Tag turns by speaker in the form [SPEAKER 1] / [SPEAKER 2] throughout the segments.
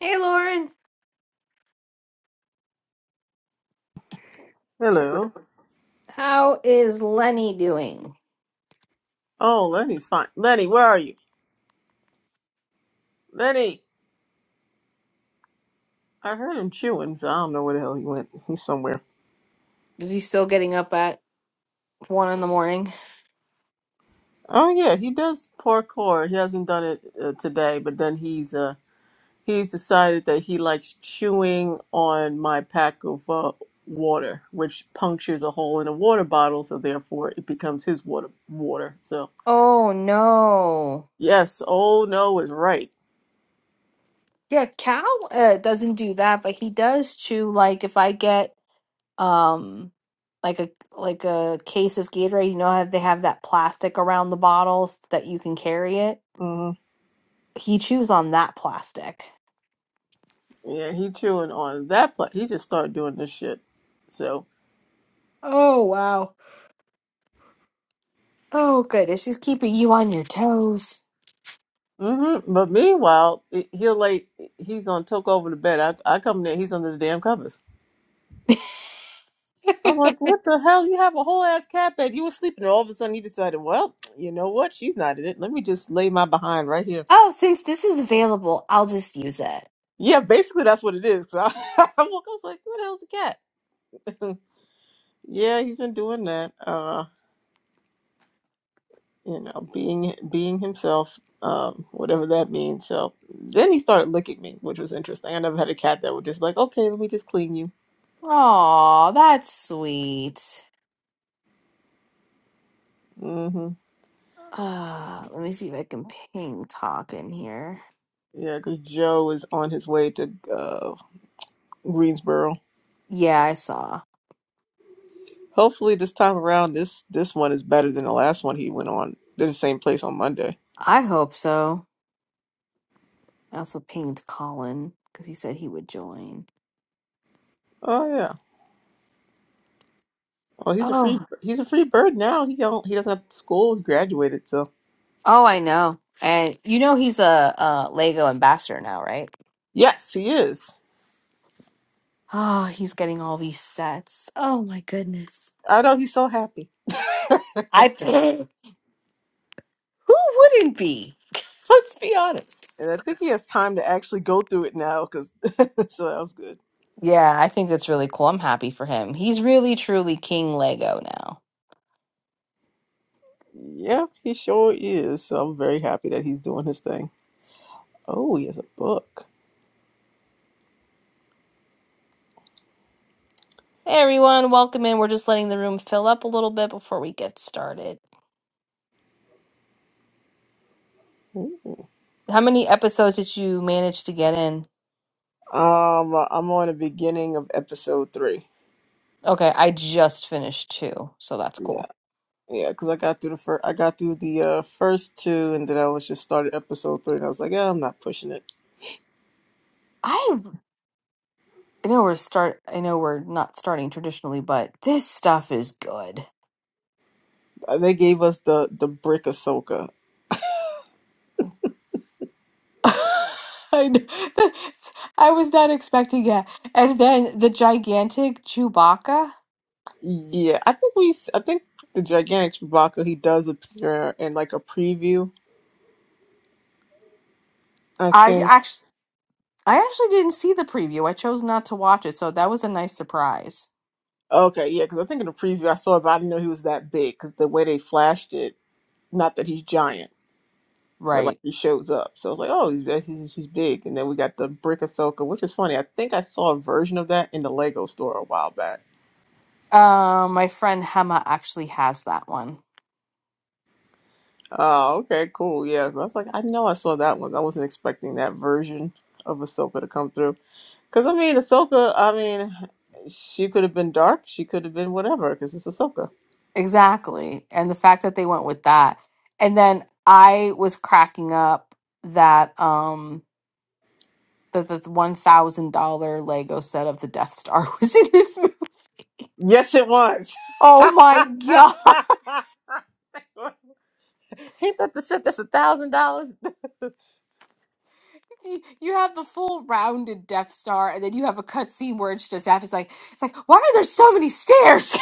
[SPEAKER 1] Hey Lauren,
[SPEAKER 2] Hello.
[SPEAKER 1] how is Lenny doing?
[SPEAKER 2] Oh, Lenny's fine. Lenny, where are you? Lenny! I heard him chewing, so I don't know where the hell he went. He's somewhere.
[SPEAKER 1] Is he still getting up at one in the morning?
[SPEAKER 2] Oh yeah, he does parkour. He hasn't done it uh, today, but then he's uh he's decided that he likes chewing on my pack of uh, water, which punctures a hole in a water bottle, so therefore it becomes his water. Water. So
[SPEAKER 1] Oh no.
[SPEAKER 2] yes, old no is right.
[SPEAKER 1] Yeah, Cal uh, doesn't do that, but he does chew like if I get um like a like a case of Gatorade, you know how they have that plastic around the bottles that you can carry it?
[SPEAKER 2] hmm
[SPEAKER 1] He chews on that plastic.
[SPEAKER 2] Yeah, he chewing on that. Pla- he just started doing this shit. So.
[SPEAKER 1] Oh wow. Oh goodness, she's keeping you on your toes.
[SPEAKER 2] hmm But meanwhile, i- he'll lay. He's on took over the bed. I, I come there. He's under the damn covers. I'm like, what the hell? You have a whole ass cat bed. You were sleeping. And all of a sudden, he decided, well, you know what? She's not in it. Let me just lay my behind right here.
[SPEAKER 1] oh, since this is available, I'll just use it.
[SPEAKER 2] Yeah, basically that's what it is. So I, i was like, what the hell's the cat? yeah, he's been doing that. Uh, you know, being being himself, um, whatever that means. So then he started licking me, which was interesting. I never had a cat that would just like, okay, let me just clean you.
[SPEAKER 1] Aw, that's sweet.
[SPEAKER 2] Mm-hmm.
[SPEAKER 1] Uh, let me see if I can ping talk in here.
[SPEAKER 2] Yeah, because Joe is on his way to uh, Greensboro.
[SPEAKER 1] Yeah, I saw.
[SPEAKER 2] Hopefully, this time around, this this one is better than the last one he went on. Did the same place on Monday.
[SPEAKER 1] I hope so. I also pinged Colin because he said he would join.
[SPEAKER 2] Oh yeah. Well, he's a
[SPEAKER 1] Oh,
[SPEAKER 2] free he's a free bird now. He don't he doesn't have school. He graduated, so
[SPEAKER 1] oh, I know. And you know he's a, uh Lego ambassador now, right?
[SPEAKER 2] yes, he is.
[SPEAKER 1] Oh, he's getting all these sets. Oh my goodness.
[SPEAKER 2] I know he's so happy,
[SPEAKER 1] I who wouldn't be? Let's be honest.
[SPEAKER 2] and I think he has time to actually go through it now. Because so that was good.
[SPEAKER 1] Yeah, I think that's really cool. I'm happy for him. He's really truly King Lego now.
[SPEAKER 2] Yeah, he sure is. So I'm very happy that he's doing his thing. Oh, he has a book.
[SPEAKER 1] Hey everyone, welcome in. We're just letting the room fill up a little bit before we get started.
[SPEAKER 2] Hmm.
[SPEAKER 1] How many episodes did you manage to get in?
[SPEAKER 2] Um, I'm on the beginning of episode three.
[SPEAKER 1] Okay, I just finished two, so that's
[SPEAKER 2] Yeah,
[SPEAKER 1] cool.
[SPEAKER 2] yeah, because I got through the first, I got through the uh, first two, and then I was just started episode three, and I was like, yeah, I'm not pushing it.
[SPEAKER 1] I I know we're start I know we're not starting traditionally, but this stuff is good.
[SPEAKER 2] Uh, They gave us the the brick Ahsoka.
[SPEAKER 1] I kn- I was not expecting it. And then the gigantic Chewbacca.
[SPEAKER 2] Yeah, I think we, s- I think the gigantic Chewbacca he does appear in like a preview. I
[SPEAKER 1] I
[SPEAKER 2] think.
[SPEAKER 1] actually I actually didn't see the preview. I chose not to watch it, so that was a nice surprise.
[SPEAKER 2] Okay, yeah, because I think in the preview I saw it, but I didn't know he was that big because the way they flashed it, not that he's giant, but like
[SPEAKER 1] Right.
[SPEAKER 2] he shows up. So I was like, oh, he's he's, he's big, and then we got the brick Ahsoka, which is funny. I think I saw a version of that in the Lego store a while back.
[SPEAKER 1] Uh, my friend Hema actually has that one.
[SPEAKER 2] Oh, okay, cool. Yeah, so I was like, I know I saw that one. I wasn't expecting that version of Ahsoka to come through. Because I mean, Ahsoka, I mean, she could have been dark. She could have been whatever. Because it's Ahsoka.
[SPEAKER 1] Exactly. And the fact that they went with that. And then I was cracking up that um that the $1,000 Lego set of the Death Star was in this movie.
[SPEAKER 2] Yes, it was.
[SPEAKER 1] Oh my god.
[SPEAKER 2] Ain't that the set that's a thousand dollars?
[SPEAKER 1] You you have the full rounded Death Star and then you have a cutscene where it's just half it's like it's like why are there so many stairs?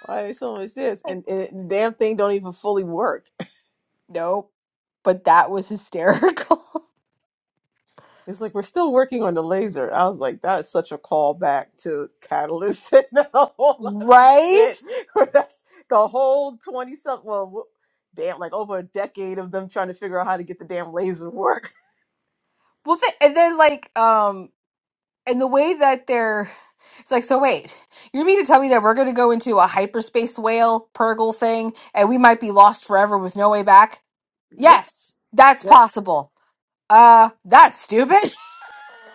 [SPEAKER 2] Why are they so much this? And, and the damn thing don't even fully work.
[SPEAKER 1] nope. But that was hysterical.
[SPEAKER 2] It's like we're still working on the laser. I was like, that is such a callback to Catalyst and a whole lot of shit.
[SPEAKER 1] Right?
[SPEAKER 2] That's the whole twenty something. Well, wh- damn, like over a decade of them trying to figure out how to get the damn laser to work.
[SPEAKER 1] Well, th- and then like, um, and the way that they're, it's like, so wait, you mean to tell me that we're going to go into a hyperspace whale purgle thing and we might be lost forever with no way back?
[SPEAKER 2] Yep.
[SPEAKER 1] Yes, that's
[SPEAKER 2] Yes.
[SPEAKER 1] possible. Uh, that's stupid.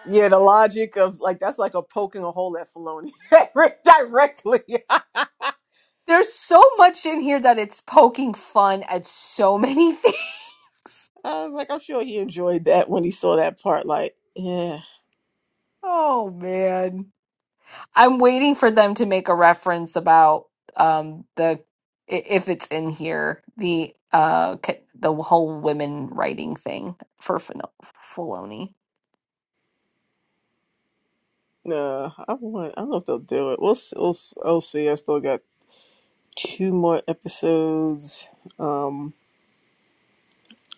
[SPEAKER 2] Yeah, the logic of like that's like a poking a hole at Filoni directly. I
[SPEAKER 1] There's so much in here that it's poking fun at so many things.
[SPEAKER 2] was like, I'm sure he enjoyed that when he saw that part. Like, yeah,
[SPEAKER 1] Oh man. I'm waiting for them to make a reference about um the i- if it's in here the uh ca- the whole women writing thing for Fino- Filoni.
[SPEAKER 2] no, I want. I don't know if they'll do it. We'll see. We'll, s- we'll see. I still got two more episodes um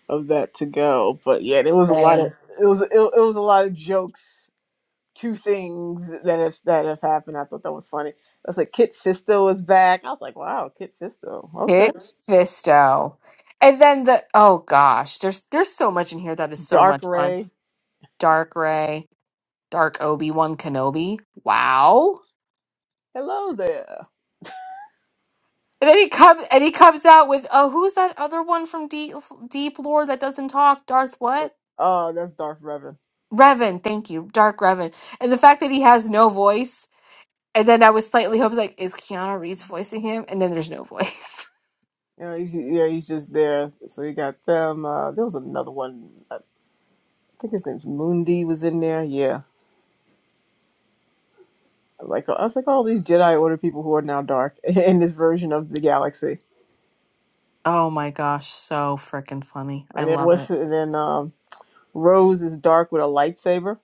[SPEAKER 2] of that to go but yeah there was a lot of
[SPEAKER 1] Same.
[SPEAKER 2] it was it, it was a lot of jokes two things that have that have happened i thought that was funny i was like kit fisto was back i was like wow kit fisto okay
[SPEAKER 1] Hit Fisto. And then the oh gosh, there's there's so much in here that is so
[SPEAKER 2] dark
[SPEAKER 1] much fun.
[SPEAKER 2] ray
[SPEAKER 1] Dark Ray, Dark Obi Wan Kenobi. Wow.
[SPEAKER 2] hello there
[SPEAKER 1] And then he comes and he comes out with oh who's that other one from Deep Deep Lore that doesn't talk? Darth what?
[SPEAKER 2] oh that's darth revan
[SPEAKER 1] Revan, thank you, Dark Revan. And the fact that he has no voice, and then I was slightly hoping, like, is Keanu Reeves voicing him? And then there's no voice.
[SPEAKER 2] Yeah, he's, yeah he's just there so you got them uh there was another one i think his name's moondy was in there yeah Like I was like all these Jedi Order people who are now dark in this version of the galaxy.
[SPEAKER 1] Oh my gosh, so freaking funny. I
[SPEAKER 2] And then
[SPEAKER 1] love it.
[SPEAKER 2] what's and then um, Rose is dark with a lightsaber.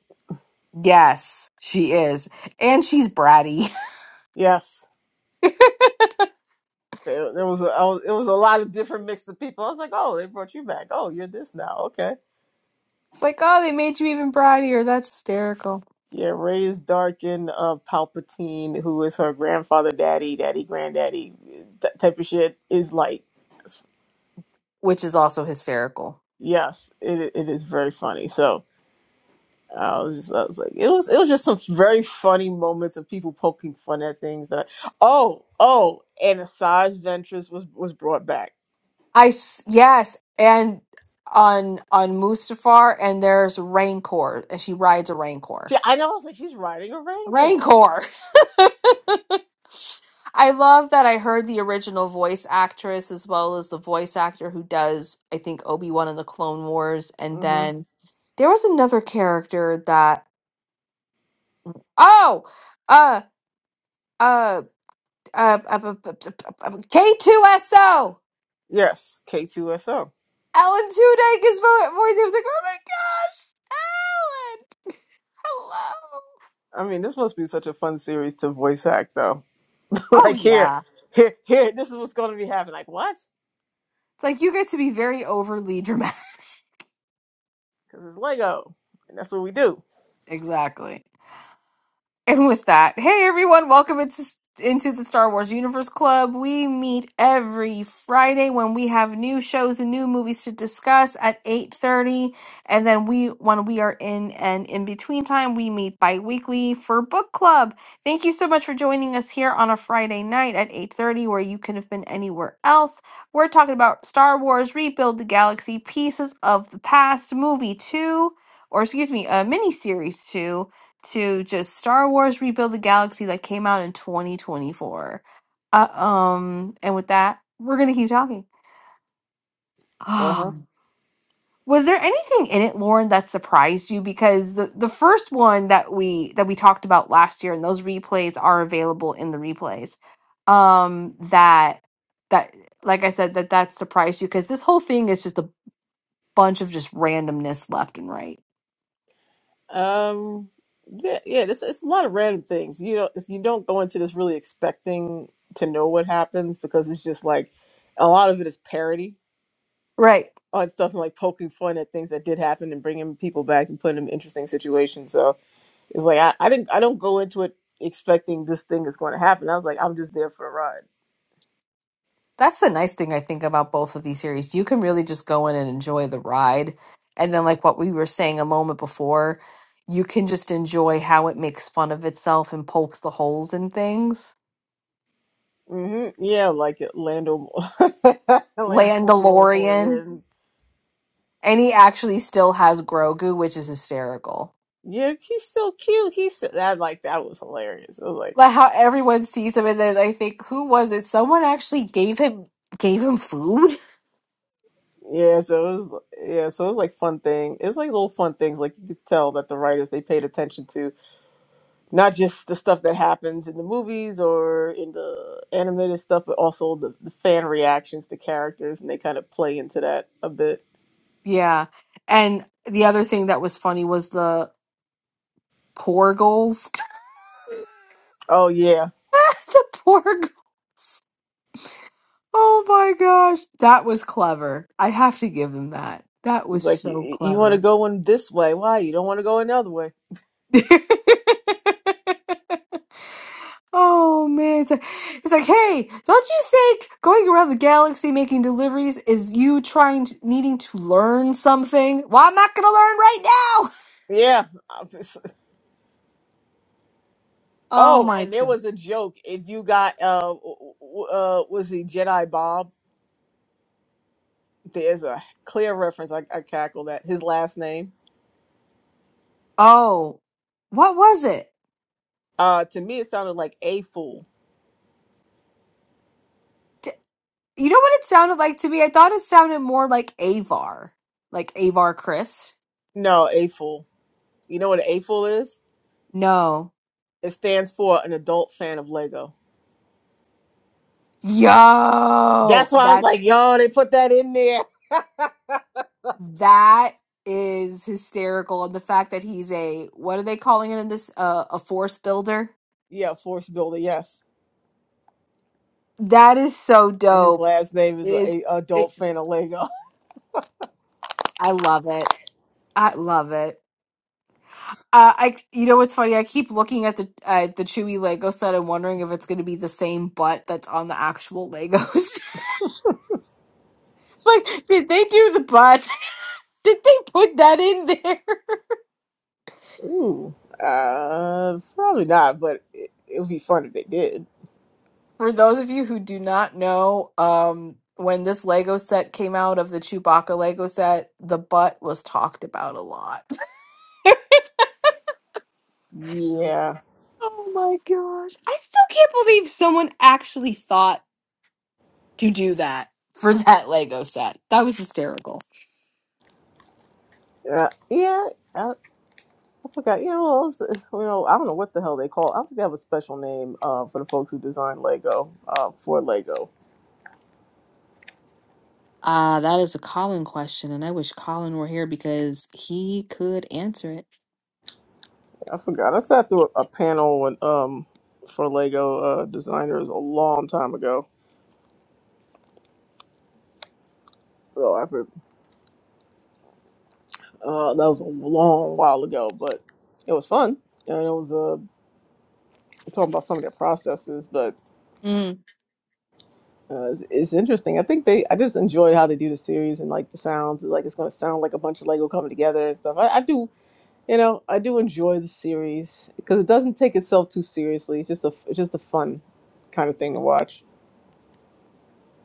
[SPEAKER 1] Yes, she is. And she's bratty.
[SPEAKER 2] Yes,
[SPEAKER 1] it's
[SPEAKER 2] there, there was, a, I was it was a lot of different mix of people. I was like, oh, they brought you back. Oh, you're this now. Okay.
[SPEAKER 1] like, oh, they made you even brattier. That's hysterical.
[SPEAKER 2] Yeah, Ray is dark in uh, Palpatine, who is her grandfather, daddy, daddy, granddaddy, that type of shit is light.
[SPEAKER 1] Which is also hysterical.
[SPEAKER 2] Yes, it it is very funny. So. I was just, I was like, it was, it was just some very funny moments of people poking fun at things that, oh, oh, and Asajj Ventress was was brought back.
[SPEAKER 1] I, s- yes, and on on Mustafar, and there's Rancor, and she rides a
[SPEAKER 2] She,
[SPEAKER 1] Rancor.
[SPEAKER 2] I know, I was like, she's riding a Rancorn.
[SPEAKER 1] Rancor! I love that I heard the original voice actress as well as the voice actor who does, I think, Obi Wan in the Clone Wars. And
[SPEAKER 2] hmm
[SPEAKER 1] then there was another character that, oh, uh, uh, uh, uh, uh, uh, uh, uh, K2SO!
[SPEAKER 2] Yes, K2SO.
[SPEAKER 1] Alan Tudyk is vo- voice. I was like, oh my gosh, Alan! Hello!
[SPEAKER 2] I mean, this must be such a fun series to voice act, though.
[SPEAKER 1] Oh,
[SPEAKER 2] like here,
[SPEAKER 1] yeah.
[SPEAKER 2] here, here, this is what's going to be happening. Like what?
[SPEAKER 1] It's like you get to be very overly dramatic.
[SPEAKER 2] Because it's Lego, and that's what we do.
[SPEAKER 1] Exactly. And with that, hey everyone, welcome into, into the Star Wars Universe Club. We meet every Friday when we have new shows and new movies to discuss at 8:30. And then we when we are in an in-between time, we meet bi-weekly for book club. Thank you so much for joining us here on a Friday night at 8:30, where you could have been anywhere else. We're talking about Star Wars, Rebuild the Galaxy, Pieces of the Past, Movie 2, or excuse me, a miniseries 2 to just Star Wars Rebuild the Galaxy that came out in 2024. Uh, um, and with that, we're gonna keep talking.
[SPEAKER 2] Uh huh.
[SPEAKER 1] Ah, was there anything in it, Lauren, that surprised you? Because the the first one that we that we talked about last year, and those replays are available in the replays. Um, that that like I said, that that surprised you because this whole thing is just a bunch of just randomness left and right.
[SPEAKER 2] Um, yeah, yeah, it's, it's a lot of random things. You don't you don't go into this really expecting to know what happens because it's just like a lot of it is parody
[SPEAKER 1] Right.
[SPEAKER 2] on stuff and like poking fun at things that did happen and bringing people back and putting them in interesting situations. So it's like I, I didn't I don't go into it expecting this thing is going to happen. I was like I'm just there for a ride.
[SPEAKER 1] That's the nice thing I think about both of these series. You can really just go in and enjoy the ride. And then, like what we were saying a moment before, you can just enjoy how it makes fun of itself and pokes the holes in things.
[SPEAKER 2] hmm Yeah, like it, Lando Lando
[SPEAKER 1] Landalorian.
[SPEAKER 2] Lord,
[SPEAKER 1] And he actually still has Grogu, which is hysterical.
[SPEAKER 2] yeah, he's so cute. He's so, that like that was hilarious. I was like.
[SPEAKER 1] But how everyone sees him and then I think, who was it? Someone actually gave him gave him food?
[SPEAKER 2] Yeah, so it was yeah, so it was like fun thing. It's like little fun things like you could tell that the writers they paid attention to not just the stuff that happens in the movies or in the animated stuff, but also the, the fan reactions to characters and they kind of play into that a bit.
[SPEAKER 1] Yeah. And the other thing that was funny was the Porgles.
[SPEAKER 2] Oh yeah.
[SPEAKER 1] the Porgles. Oh my gosh. That was clever. I have to give him that. That
[SPEAKER 2] He's
[SPEAKER 1] was
[SPEAKER 2] like
[SPEAKER 1] so
[SPEAKER 2] you, you want to
[SPEAKER 1] clever.
[SPEAKER 2] go in this way. Why? You don't want to go another way.
[SPEAKER 1] oh man. It's like, it's like, hey, don't you think going around the galaxy making deliveries is you trying to needing to learn something? Well, I'm not gonna learn right now.
[SPEAKER 2] Yeah.
[SPEAKER 1] Oh
[SPEAKER 2] Oh,
[SPEAKER 1] my
[SPEAKER 2] and there
[SPEAKER 1] god.
[SPEAKER 2] was a joke if you got uh w- w- uh was he Jedi Bob? There's a clear reference. I, I cackled at his last name
[SPEAKER 1] Oh. What was it?
[SPEAKER 2] Uh, to me, it sounded like a fool.
[SPEAKER 1] D- You know what it sounded like to me? I thought it sounded more like Avar. Like Avar Chris.
[SPEAKER 2] No, a fool. You know what an a fool is?
[SPEAKER 1] No.
[SPEAKER 2] It stands for an adult fan of Lego.
[SPEAKER 1] Yo,
[SPEAKER 2] That's why I was
[SPEAKER 1] that
[SPEAKER 2] like, yo, they put that in there.
[SPEAKER 1] That is hysterical. And the fact that he's a, what are they calling it in this? Uh, a force builder?
[SPEAKER 2] Yeah, Force Builder, yes.
[SPEAKER 1] That is so
[SPEAKER 2] And his
[SPEAKER 1] dope.
[SPEAKER 2] last name is a,
[SPEAKER 1] Is
[SPEAKER 2] a
[SPEAKER 1] it,
[SPEAKER 2] adult fan of Lego.
[SPEAKER 1] I love it. I love it. Uh, I you know what's funny? I keep looking at the uh, the Chewy Lego set and wondering if it's going to be the same butt that's on the actual Legos. like, did they do the butt? did they put that in there?
[SPEAKER 2] Ooh, uh, probably not, but it, it would be fun if they did.
[SPEAKER 1] for those of you who do not know, um, when this Lego set came out of the Chewbacca Lego set, the butt was talked about a lot.
[SPEAKER 2] Yeah,
[SPEAKER 1] oh my gosh. I still can't believe someone actually thought to do that for that Lego set. That was hysterical.
[SPEAKER 2] uh, yeah. I, I forgot. You know, it's- you know, I don't know what the hell they call. It. I don't think they have a special name uh, for the folks who design Lego uh, for Lego.
[SPEAKER 1] Uh, that is a Colin question, and I wish Colin were here because he could answer it.
[SPEAKER 2] I forgot. I sat through a, a panel when, um for Lego uh, designers a long time ago. So I for, uh, that was a long while ago, but it was fun, and it was uh, talking about some of their processes. But
[SPEAKER 1] Mm.
[SPEAKER 2] uh, it's, it's interesting. I think they. I just enjoyed how they do the series and like the sounds. Like it's going to sound like a bunch of Lego coming together and stuff. I, I do. You know, I do enjoy the series because it doesn't take itself too seriously. It's just a it's just a fun kind of thing to watch.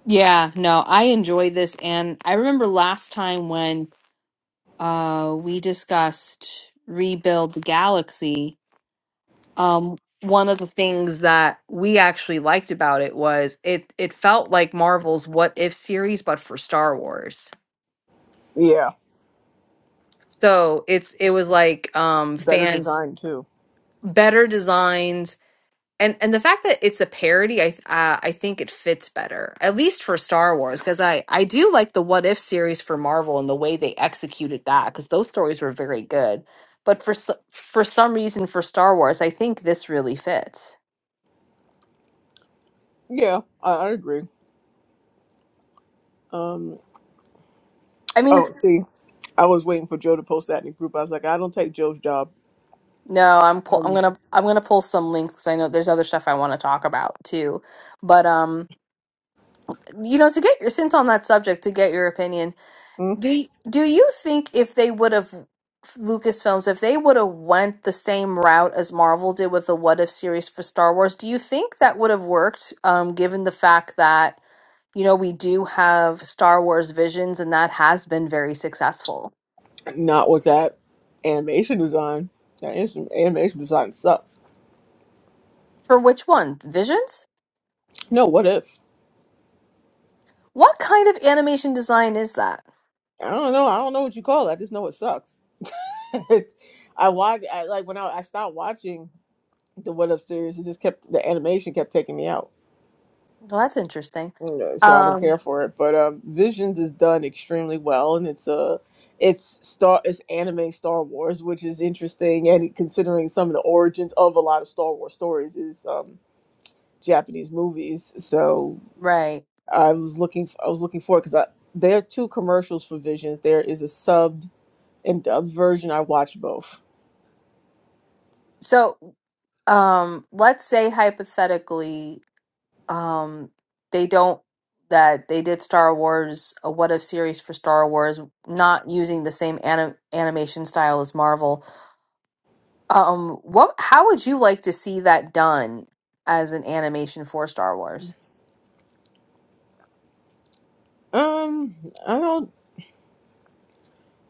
[SPEAKER 1] Yeah, no, I enjoyed this. And I remember last time when uh, we discussed Rebuild the Galaxy, um, one of the things that we actually liked about it was it it felt like Marvel's What If series, but for Star Wars.
[SPEAKER 2] Yeah,
[SPEAKER 1] So it's it was like um,
[SPEAKER 2] better
[SPEAKER 1] fans
[SPEAKER 2] design too.
[SPEAKER 1] better designed and and the fact that it's a parody, I uh, I think it fits better, at least for Star Wars, because I I do like the What If series for Marvel and the way they executed that, because those stories were very good. But for so- for some reason, for Star Wars, I think this really fits.
[SPEAKER 2] Yeah, I, I agree. Um,
[SPEAKER 1] I mean,
[SPEAKER 2] oh,
[SPEAKER 1] if-
[SPEAKER 2] see, I was waiting for Joe to post that in the group. I was like, I don't take Joe's job.
[SPEAKER 1] no, I'm pull, I'm
[SPEAKER 2] Um,
[SPEAKER 1] gonna I'm gonna pull some links. 'cause I know there's other stuff I want to talk about too, but um, you know, to get your since on that subject, to get your opinion
[SPEAKER 2] mm,
[SPEAKER 1] Do y- do you think if they would have Lucasfilms, if they would have went the same route as Marvel did with the What If series for Star Wars, do you think that would have worked? Um, given the fact that you know we do have Star Wars Visions, and that has been very successful.
[SPEAKER 2] not with that animation design. That is- animation design sucks.
[SPEAKER 1] For which one? Visions?
[SPEAKER 2] No, what if?
[SPEAKER 1] What kind of animation design is that?
[SPEAKER 2] I don't know. I don't know what you call it. I just know it sucks. I watch. I like when I, I stopped watching the What If series. It just kept the animation kept taking me out.
[SPEAKER 1] Well, that's interesting.
[SPEAKER 2] Yeah, so I don't
[SPEAKER 1] Um,
[SPEAKER 2] care for it. But um, Visions is done extremely well, and it's a it's star it's anime Star Wars, which is interesting. And considering some of the origins of a lot of Star Wars stories is um, Japanese movies, so
[SPEAKER 1] right.
[SPEAKER 2] I was looking f- I was looking for it because there are two commercials for Visions. There is a subbed and dubbed version. I watched both.
[SPEAKER 1] So, um, let's say hypothetically um they don't that they did Star Wars a what if series for Star Wars not using the same anim- animation style as Marvel. Um what how would you like to see that done as an animation for Star Wars?
[SPEAKER 2] Um, I don't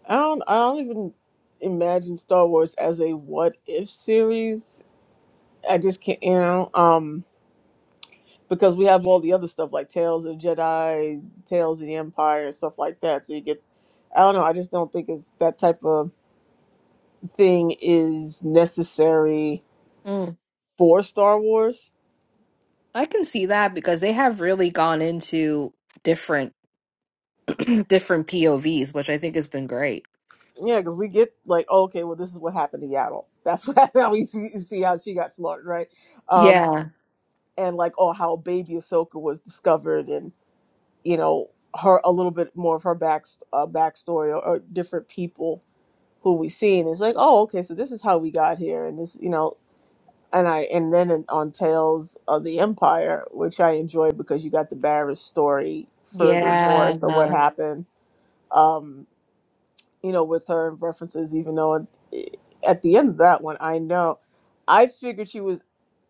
[SPEAKER 2] I don't I don't even imagine Star Wars as a what if series. I just can't, you know. Um, because we have all the other stuff like Tales of the Jedi, Tales of the Empire, and stuff like that. So you get, I don't know, I just don't think it's that type of thing is necessary
[SPEAKER 1] Mm,
[SPEAKER 2] for Star Wars.
[SPEAKER 1] I can see that because they have really gone into different different POVs, which I think has been great.
[SPEAKER 2] Yeah, because we get like, oh, okay, well, this is what happened to Yaddle. That's what happened. How we see see how she got slaughtered, right? Um,
[SPEAKER 1] Yeah.
[SPEAKER 2] and like, oh, how baby Ahsoka was discovered, and you know, her a little bit more of her back uh, backstory or, or different people who we see, and it's like, oh, okay, so this is how we got here, and this, you know, and I and then in- on Tales of the Empire, which I enjoyed because you got the Barris story further more
[SPEAKER 1] Yeah.
[SPEAKER 2] as to what happened. Um, you know, with her and references, even though it, at the end of that one, I know I figured she was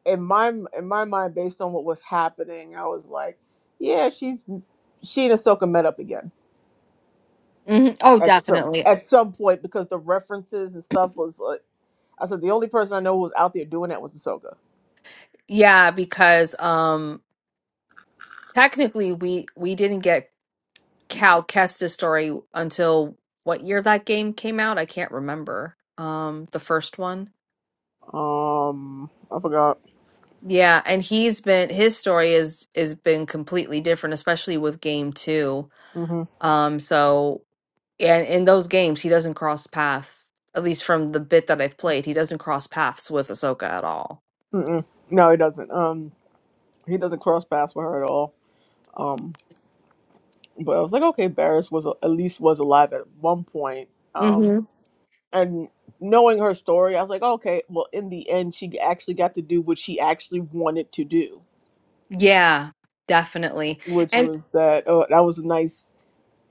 [SPEAKER 2] in my in my mind based on what was happening. I was like, yeah, she's she and Ahsoka met up again
[SPEAKER 1] Mhm. Oh,
[SPEAKER 2] at some
[SPEAKER 1] definitely.
[SPEAKER 2] at some point because the references and stuff was like. I said the only person I know who was out there doing that was Ahsoka.
[SPEAKER 1] Yeah, because um technically we we didn't get Cal Kestis story until what year that game came out? I can't remember. Um, the first one.
[SPEAKER 2] Um, I forgot.
[SPEAKER 1] Yeah, and he's been his story is is been completely different, especially with game two.
[SPEAKER 2] Mm-hmm.
[SPEAKER 1] Um, so and in those games he doesn't cross paths, at least from the bit that I've played, he doesn't cross paths with Ahsoka at all.
[SPEAKER 2] Mm-mm. No, he doesn't. Um, he doesn't cross paths with her at all. Um, but I was like, okay, Barris was at least was alive at one point. Um,
[SPEAKER 1] hmm
[SPEAKER 2] and knowing her story, I was like, okay, well, in the end, she actually got to do what she actually wanted to do,
[SPEAKER 1] Yeah, definitely.
[SPEAKER 2] which
[SPEAKER 1] And.
[SPEAKER 2] was that. Oh, that was a nice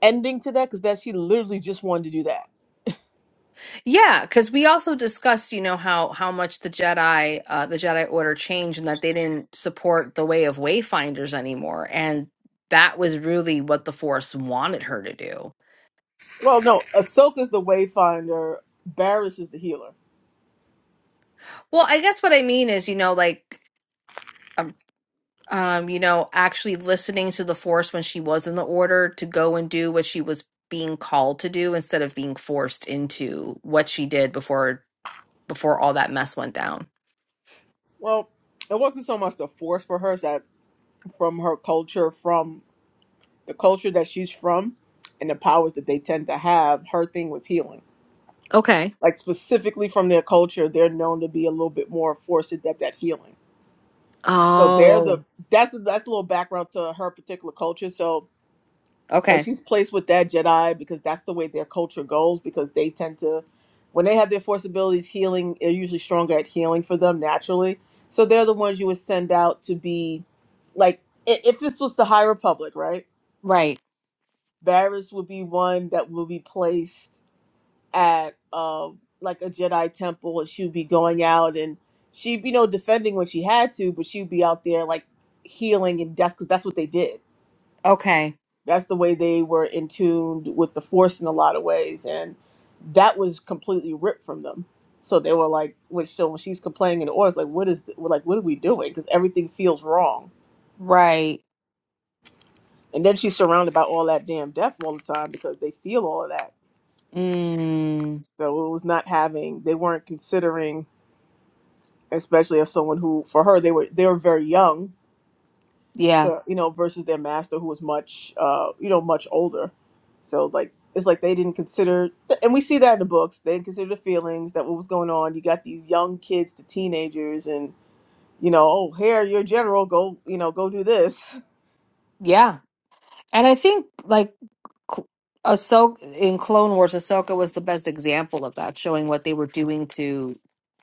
[SPEAKER 2] ending to that because that she literally just wanted to do that.
[SPEAKER 1] Yeah, because we also discussed, you know, how how much the Jedi, uh, the Jedi Order changed, and that they didn't support the way of Wayfinders anymore, and that was really what the Force wanted her to do.
[SPEAKER 2] Well, no, Ahsoka's the wayfinder. Barris is the healer.
[SPEAKER 1] Well, I guess what I mean is, you know, like, um, um, you know, actually listening to the Force when she was in the Order to go and do what she was being called to do instead of being forced into what she did before before all that mess went down.
[SPEAKER 2] Well, it wasn't so much the force for her as that from her culture from the culture that she's from and the powers that they tend to have, her thing was healing.
[SPEAKER 1] Okay.
[SPEAKER 2] Like specifically from their culture, they're known to be a little bit more forced at that healing. So they're the
[SPEAKER 1] Oh,
[SPEAKER 2] that's the, that's a little background to her particular culture. So like
[SPEAKER 1] okay,
[SPEAKER 2] she's placed with that Jedi because that's the way their culture goes because they tend to when they have their force abilities healing, they're usually stronger at healing for them naturally. So they're the ones you would send out to be like i- if this was the High Republic, right?
[SPEAKER 1] right,
[SPEAKER 2] Varys would be one that will be placed at um like a Jedi temple and she would be going out and she'd be you know defending when she had to, but she'd be out there like healing and death because that's what they did.
[SPEAKER 1] okay.
[SPEAKER 2] That's the way they were in tune with the force in a lot of ways. And that was completely ripped from them. So they were like, which so when she's complaining in the orders, like, what is th- we're like, what are we doing? Because everything feels wrong.
[SPEAKER 1] Right.
[SPEAKER 2] And then she's surrounded by all that damn death all the time because they feel all of that.
[SPEAKER 1] Mm,
[SPEAKER 2] So it was not having, they weren't considering especially as someone who for her they were they were very young
[SPEAKER 1] yeah.
[SPEAKER 2] uh, you know versus their master who was much uh you know much older so like it's like they didn't consider and we see that in the books they didn't consider the feelings that what was going on you got these young kids the teenagers and you know oh here your general go you know go do this
[SPEAKER 1] Yeah. And I think like Cl- Ahsoka in Clone Wars, Ahsoka was the best example of that, showing what they were doing to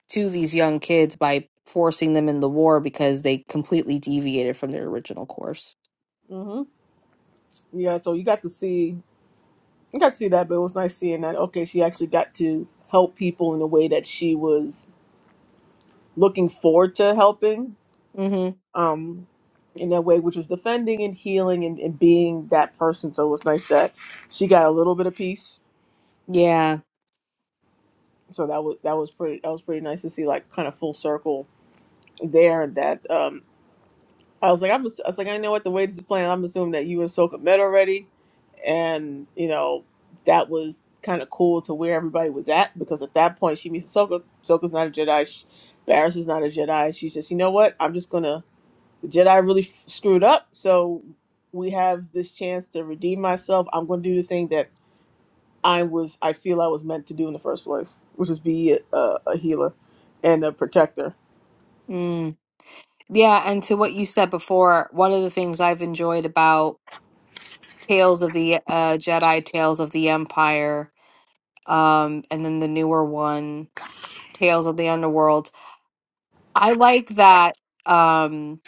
[SPEAKER 1] to these young kids by forcing them in the war because they completely deviated from their original course.
[SPEAKER 2] hmm Yeah, so you got to see, you got to see that, but it was nice seeing that. Okay, she actually got to help people in a way that she was looking forward to helping,
[SPEAKER 1] hmm
[SPEAKER 2] um, in that way, which was defending and healing and, and being that person. So it was nice that she got a little bit of peace
[SPEAKER 1] Yeah.
[SPEAKER 2] so that was that was pretty that was pretty nice to see like kind of full circle there that um I was like I'm ass- I was like I know what the way this is playing I'm assuming that you and Soka met already and you know that was kind of cool to where everybody was at because at that point she meets Soka Soka's not a Jedi sh Barris is not a Jedi she says you know what I'm just gonna the Jedi really f- screwed up so we have this chance to redeem myself I'm gonna do the thing that I was I feel I was meant to do in the first place, which is be a, a healer and a protector.
[SPEAKER 1] Mm. Yeah, and to what you said before, one of the things I've enjoyed about Tales of the uh, Jedi, Tales of the Empire, um, and then the newer one, Tales of the Underworld I like that um,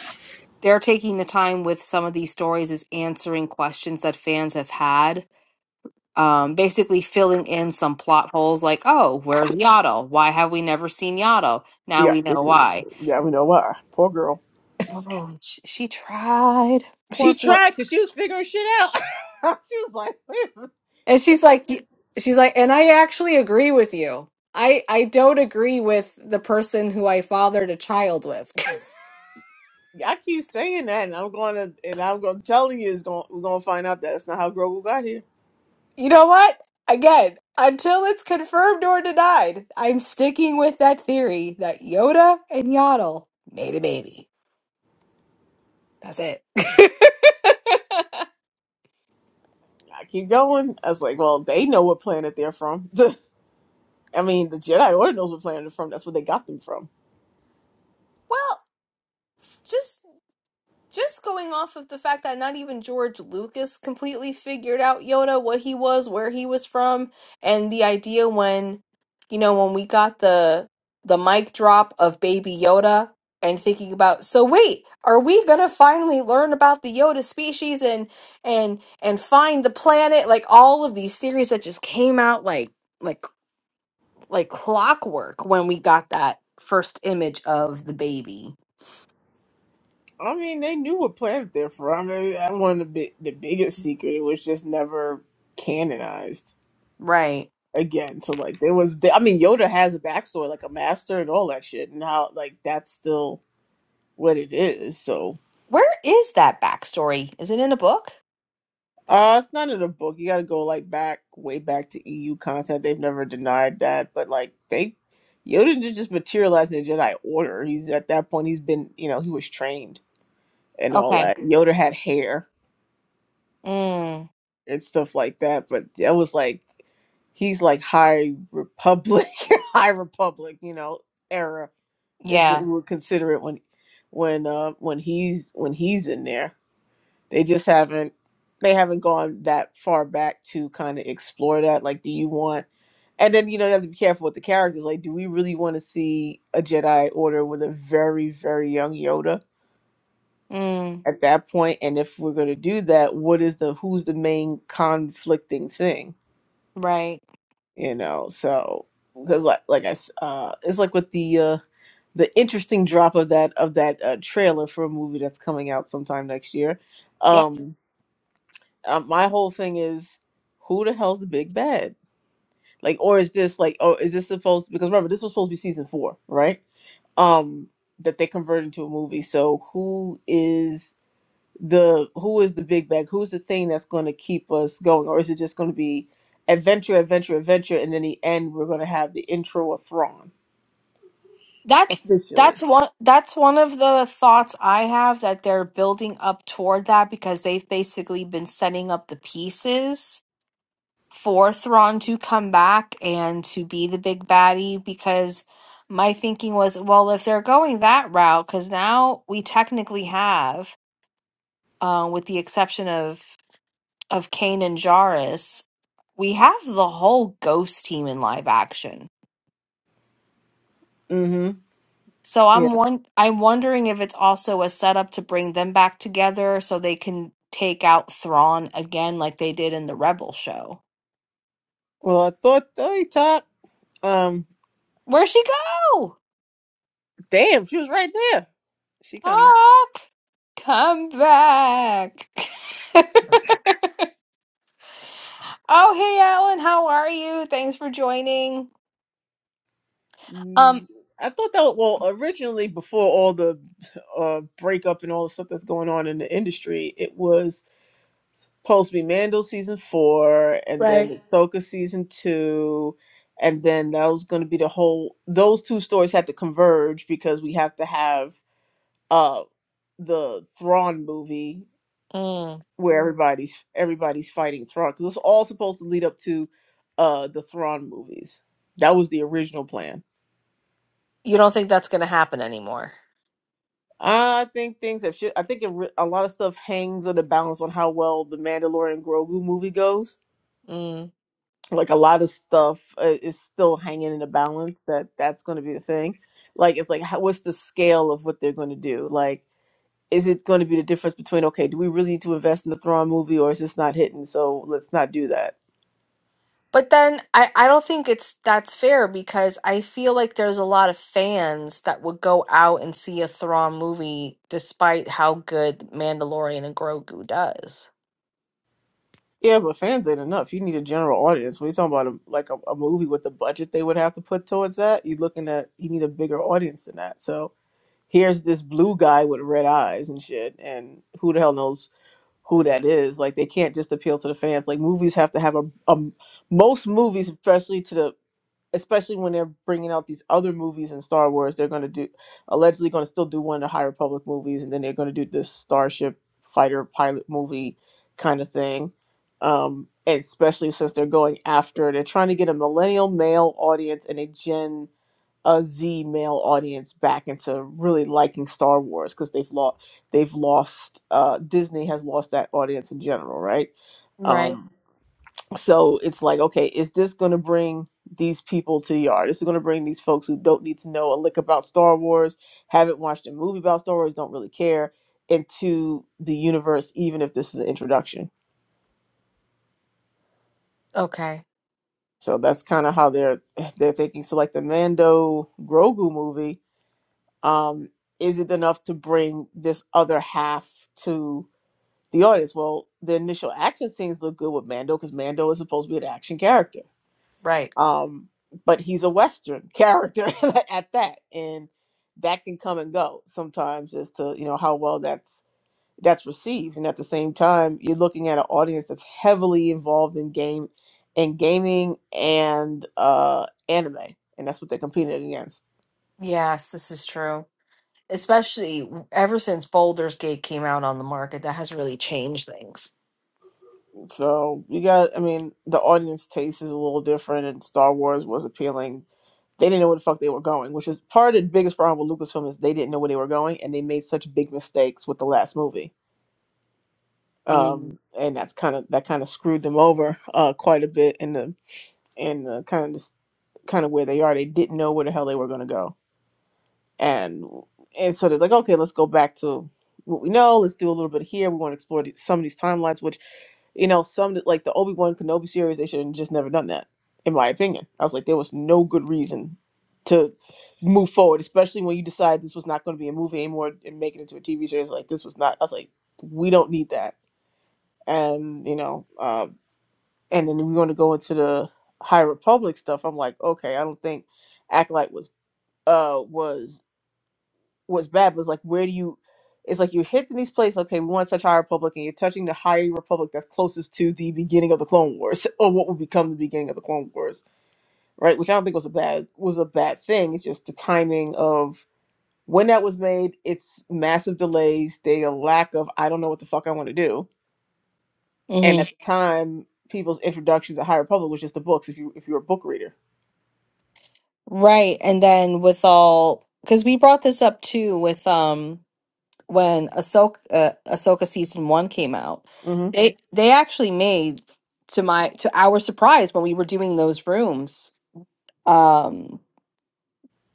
[SPEAKER 1] they're taking the time with some of these stories is answering questions that fans have had, um, basically filling in some plot holes like, oh, where's Yaddle? Why have we never seen Yaddle? Now
[SPEAKER 2] Yeah,
[SPEAKER 1] we know why.
[SPEAKER 2] yeah, we know why. Poor girl.
[SPEAKER 1] Oh, she, she tried.
[SPEAKER 2] She
[SPEAKER 1] Poor girl.
[SPEAKER 2] tried because she was figuring shit out. she was like, wait, a minute."
[SPEAKER 1] And
[SPEAKER 2] it's
[SPEAKER 1] she's
[SPEAKER 2] like
[SPEAKER 1] like, y- she's like, and I actually agree with you. I I don't agree with the person who I fathered a child with.
[SPEAKER 2] "Yeah, I keep saying that, and I'm going to and I'm going to telling you it's going we're going to find out that's not how Grogu got here.
[SPEAKER 1] You know what? Again, until it's confirmed or denied, I'm sticking with that theory that Yoda and Yaddle made a baby. That's it.
[SPEAKER 2] I keep going. I was like, well, they know what planet they're from. I mean, the Jedi Order knows what planet they're from. That's where they got them from.
[SPEAKER 1] well, just just going off of the fact that not even George Lucas completely figured out Yoda, what he was, where he was from, and the idea when, you know, when we got the the mic drop of Baby Yoda and thinking about, so wait, are we gonna finally learn about the Yoda species and and and find the planet? Like all of these series that just came out like like like clockwork when we got that first image of the baby.
[SPEAKER 2] I mean, they knew what planet they're from. I mean, that one of the, big, the biggest secret. It was just never canonized
[SPEAKER 1] Right.
[SPEAKER 2] again. So like, there was. I mean, Yoda has a backstory, like a master and all that shit, and how like that's still what it is. So.
[SPEAKER 1] Where is that backstory? Is it in a book?
[SPEAKER 2] Uh, it's not in the book. You got to go like back, way back to EU content. They've never denied that, but like they, Yoda did just materialize in the Jedi Order. He's at that point. He's been, you know, he was trained and all
[SPEAKER 1] Okay.
[SPEAKER 2] that. Yoda had hair
[SPEAKER 1] Mm,
[SPEAKER 2] and stuff like that, but that was like he's like High Republic, High Republic, you know, era is what
[SPEAKER 1] yeah.
[SPEAKER 2] we would consider it when, when, uh, when he's when he's in there. They just haven't they haven't gone that far back to kind of explore that. Like, do you want? And then you know you have to be careful with the characters. Like, do we really want to see a Jedi Order with a very very young Yoda
[SPEAKER 1] Mm,
[SPEAKER 2] at that point? And if we're going to do that, what is the who's the main conflicting thing?
[SPEAKER 1] right.
[SPEAKER 2] You know, so because like like I s- uh, it's like with the uh, the interesting drop of that of that uh, trailer for a movie that's coming out sometime next year.
[SPEAKER 1] Yep.
[SPEAKER 2] Um, uh, my whole thing is who the hell's the big bad like or is this like oh is this supposed because remember this was supposed to be season four right um that they converted into a movie so who is the who is the big bad who's the thing that's going to keep us going or is it just going to be adventure adventure adventure and then the end we're going to have the intro of Thrawn
[SPEAKER 1] That's
[SPEAKER 2] officially
[SPEAKER 1] that's one that's one of the thoughts I have that they're building up toward that because they've basically been setting up the pieces for Thrawn to come back and to be the big baddie because my thinking was, well, if they're going that route, because now we technically have, uh, with the exception of of Kane and Jarrus, we have the whole ghost team in live action.
[SPEAKER 2] mm-hmm
[SPEAKER 1] So
[SPEAKER 2] yeah
[SPEAKER 1] I'm one I'm wondering if it's also a setup to bring them back together so they can take out Thrawn again like they did in the Rebel show.
[SPEAKER 2] well i thought Tony he um
[SPEAKER 1] Where'd she go?
[SPEAKER 2] damn she was right there she coming
[SPEAKER 1] Talk. Come back. oh hey Alan, how are you? Thanks for joining. Um
[SPEAKER 2] Mm, I thought that well originally before all the uh breakup and all the stuff that's going on in the industry, it was supposed to be Mandel season four and
[SPEAKER 1] Right.
[SPEAKER 2] then Ahsoka season two, and then that was going to be the whole. Those two stories had to converge because we have to have uh the Thrawn movie
[SPEAKER 1] mm,
[SPEAKER 2] where Mhm. everybody's everybody's fighting Thrawn because it's all supposed to lead up to uh the Thrawn movies. That was the original plan.
[SPEAKER 1] you don't think that's gonna happen anymore.
[SPEAKER 2] I think things have shit. I think it re- a lot of stuff hangs on the balance on how well the Mandalorian Grogu movie goes.
[SPEAKER 1] Mm.
[SPEAKER 2] Like a lot of stuff uh, is still hanging in the balance that that's going to be the thing. Like it's like how, what's the scale of what they're going to do? Like is it going to be the difference between okay, do we really need to invest in the Thrawn movie or is this not hitting? So let's not do that.
[SPEAKER 1] But then I, I don't think it's that's fair because I feel like there's a lot of fans that would go out and see a Thrawn movie despite how good Mandalorian and Grogu does.
[SPEAKER 2] Yeah, but fans ain't enough. You need a general audience. When you are talking about a, like a, a movie with the budget they would have to put towards that, you're looking at you need a bigger audience than that. So here's this blue guy with red eyes and shit, and who the hell knows who that is? Like, they can't just appeal to the fans. Like, movies have to have a, a most movies, especially to the especially when they're bringing out these other movies in Star Wars, they're gonna do allegedly gonna still do one of the High Republic movies, and then they're gonna do this Starship Fighter pilot movie kind of thing. Um, especially since they're going after, they're trying to get a millennial male audience and a Gen a Z male audience back into really liking Star Wars because they've lost they've lost uh, Disney has lost that audience in general, right?
[SPEAKER 1] Right.
[SPEAKER 2] Um, so it's like, okay, is this going to bring these people to the yard? This Is it going to bring these folks who don't need to know a lick about Star Wars, haven't watched a movie about Star Wars, don't really care, into the universe, even if this is an introduction?
[SPEAKER 1] Okay.
[SPEAKER 2] So that's kind of how they're they're thinking. So like the Mando Grogu movie um, is it enough to bring this other half to the audience? Well, the initial action scenes look good with Mando because Mando is supposed to be an action character,
[SPEAKER 1] Right.
[SPEAKER 2] um, but he's a Western character at that, and that can come and go sometimes as to you know how well that's that's received. And at the same time, you're looking at an audience that's heavily involved in game, in gaming and uh, anime, and that's what they're competing against.
[SPEAKER 1] Yes, this is true. Especially w- ever since Boulder's Gate came out on the market, that has really changed things.
[SPEAKER 2] So you got, I mean, the audience taste is a little different, and Star Wars was appealing. They didn't know where the fuck they were going, which is part of the biggest problem with Lucasfilm is they didn't know where they were going, and they made such big mistakes with the last movie.
[SPEAKER 1] Mm.
[SPEAKER 2] Um, and that's kind of that kind of screwed them over uh, quite a bit in the in the kind of this kind of where they are. They didn't know where the hell they were going to go, and and so they're like, okay, let's go back to what we know. Let's do a little bit here. We want to explore the- some of these timelines, which you know, some like the Obi Wan Kenobi series, they should have just never done that, in my opinion. I was like, there was no good reason to move forward, especially when you decide this was not going to be a movie anymore and make it into a TV series. Like this was not. I was like, we don't need that. And you know, uh, and then we want to go into the High Republic stuff. I'm like, okay, I don't think Acolyte was uh was was bad, Was like where do you it's like you're hitting these places, okay, we want to touch High Republic and you're touching the High Republic that's closest to the beginning of the Clone Wars, or what will become the beginning of the Clone Wars, right? Which I don't think was a bad was a bad thing. It's just the timing of when that was made, it's massive delays, the lack of I don't know what the fuck I want to do. And
[SPEAKER 1] hmm
[SPEAKER 2] at the time, people's introductions to High Republic was just the books if you if you're a book reader.
[SPEAKER 1] Right. And then with all, because we brought this up too with um when Ahsoka uh, Ahsoka season one came out,
[SPEAKER 2] Mm-hmm.
[SPEAKER 1] they they actually made to my to our surprise when we were doing those rooms, um,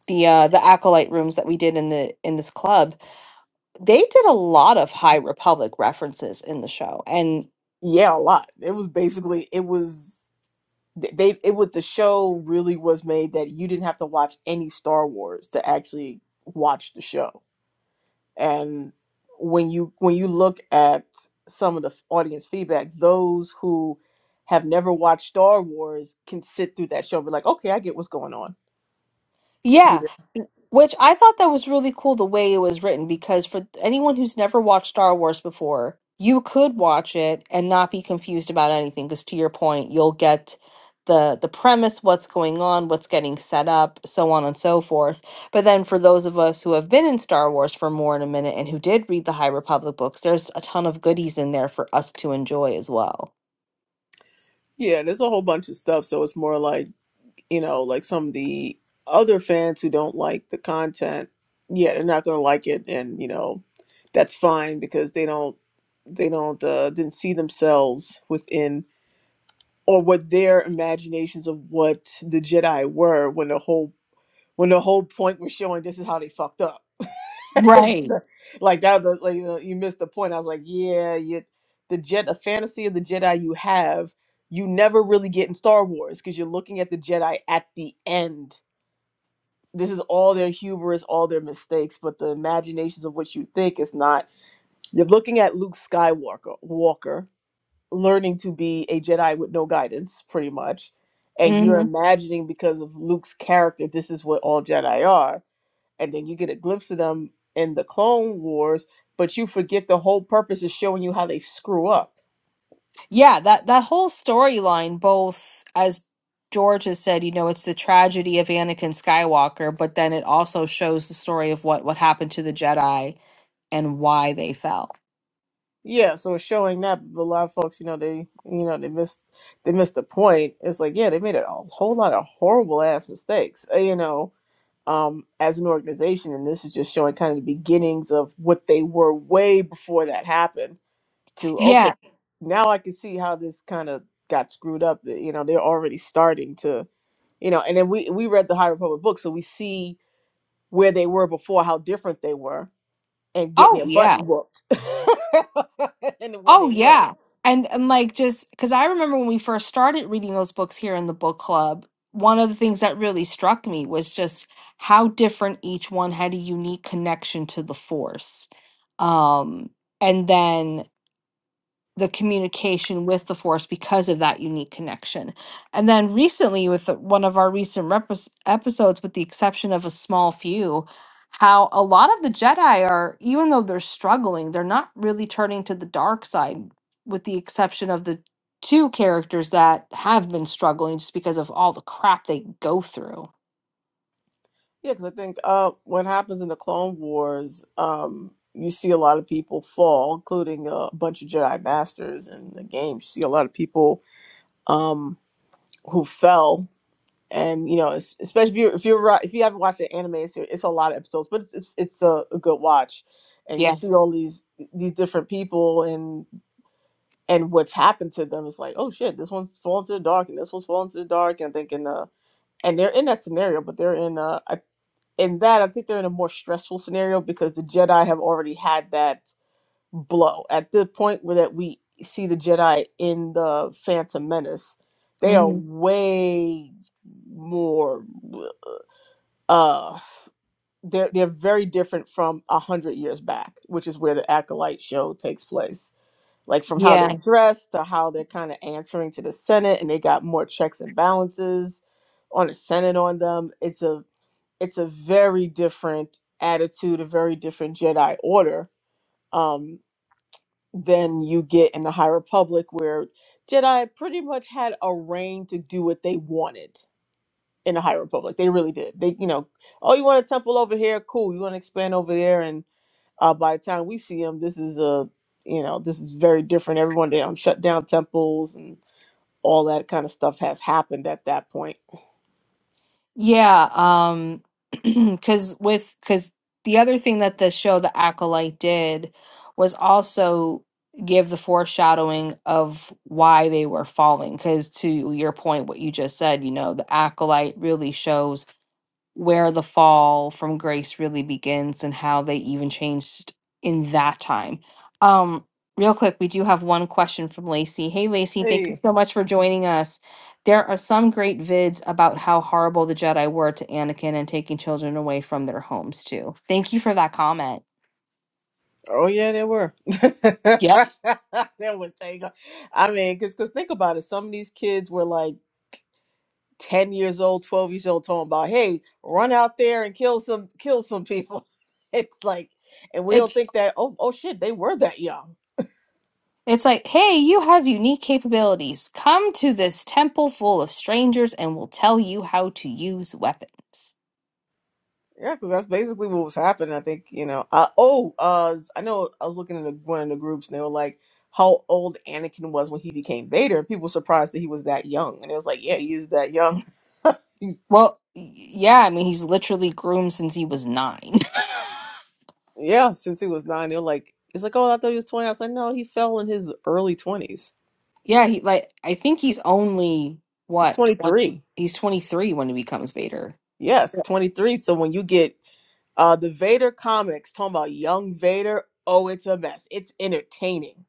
[SPEAKER 1] the uh, the acolyte rooms that we did in the in this club they did a lot of High Republic references in the show, and
[SPEAKER 2] yeah, a lot. It was basically it was they it was the show really was made that you didn't have to watch any Star Wars to actually watch the show. And when you when you look at some of the f- audience feedback, those who have never watched Star Wars can sit through that show and be like, okay, I get what's going on
[SPEAKER 1] Yeah,
[SPEAKER 2] here.
[SPEAKER 1] which I thought that was really cool the way it was written because for anyone who's never watched Star Wars before, you could watch it and not be confused about anything because to your point, you'll get the the premise, what's going on, what's getting set up, so on and so forth. But then for those of us who have been in Star Wars for more than a minute and who did read the High Republic books, there's a ton of goodies in there for us to enjoy as well.
[SPEAKER 2] Yeah, there's a whole bunch of stuff. So it's more like you know, like some of the other fans who don't like the content, yeah, they're not going to like it, and you know, that's fine because they don't, they don't, uh, didn't see themselves within or what their imaginations of what the Jedi were when the whole when the whole point was showing this is how they fucked up.
[SPEAKER 1] Right.
[SPEAKER 2] So, like that, was, like you, know, you missed the point. I was like, yeah, you, the Jedi, the fantasy of the Jedi you have, you never really get in Star Wars because you're looking at the Jedi at the end this is all their hubris, all their mistakes, but the imaginations of what you think is not. You're looking at Luke Skywalker, Walker, learning to be a Jedi with no guidance, pretty much, and
[SPEAKER 1] Mhm.
[SPEAKER 2] you're imagining because of Luke's character, this is what all Jedi are, and then you get a glimpse of them in the Clone Wars, but you forget the whole purpose is showing you how they screw up.
[SPEAKER 1] Yeah, that that whole storyline, both as George has said, you know, it's the tragedy of Anakin Skywalker, but then it also shows the story of what what happened to the Jedi and why they fell.
[SPEAKER 2] Yeah, so it's showing that but a lot of folks, you know, they you know, they missed they missed the point. It's like, yeah, they made a whole lot of horrible ass mistakes, uh, you know, um, as an organization, and this is just showing kind of the beginnings of what they were way before that happened to
[SPEAKER 1] Yeah.
[SPEAKER 2] okay, now I can see how this kind of got screwed up. that, You know, they're already starting to, you know, and then we we read the High Republic book, so we see where they were before, how different they were, and getting
[SPEAKER 1] Oh
[SPEAKER 2] their butts
[SPEAKER 1] yeah.
[SPEAKER 2] whooped and the way
[SPEAKER 1] Oh
[SPEAKER 2] they were.
[SPEAKER 1] yeah. And and like just because I remember when we first started reading those books here in the book club, one of the things that really struck me was just how different each one had a unique connection to the Force. Um, and then the communication with the force because of that unique connection. And then recently, with the- one of our recent repres episodes, with the exception of a small few, how a lot of the Jedi are, even though they're struggling, they're not really turning to the dark side, with the exception of the two characters that have been struggling just because of all the crap they go through.
[SPEAKER 2] Yeah, because I think uh, what happens in the Clone Wars, um, you see a lot of people fall, including a bunch of Jedi Masters in the game. You see a lot of people um, who fell, and you know, es- especially if you're if you're ri- if you haven't watched the anime, it's, it's a lot of episodes, but it's it's, it's a, a good watch, and you
[SPEAKER 1] Yeah.
[SPEAKER 2] see all these these different people and and what's happened to them. It's like, oh shit, this one's fallen to the dark, and this one's fallen to the dark, and thinking, uh, and they're in that scenario, but they're in. Uh, in that, I think they're in a more stressful scenario because the Jedi have already had that blow. At the point where that we see the Jedi in the Phantom Menace, they are
[SPEAKER 1] hmm
[SPEAKER 2] way more uh they're they're very different from a hundred years back, which is where the Acolyte show takes place. Like from how
[SPEAKER 1] Yeah.
[SPEAKER 2] they're dressed to how they're kind of answering to the Senate, and they got more checks and balances on the Senate on them. It's a it's a very different attitude, a very different Jedi order um, than you get in the High Republic, where Jedi pretty much had a reign to do what they wanted in the High Republic. They really did. They, you know, oh, you want a temple over here? Cool. You want to expand over there? And uh, by the time we see them, this is a, you know, this is very different. Everyone they don't shut down temples and all that kind of stuff has happened at that point.
[SPEAKER 1] Yeah, um, because with because the other thing that the show The Acolyte did was also give the foreshadowing of why they were falling. Because to your point, what you just said, you know, The Acolyte really shows where the fall from grace really begins and how they even changed in that time. Um, real quick, we do have one question from Lacey. Hey, Lacey, thank
[SPEAKER 2] Hey.
[SPEAKER 1] you so much for joining us. There are some great vids about how horrible the Jedi were to Anakin and taking children away from their homes too. Thank you for that comment.
[SPEAKER 2] Oh yeah, there were. there
[SPEAKER 1] Yep.
[SPEAKER 2] was thing. I mean, cause, 'cause think about it. Some of these kids were like ten years old, twelve years old, talking about, "Hey, run out there and kill some, kill some people." It's like, and we don't
[SPEAKER 1] It's
[SPEAKER 2] think that. Oh, oh shit, they were that young.
[SPEAKER 1] it's like, hey, you have unique capabilities. Come to this temple full of strangers and we'll tell you how to use weapons.
[SPEAKER 2] Yeah, because that's basically what was happening. I think you know. Uh, oh, uh, I know. I was looking at the- one of the groups, and they were like, "How old Anakin was when he became Vader?" And people were surprised that he was that young. And it was like, "Yeah, he is that young."
[SPEAKER 1] Well, y- yeah, I mean, he's literally groomed since he was nine.
[SPEAKER 2] Yeah, since he was nine, they're like, it's like, oh, I thought he was 20. I was like, no, he fell in his early 20s.
[SPEAKER 1] yeah, he like I think he's only
[SPEAKER 2] He's
[SPEAKER 1] what twenty.
[SPEAKER 2] 23.
[SPEAKER 1] He's twenty three when he becomes Vader.
[SPEAKER 2] Yes,
[SPEAKER 1] Yeah.
[SPEAKER 2] 23. So when you get uh the Vader comics talking about young Vader, oh, it's a mess. It's entertaining.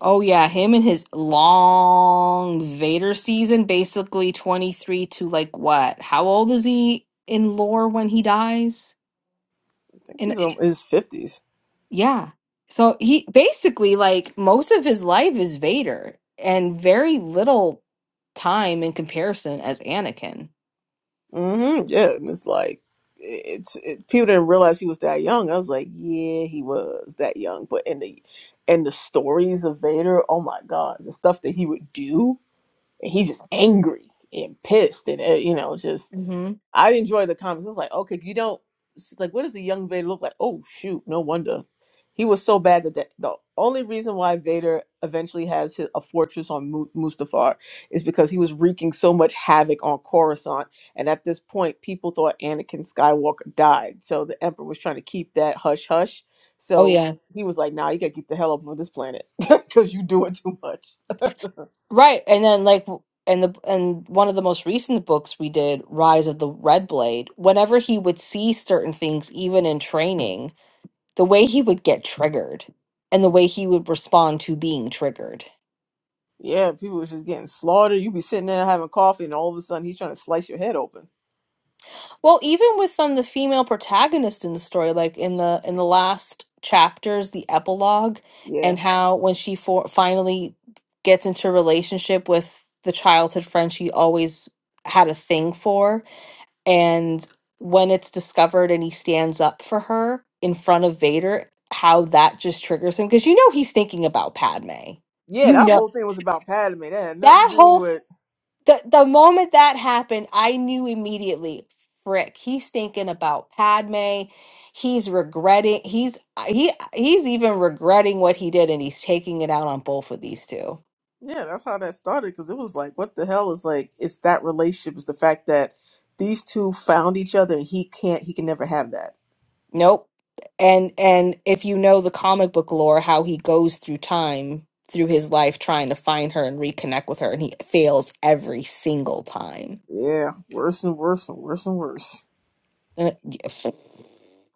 [SPEAKER 1] Oh yeah, him and his long Vader season, basically twenty three to like what? How old is he in lore when he dies?
[SPEAKER 2] I think
[SPEAKER 1] And
[SPEAKER 2] he's in his 50s.
[SPEAKER 1] yeah, so he basically like most of his life is Vader, and very little time in comparison as Anakin.
[SPEAKER 2] Mm-hmm. Yeah, and it's like, it's it, people didn't realize he was that young. I was like, yeah, he was that young. But in the and the stories of Vader, oh my God, the stuff that he would do, and he's just angry and pissed, and uh, you know, just
[SPEAKER 1] hmm
[SPEAKER 2] I enjoy the comics. It's like, okay, you don't like what does a young Vader look like? Oh shoot, no wonder. He was so bad that the, the only reason why Vader eventually has his, a fortress on Mu- Mustafar is because he was wreaking so much havoc on Coruscant. And at this point, people thought Anakin Skywalker died. So the Emperor was trying to keep that hush hush.
[SPEAKER 1] Oh
[SPEAKER 2] So
[SPEAKER 1] yeah.
[SPEAKER 2] he was like, nah, you gotta get the hell up on this planet because you doing too much.
[SPEAKER 1] Right. And then like w- and the and one of the most recent books we did, Rise of the Red Blade, whenever he would see certain things even in training, the way he would get triggered and the way he would respond to being triggered.
[SPEAKER 2] Yeah, people was just getting slaughtered. You be sitting there having coffee, and all of a sudden he's trying to slice your head open.
[SPEAKER 1] Well, even with um the female protagonist in the story like in the in the last chapters, the epilogue
[SPEAKER 2] Yeah.
[SPEAKER 1] and how when she for- finally gets into a relationship with the childhood friend she always had a thing for and when it's discovered and he stands up for her in front of Vader, how that just triggers him because you know he's thinking about Padme.
[SPEAKER 2] Yeah,
[SPEAKER 1] You
[SPEAKER 2] that
[SPEAKER 1] know
[SPEAKER 2] whole thing was about Padme. That had nothing to
[SPEAKER 1] that
[SPEAKER 2] do
[SPEAKER 1] whole f-
[SPEAKER 2] with.
[SPEAKER 1] the the moment that happened, I knew immediately. Frick, he's thinking about Padme. He's regretting. He's he he's even regretting what he did, and he's taking it out on both of these two.
[SPEAKER 2] Yeah, that's how that started because it was like, what the hell is like, it's that relationship, it's the fact that these two found each other and he can't, he can never have that.
[SPEAKER 1] Nope. And and if you know the comic book lore, how he goes through time through his life trying to find her and reconnect with her, and he fails every single time.
[SPEAKER 2] Yeah, worse and worse and worse and worse.
[SPEAKER 1] And it- yeah, pff,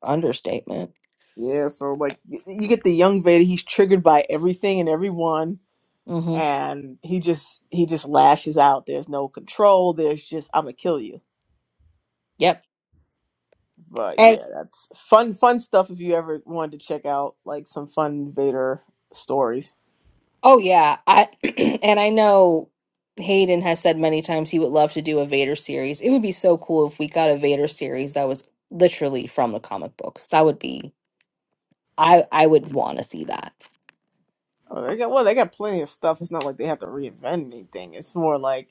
[SPEAKER 1] Understatement.
[SPEAKER 2] Yeah, so like, y- you get the young Vader, he's triggered by everything and everyone.
[SPEAKER 1] hmm
[SPEAKER 2] And he just he just lashes out. There's no control. There's just I'm gonna kill you.
[SPEAKER 1] Yep.
[SPEAKER 2] But
[SPEAKER 1] And
[SPEAKER 2] yeah, that's fun, fun stuff. If you ever wanted to check out like some fun Vader stories,
[SPEAKER 1] oh yeah, I and I know Hayden has said many times he would love to do a Vader series. It would be so cool if we got a Vader series that was literally from the comic books. That would be I I would want to see that.
[SPEAKER 2] oh, they got well, they got plenty of stuff. It's not like they have to reinvent anything. It's more like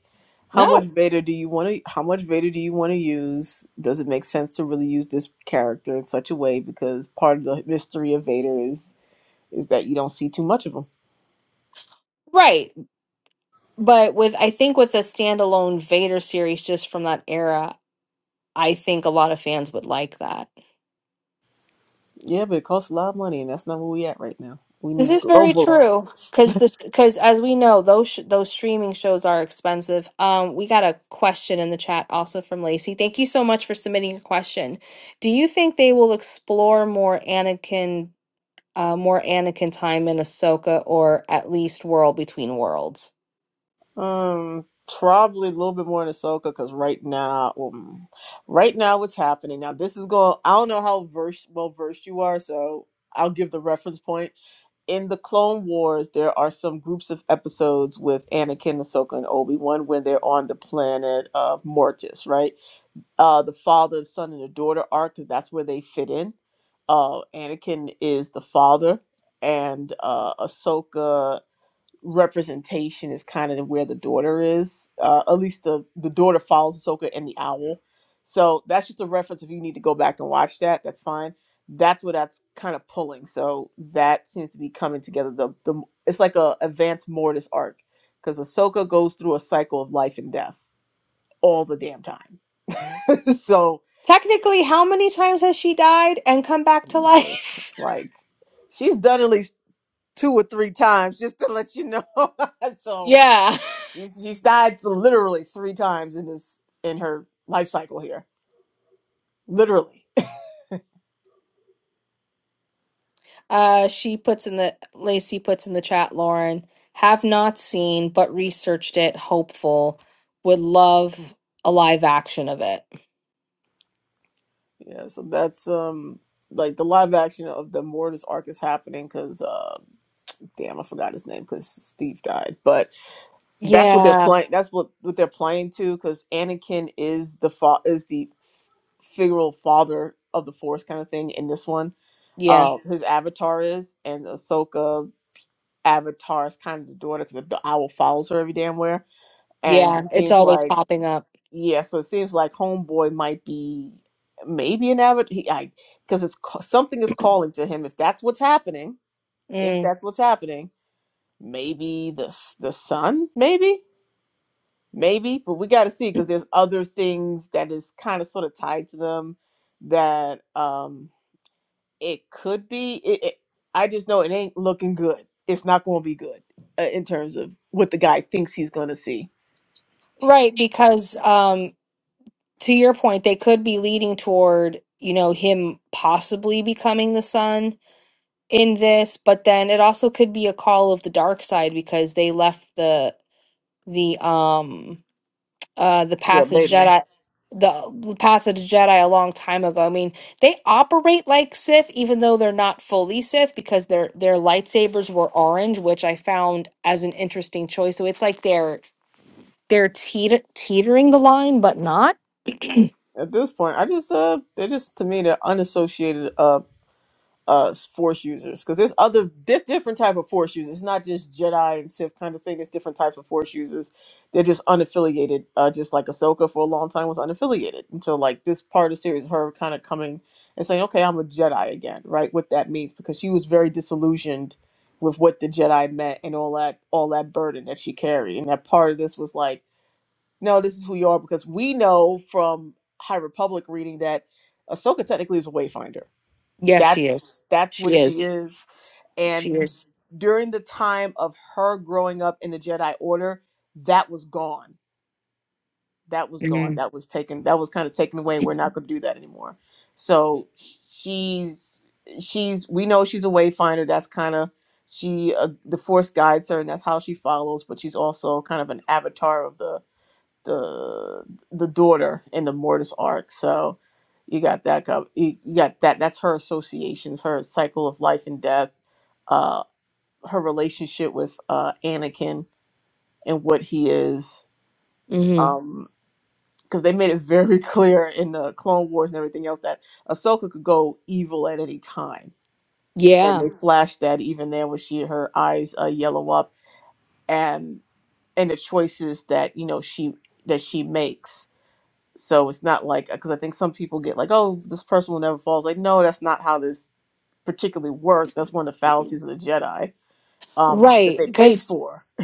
[SPEAKER 2] how much
[SPEAKER 1] No,
[SPEAKER 2] Vader do you want to? How much Vader do you want to use? Does it make sense to really use this character in such a way? Because part of the mystery of Vader is is that you don't see too much of him.
[SPEAKER 1] right. But with I think with a standalone Vader series just from that era, I think a lot of fans would like that.
[SPEAKER 2] Yeah, but it costs a lot of money, and that's not where we at right now. We
[SPEAKER 1] This
[SPEAKER 2] need
[SPEAKER 1] is very
[SPEAKER 2] global
[SPEAKER 1] true
[SPEAKER 2] audience.
[SPEAKER 1] because this because as we know those sh- those streaming shows are expensive. Um, we got a question in the chat also from Lacey. Thank you so much for submitting your question. Do you think they will explore more Anakin, uh, more Anakin time in Ahsoka, or at least World Between Worlds?
[SPEAKER 2] Um, probably a little bit more in Ahsoka because right now, um, right now, what's happening now? This is going. I don't know how versed, well versed you are, so I'll give the reference point. In the Clone Wars, there are some groups of episodes with Anakin, Ahsoka, and Obi Wan when they're on the planet of Mortis, right? Uh, the father, the son, and the daughter arc because that's where they fit in. Uh, Anakin is the father, and uh, Ahsoka representation is kind of where the daughter is. Uh, at least the the daughter follows Ahsoka and the owl. So that's just a reference. If you need to go back and watch that, that's fine. That's what that's kind of pulling. So that seems to be coming together. The the it's like a advanced Mortis arc because Ahsoka goes through a cycle of life and death all the damn time. so
[SPEAKER 1] Technically, how many times has she died and come back to
[SPEAKER 2] Jesus,
[SPEAKER 1] life?
[SPEAKER 2] like she's done at least two or three times just to let you know. so
[SPEAKER 1] yeah.
[SPEAKER 2] She's, she's died literally three times in this in her life cycle here, literally.
[SPEAKER 1] Uh, she puts in the Lacey puts in the chat, Lauren. Have not seen, but researched it. Hopeful. Would love a live action of it.
[SPEAKER 2] Yeah, so that's um like the live action of the Mortis arc is happening because uh damn I forgot his name because Steve died, but that's what they're
[SPEAKER 1] Yeah.
[SPEAKER 2] playing. That's what what they're playing to because Anakin is the fa- is the figural father of the Force kind of thing in this one.
[SPEAKER 1] Yeah.
[SPEAKER 2] Uh, his avatar is and Ahsoka avatar is kind of the daughter because the owl follows her every damn where, and
[SPEAKER 1] Yeah.
[SPEAKER 2] it
[SPEAKER 1] It's
[SPEAKER 2] seems
[SPEAKER 1] always
[SPEAKER 2] like
[SPEAKER 1] popping up.
[SPEAKER 2] Yeah, so it seems like Homeboy might be maybe an avid he I because it's ca- something is calling to him. If that's what's happening, if
[SPEAKER 1] Mm.
[SPEAKER 2] that's what's happening, maybe the s- the sun, maybe, maybe. But we got to see because there's other things that is kind of sort of tied to them that um it could be. It, it I just know it ain't looking good. It's not going to be good uh, in terms of what the guy thinks he's going to see.
[SPEAKER 1] Right, because um, to your point, they could be leading toward, you know, him possibly becoming the son in this, but then it also could be a call of the dark side because they left the the um uh the
[SPEAKER 2] Yeah,
[SPEAKER 1] path of the
[SPEAKER 2] baby.
[SPEAKER 1] Jedi the, the path of the Jedi a long time ago. I mean, they operate like Sith even though they're not fully Sith because their their lightsabers were orange, which I found as an interesting choice. So it's like they're they're teeter- teetering the line but not.
[SPEAKER 2] At this point, I just uh, they're just to me they're unassociated uh uh force users because there's other there's different type of force users it's not just jedi and sith kind of thing there's different types of force users they're just unaffiliated uh just like ahsoka for a long time was unaffiliated until like this part of the series her kind of coming and saying okay i'm a jedi again right what that means because she was very disillusioned with what the jedi meant and all that all that burden that she carried and that part of this was like no this is who you are because we know from high republic reading that ahsoka technically is a wayfinder
[SPEAKER 1] Yes, she
[SPEAKER 2] that's
[SPEAKER 1] is.
[SPEAKER 2] that's what
[SPEAKER 1] She
[SPEAKER 2] she
[SPEAKER 1] is.
[SPEAKER 2] is. And
[SPEAKER 1] She is.
[SPEAKER 2] during the time of her growing up in the Jedi Order, that was gone. That was gone.
[SPEAKER 1] Mhm.
[SPEAKER 2] That was taken. That was kind of taken away. We're not going to do that anymore. So she's she's we know she's a wayfinder. That's kind of she uh, the Force guides her, and that's how she follows. But she's also kind of an avatar of the the the daughter in the Mortis arc. So you got that go you you got that that's her associations, her cycle of life and death, uh her relationship with uh Anakin and what he is.
[SPEAKER 1] Mhm.
[SPEAKER 2] Um because they made it very clear in the Clone Wars and everything else that Ahsoka could go evil at any time. And
[SPEAKER 1] Yeah.
[SPEAKER 2] they flashed that even there when she her eyes uh, yellow up and and the choices that you know she that she makes So it's not like because I think some people get like, oh, this person will never fall. It's like, no, that's not how this particularly works. That's one of the fallacies of the Jedi um, that
[SPEAKER 1] Right,
[SPEAKER 2] they paid
[SPEAKER 1] because
[SPEAKER 2] for.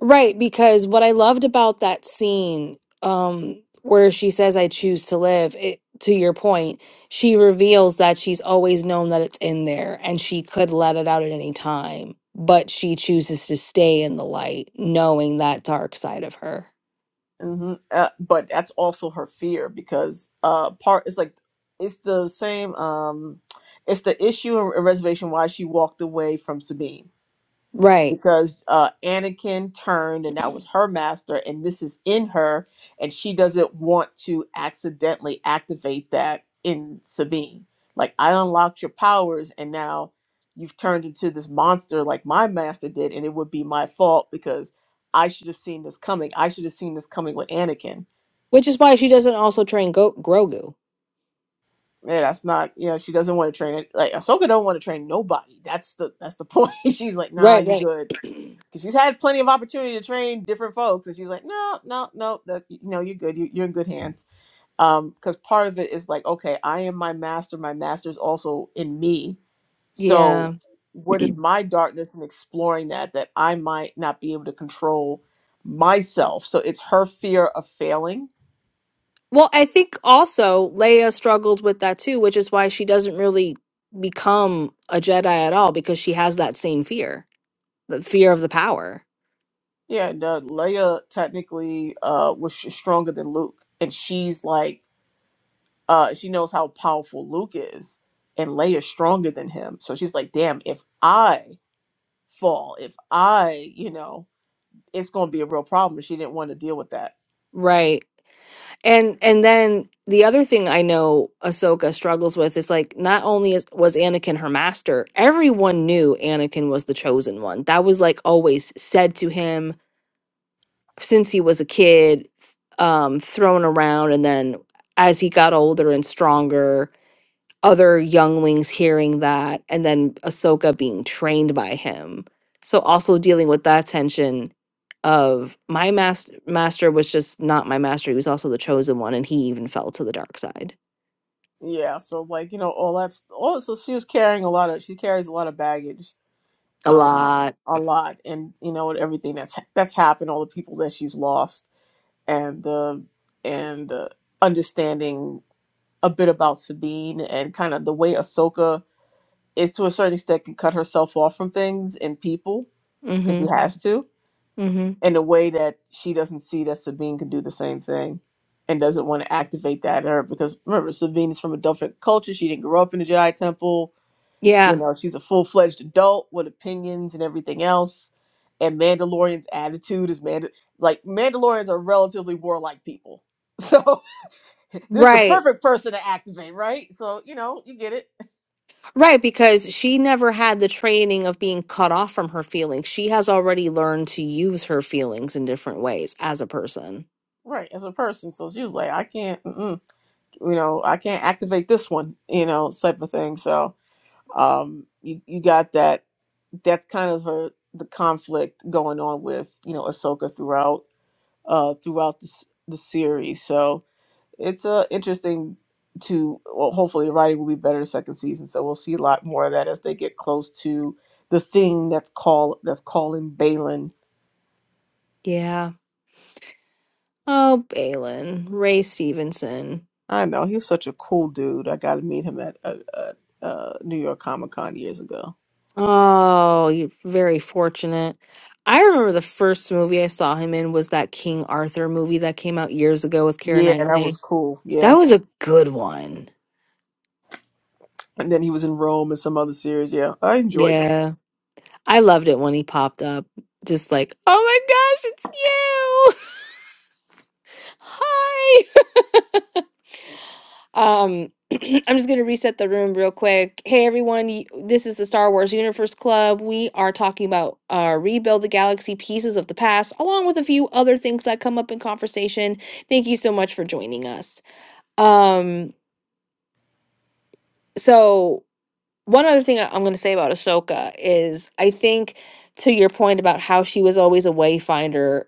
[SPEAKER 1] Right, because what I loved about that scene, um, where she says, I choose to live, it, to your point, she reveals that she's always known that it's in there and she could let it out at any time, but she chooses to stay in the light, knowing that dark side of her.
[SPEAKER 2] hmm Uh, but that's also her fear because uh, part it's like it's the same. Um, it's the issue in reservation why she walked away from Sabine
[SPEAKER 1] Right.
[SPEAKER 2] because uh, Anakin turned, and that was her master, and this is in her, and she doesn't want to accidentally activate that in Sabine. Like, I unlocked your powers, and now you've turned into this monster like my master did, and it would be my fault because I should have seen this coming. I should have seen this coming with Anakin.
[SPEAKER 1] Which is why she doesn't also train Go- Grogu.
[SPEAKER 2] Yeah, that's not you know she doesn't want to train it. Like Ahsoka don't want to train nobody. That's the that's the point. She's like, nah,
[SPEAKER 1] Right,
[SPEAKER 2] you
[SPEAKER 1] right.
[SPEAKER 2] good. because she's had plenty of opportunity to train different folks and she's like no no no that you know you're good you, you're in good hands um because part of it is like okay i am my master my master is also in me
[SPEAKER 1] yeah.
[SPEAKER 2] so what is my darkness and exploring that that i might not be able to control myself so it's her fear of failing
[SPEAKER 1] Well, I think also Leia struggled with that too, which is why she doesn't really become a Jedi at all because she has that same fear, the fear of the power.
[SPEAKER 2] yeah and uh, leia technically uh was sh- stronger than luke and she's like uh, she knows how powerful Luke is, and Leia's stronger than him. So she's like, damn, if I fall, if I, you know, it's gonna be a real problem. She didn't want to deal with that.
[SPEAKER 1] Right. And and then the other thing I know Ahsoka struggles with is like not only is, was Anakin her master, everyone knew Anakin was the chosen one. That was like always said to him since he was a kid, um, thrown around and then as he got older and stronger other younglings hearing that, and then Ahsoka being trained by him. So also dealing with that tension of my mas- master was just not my master. He was also the chosen one, and he even fell to the dark side
[SPEAKER 2] Yeah, so like, you know, all that's all so she was carrying a lot of she carries a lot of baggage,
[SPEAKER 1] a
[SPEAKER 2] um,
[SPEAKER 1] lot.
[SPEAKER 2] a lot and you know, and everything that's that's happened, all the people that she's lost and uh and uh, understanding a bit about Sabine and kind of the way Ahsoka is to a certain extent can cut herself off from things and people because she
[SPEAKER 1] Mm-hmm.
[SPEAKER 2] has to
[SPEAKER 1] Mm-hmm.
[SPEAKER 2] in a way that she doesn't see that Sabine can do the same thing and doesn't want to activate that in her because remember Sabine is from a different culture. She didn't grow up in the Jedi Temple. You
[SPEAKER 1] Yeah.
[SPEAKER 2] know, she's a full fledged adult with opinions and everything else. And Mandalorian's attitude is Mand- like Mandalorians are relatively warlike people. So this is the
[SPEAKER 1] Right.
[SPEAKER 2] perfect person to activate, right? So, you know, you get it.
[SPEAKER 1] Right. Because she never had the training of being cut off from her feelings. She has already learned to use her feelings in different ways as a person.
[SPEAKER 2] Right, as a person. So she was like, I can't. mm-mm. you know, I can't activate this one, you know, type of thing. So um, you you got that. That's kind of her the conflict going on with you know Ahsoka throughout uh throughout the s- the series. So it's uh, interesting to well, hopefully the writing will be better the second season. So we'll see a lot more of that as they get close to the thing that's call that's calling Balin.
[SPEAKER 1] Yeah. Oh, Balin, Ray Stevenson.
[SPEAKER 2] I know he was such a cool dude. I got to meet him at uh, uh, uh, New York Comic Con years ago.
[SPEAKER 1] Oh, you're very fortunate. I remember the first movie I saw him in was that King Arthur movie that came out years ago with Keira Knightley.
[SPEAKER 2] Yeah,
[SPEAKER 1] That was a good one.
[SPEAKER 2] and then he was in Rome and some other series. Yeah, I enjoyed him.
[SPEAKER 1] Yeah. I loved it when he popped up. Just like, oh my gosh, it's you. Hi. Um, I'm just going to reset the room real quick. Hey, everyone. y- This is the Star Wars Universe Club. We are talking about uh, Rebuild the Galaxy Pieces of the Past, along with a few other things that come up in conversation. Thank you so much for joining us. Um, so, one other thing I- I'm going to say about Ahsoka is I think to your point about how she was always a wayfinder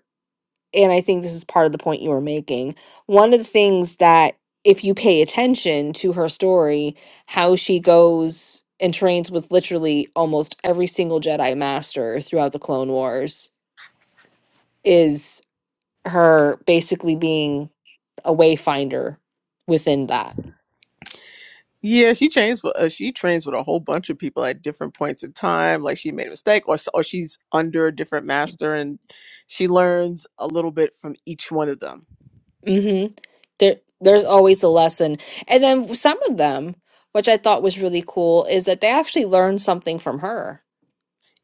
[SPEAKER 1] and I think this is part of the point you were making. One of the things that, if you pay attention to her story, how she goes and trains with literally almost every single Jedi Master throughout the Clone Wars, is her basically being a wayfinder within that.
[SPEAKER 2] Yeah, she trains. With, uh, she trains with a whole bunch of people at different points in time. Like she made a mistake, or s- or she's under a different master, and she learns a little bit from each one of them.
[SPEAKER 1] hmm There, there's always a lesson, and then some of them, which I thought was really cool, is that they actually learn something from her.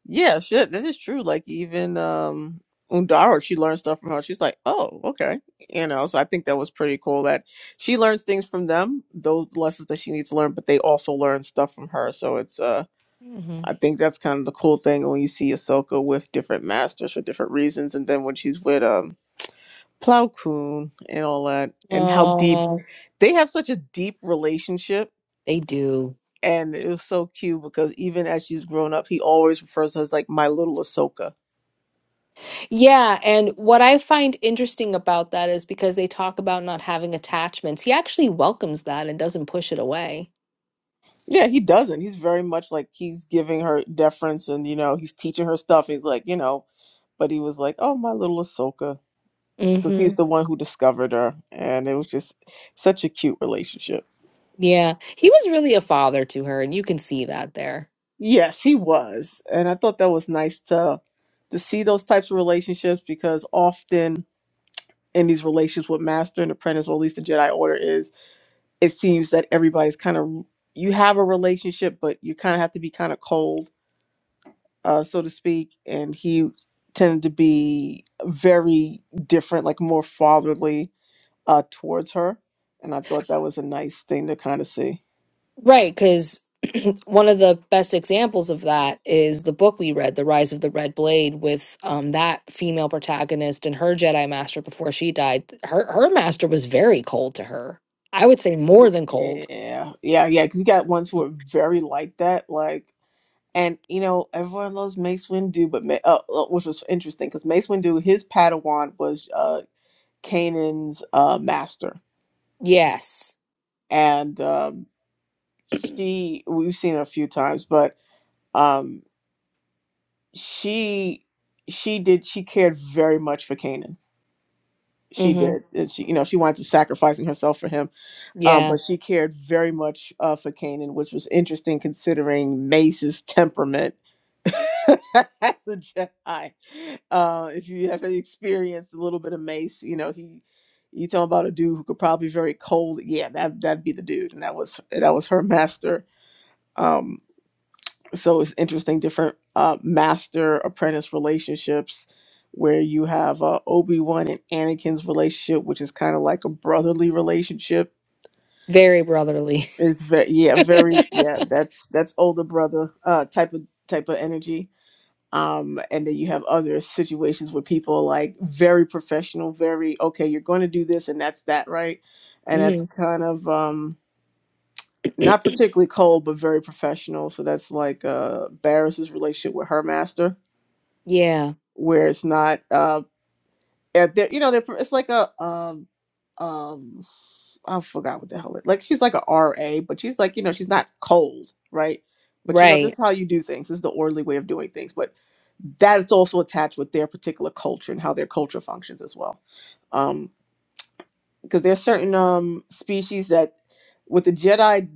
[SPEAKER 2] Yeah, shit, this is true. Like even um Undaro, she learned stuff from her. She's like, oh, okay, you know. So I think that was pretty cool that she learns things from them, those lessons that she needs to learn, but they also learn stuff from her. So it's uh
[SPEAKER 1] hmm
[SPEAKER 2] I think that's kind of the cool thing when you see Ahsoka with different masters for different reasons, and then when she's with um Plow Koon and all that, and how deep
[SPEAKER 1] Oh,
[SPEAKER 2] they have such a deep relationship.
[SPEAKER 1] they do.
[SPEAKER 2] And it was so cute because even as she's grown up, he always refers to her as like my little Ahsoka.
[SPEAKER 1] Yeah, and what I find interesting about that is because they talk about not having attachments. He actually welcomes that and doesn't push it away.
[SPEAKER 2] Yeah, he doesn't. He's very much like he's giving her deference and you know, he's teaching her stuff. He's like, you know, but he was like, Oh, my little Ahsoka. Because
[SPEAKER 1] hmm
[SPEAKER 2] he's the one who discovered her. And it was just such a cute relationship.
[SPEAKER 1] Yeah, he was really a father to her, and you can see that there.
[SPEAKER 2] Yes, he was. And I thought that was nice to to see those types of relationships because often in these relationships with master and apprentice, or at least the Jedi Order is, it seems that everybody's kind of you have a relationship, but you kind of have to be kind of cold, uh, so to speak. And he tended to be very different, like more fatherly uh, towards her. And I thought that was a nice thing to kind of see.
[SPEAKER 1] Right, because one of the best examples of that is the book we read, The Rise of the Red Blade, with um, that female protagonist and her Jedi master before she died. Her her master was very cold to her. I would say more than cold.
[SPEAKER 2] Yeah, yeah, yeah. Because you got ones who are very like that, like And you know, everyone loves Mace Windu, but Ma- uh, uh, which was interesting because Mace Windu, his Padawan was uh, Kanan's uh, master,
[SPEAKER 1] Yes.
[SPEAKER 2] and um, she we've seen her a few times, but um, she she did she cared very much for Kanan. She
[SPEAKER 1] hmm
[SPEAKER 2] did, and she you know she winds up sacrificing herself for him um,
[SPEAKER 1] Yeah.
[SPEAKER 2] but she cared very much uh, for Kanan, which was interesting considering Mace's temperament as a Jedi. Uh, if you have experienced a little bit of Mace, you know he you talking about a dude who could probably be very cold. Yeah, that that'd be the dude, and that was that was her master. Um, so it's interesting, different uh, master apprentice relationships. Where you have uh, Obi Wan and Anakin's relationship, which is kind of like a brotherly relationship,
[SPEAKER 1] Very brotherly.
[SPEAKER 2] it's very yeah, very yeah. That's that's older brother uh type of type of energy. Um, and then you have other situations where people are like very professional, very okay. You're going to do this, and that's that, right? And that's
[SPEAKER 1] hmm
[SPEAKER 2] kind of um not particularly cold, but very professional. So that's like uh Barris's relationship with her master,
[SPEAKER 1] Yeah,
[SPEAKER 2] where it's not uh at the, you know they're, it's like a um. um I forgot what the hell it like she's like a RA, but she's like, you know, she's not cold, right? But you know, this
[SPEAKER 1] right.
[SPEAKER 2] is how you do things. This is the orderly way of doing things. But that's also attached with their particular culture and how their culture functions as well. Um, because there's certain um species that with the Jedi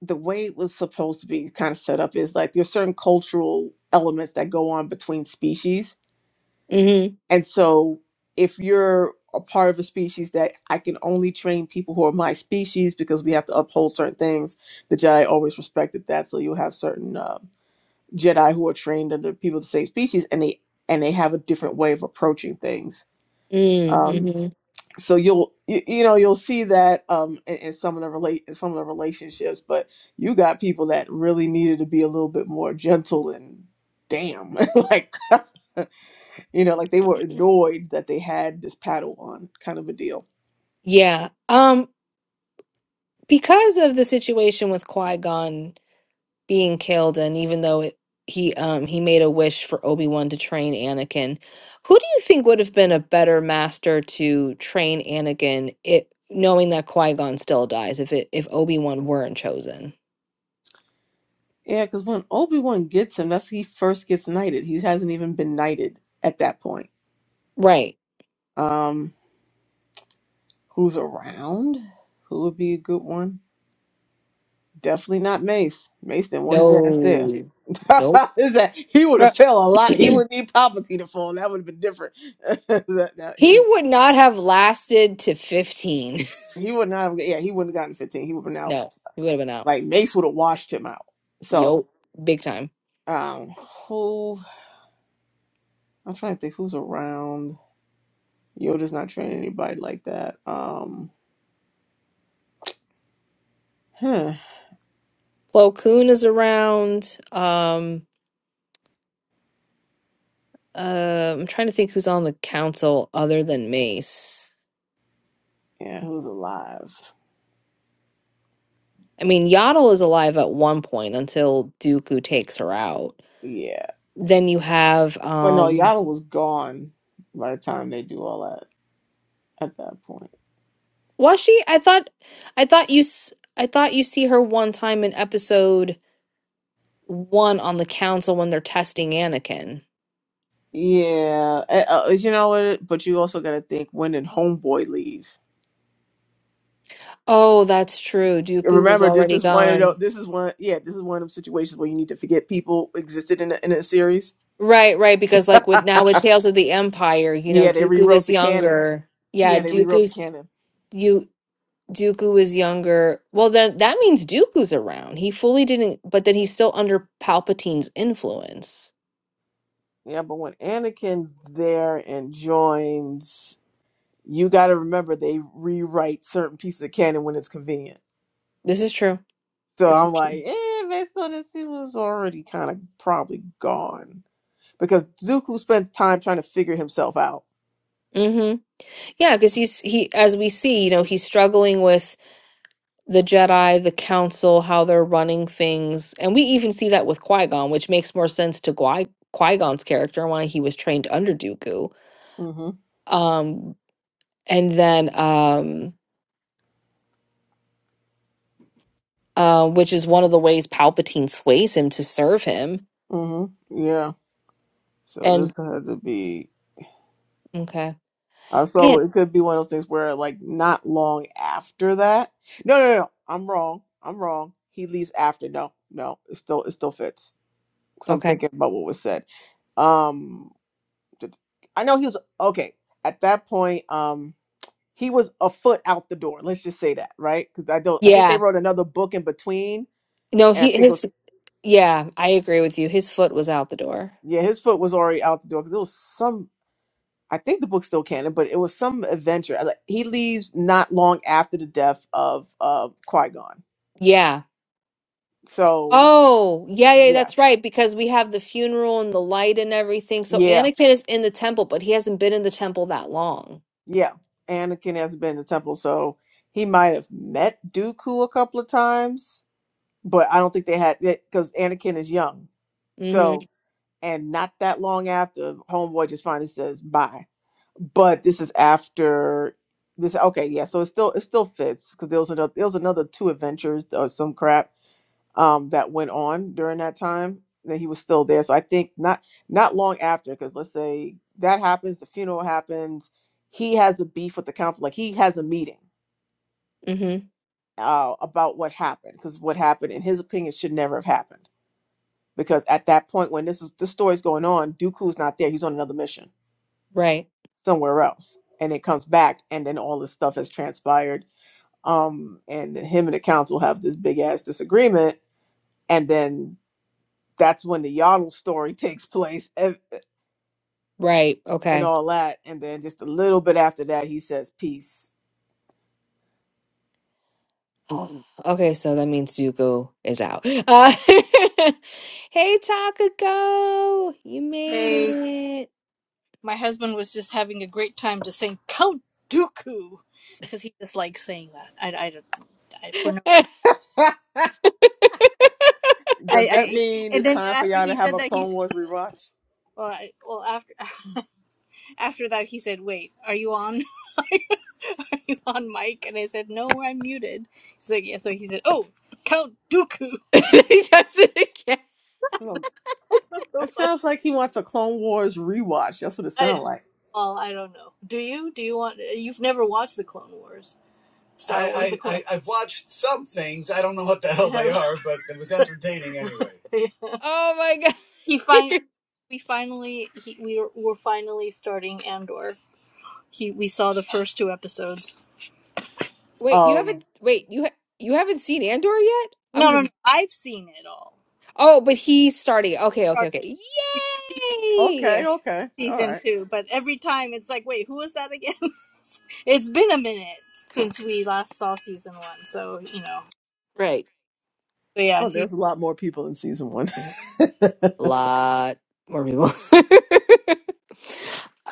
[SPEAKER 2] the way it was supposed to be kind of set up is like there's certain cultural elements that go on between species
[SPEAKER 1] hmm
[SPEAKER 2] and so, if you're a part of a species that I can only train people who are my species because we have to uphold certain things, the Jedi always respected that. So you'll have certain uh, Jedi who are trained under people of the same species, and they and they have a different way of approaching things.
[SPEAKER 1] Mm-hmm.
[SPEAKER 2] Um,
[SPEAKER 1] Mm-hmm.
[SPEAKER 2] so you'll you, you know you'll see that um, in, in some of the relate in some of the relationships, but you got people that really needed to be a little bit more gentle and damn like you know, like they were annoyed that they had this paddle on kind of a deal.
[SPEAKER 1] Yeah. Um, because of the situation with Qui-Gon being killed, and even though it, he um he made a wish for Obi-Wan to train Anakin, who do you think would have been a better master to train Anakin it knowing that Qui-Gon still dies if it if Obi-Wan weren't chosen?
[SPEAKER 2] Yeah, because when Obi Wan gets him, that's he first gets knighted. He hasn't even been knighted at that point.
[SPEAKER 1] Right.
[SPEAKER 2] Um, who's around? Who would be a good one? Definitely not Mace. Mace didn't want his ass there.
[SPEAKER 1] No. Nope.
[SPEAKER 2] Is that he would
[SPEAKER 1] So
[SPEAKER 2] have fell a lot. He would need Palpatine to fall. That would have been different. That- that-
[SPEAKER 1] he
[SPEAKER 2] he
[SPEAKER 1] would not have lasted to 15.
[SPEAKER 2] he would not have. Yeah, he wouldn't have gotten fifteen. He would have been out.
[SPEAKER 1] No, he would have been out.
[SPEAKER 2] Like Mace would have washed him out. So
[SPEAKER 1] Yo, big time.
[SPEAKER 2] um, who? I'm trying to think who's around. Yoda's not training anybody like that. Um, huh.
[SPEAKER 1] Plo Koon is around. Um, uh, I'm trying to think who's on the council other than Mace.
[SPEAKER 2] Yeah, who's alive?
[SPEAKER 1] I mean, Yaddle is alive at one point until Dooku takes her out.
[SPEAKER 2] Yeah,
[SPEAKER 1] Then you have
[SPEAKER 2] but no,
[SPEAKER 1] um,
[SPEAKER 2] Yada was gone by the time they do all that. At that point,
[SPEAKER 1] was she? I thought, I thought you, s- I thought you see her one time in episode one on the council when they're testing Anakin.
[SPEAKER 2] yeah, eh, uh, uh, you know what? But you also got to think when did Homeboy leave?
[SPEAKER 1] Oh, that's true. Dooku was
[SPEAKER 2] Remember, this
[SPEAKER 1] already
[SPEAKER 2] is one of
[SPEAKER 1] gone.
[SPEAKER 2] those. This is one. Yeah, this is one of them situations where you need to forget people existed in a, in a series.
[SPEAKER 1] Right, right, because like with now with Tales of the Empire, you know,
[SPEAKER 2] yeah, they
[SPEAKER 1] Dooku
[SPEAKER 2] rewrote
[SPEAKER 1] is
[SPEAKER 2] the canon.
[SPEAKER 1] younger. Yeah,
[SPEAKER 2] Yeah, they rewrote the
[SPEAKER 1] Dooku's
[SPEAKER 2] canon.
[SPEAKER 1] you Dooku is younger. Well, then that means Dooku's around. He fully didn't, but then he's still under Palpatine's influence.
[SPEAKER 2] Yeah, but when Anakin's there and joins, you got to remember they rewrite certain pieces of canon when it's convenient.
[SPEAKER 1] This is true.
[SPEAKER 2] So
[SPEAKER 1] This is
[SPEAKER 2] I'm like,
[SPEAKER 1] true.
[SPEAKER 2] eh, based on this, he was already kind of probably gone because Dooku spent time trying to figure himself out.
[SPEAKER 1] hmm Yeah, because he's he as we see, you know, he's struggling with the Jedi, the Council, how they're running things, and we even see that with Qui Gon, which makes more sense to Qui Qui Gon's character and why he was trained under Dooku.
[SPEAKER 2] Mm-hmm.
[SPEAKER 1] Um, and then um uh, which is one of the ways palpatine sways him to serve him
[SPEAKER 2] Mm-hmm. Yeah. So
[SPEAKER 1] and
[SPEAKER 2] this had to be
[SPEAKER 1] okay
[SPEAKER 2] Uh, so
[SPEAKER 1] yeah
[SPEAKER 2] it could be one of those things where, like, not long after that. No, no, no. I'm wrong. I'm wrong. He leaves after. No, no. It still, it still fits. Because I'm
[SPEAKER 1] okay
[SPEAKER 2] thinking about what was said. Um, did- I know he was okay at that point. Um, he was a foot out the door. Let's just say that, right? Because I don't. I think they
[SPEAKER 1] yeah
[SPEAKER 2] wrote another book in between,
[SPEAKER 1] no
[SPEAKER 2] and I
[SPEAKER 1] he
[SPEAKER 2] think it
[SPEAKER 1] his
[SPEAKER 2] was
[SPEAKER 1] yeah i agree with you his foot was out the door
[SPEAKER 2] yeah, his foot was already out the door because it was some I think the book's still canon, but it was some adventure. I Like he leaves not long after the death of uh, Qui Gon.
[SPEAKER 1] yeah
[SPEAKER 2] So
[SPEAKER 1] oh yeah yeah that's
[SPEAKER 2] yes,
[SPEAKER 1] right because we have the funeral and the light and everything so
[SPEAKER 2] yeah,
[SPEAKER 1] anakin is in the temple but he hasn't been in the temple that long
[SPEAKER 2] yeah. Anakin has been in the temple, so he might have met Dooku a couple of times, but I don't think they had it because Anakin is young.
[SPEAKER 1] mm-hmm
[SPEAKER 2] So and not that long after, Homeboy just finally says bye. But this is after this. Okay, yeah. So it still it still fits because there was another there was another two adventures or some crap um, that went on during that time that he was still there. So I think not not long after, because let's say that happens, the funeral happens, he has a beef with the council, like he has a meeting
[SPEAKER 1] mm-hmm
[SPEAKER 2] uh, about what happened, because what happened, in his opinion, should never have happened. Because at that point, when this is the story's going on, Dooku's not there; he's on another mission
[SPEAKER 1] right
[SPEAKER 2] somewhere else, and it comes back, and then all this stuff has transpired. Um, and then him and the council have this big ass disagreement, and then that's when the Yaddle story takes place and, uh,
[SPEAKER 1] right
[SPEAKER 2] and
[SPEAKER 1] okay
[SPEAKER 2] all that. And then just a little bit after that, he says peace.
[SPEAKER 1] Oh, Okay, so that means Zuko is out. Uh, hey, Takako, you
[SPEAKER 3] Hey,
[SPEAKER 1] made it.
[SPEAKER 3] my husband was just having a great time just saying Count Dooku because he just likes saying that. I, I don't I, for no.
[SPEAKER 2] Does
[SPEAKER 3] I,
[SPEAKER 2] that
[SPEAKER 3] I
[SPEAKER 2] mean
[SPEAKER 3] and
[SPEAKER 2] it's
[SPEAKER 3] then
[SPEAKER 2] time for
[SPEAKER 3] after
[SPEAKER 2] y'all to
[SPEAKER 3] he
[SPEAKER 2] have
[SPEAKER 3] said
[SPEAKER 2] a
[SPEAKER 3] that he's
[SPEAKER 2] Clone Wars rewatch?
[SPEAKER 3] well, I, well after after that he said, "Wait, are you on? are you on mic?" And I said, "No, I'm muted." He's like, "Yeah." So he said, "Oh, Count Dooku."
[SPEAKER 1] he does it again.
[SPEAKER 2] Look, it sounds like he wants a Clone Wars rewatch. That's what it
[SPEAKER 3] I,
[SPEAKER 2] sounds like.
[SPEAKER 3] well, I don't know. Do you? Do you want? You've never watched the Clone Wars. So it was a I, I, cool. I I've watched some things. I don't know what the hell they are, but it was entertaining anyway. Yeah.
[SPEAKER 1] Oh my
[SPEAKER 3] he fin
[SPEAKER 1] god!
[SPEAKER 3] we finally he we were, were finally starting Andor. He we saw the first two episodes.
[SPEAKER 1] wait, you
[SPEAKER 2] Um.
[SPEAKER 1] haven't. Wait, you ha- you haven't seen Andor yet? I'm
[SPEAKER 3] No, no, no.
[SPEAKER 1] gonna.
[SPEAKER 3] I've seen it all.
[SPEAKER 1] Oh, but he's starting. Okay, okay,
[SPEAKER 3] Starting
[SPEAKER 1] okay.
[SPEAKER 2] Okay.
[SPEAKER 1] Yay!
[SPEAKER 2] Okay. All
[SPEAKER 3] Season
[SPEAKER 2] right.
[SPEAKER 3] two, but every time it's like, wait, who was that again? it's been a minute since we last saw season one, so you know.
[SPEAKER 1] Right.
[SPEAKER 3] But yeah,
[SPEAKER 2] Oh,
[SPEAKER 3] he,
[SPEAKER 2] there's a lot more people in season one.
[SPEAKER 1] A lot more people.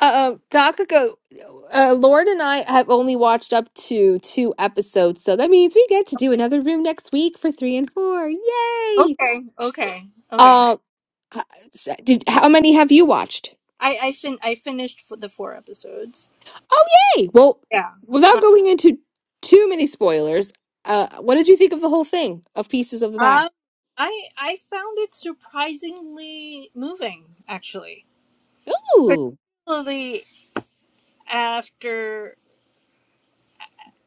[SPEAKER 1] um, Takako, uh, Lord and I have only watched up to two episodes, so that means we get to do another room next week for three and four. Yay!
[SPEAKER 3] okay, okay, okay.
[SPEAKER 1] Um, h- s- did how many have you watched?
[SPEAKER 3] I I fin I finished the four episodes.
[SPEAKER 1] Oh, yay! Well,
[SPEAKER 3] Yeah. Um,
[SPEAKER 1] without going into too many spoilers, uh, what did you think of the whole thing of Pieces of the
[SPEAKER 3] Um,
[SPEAKER 1] Past?
[SPEAKER 3] I I found it surprisingly moving, actually,
[SPEAKER 1] Ooh,
[SPEAKER 3] particularly after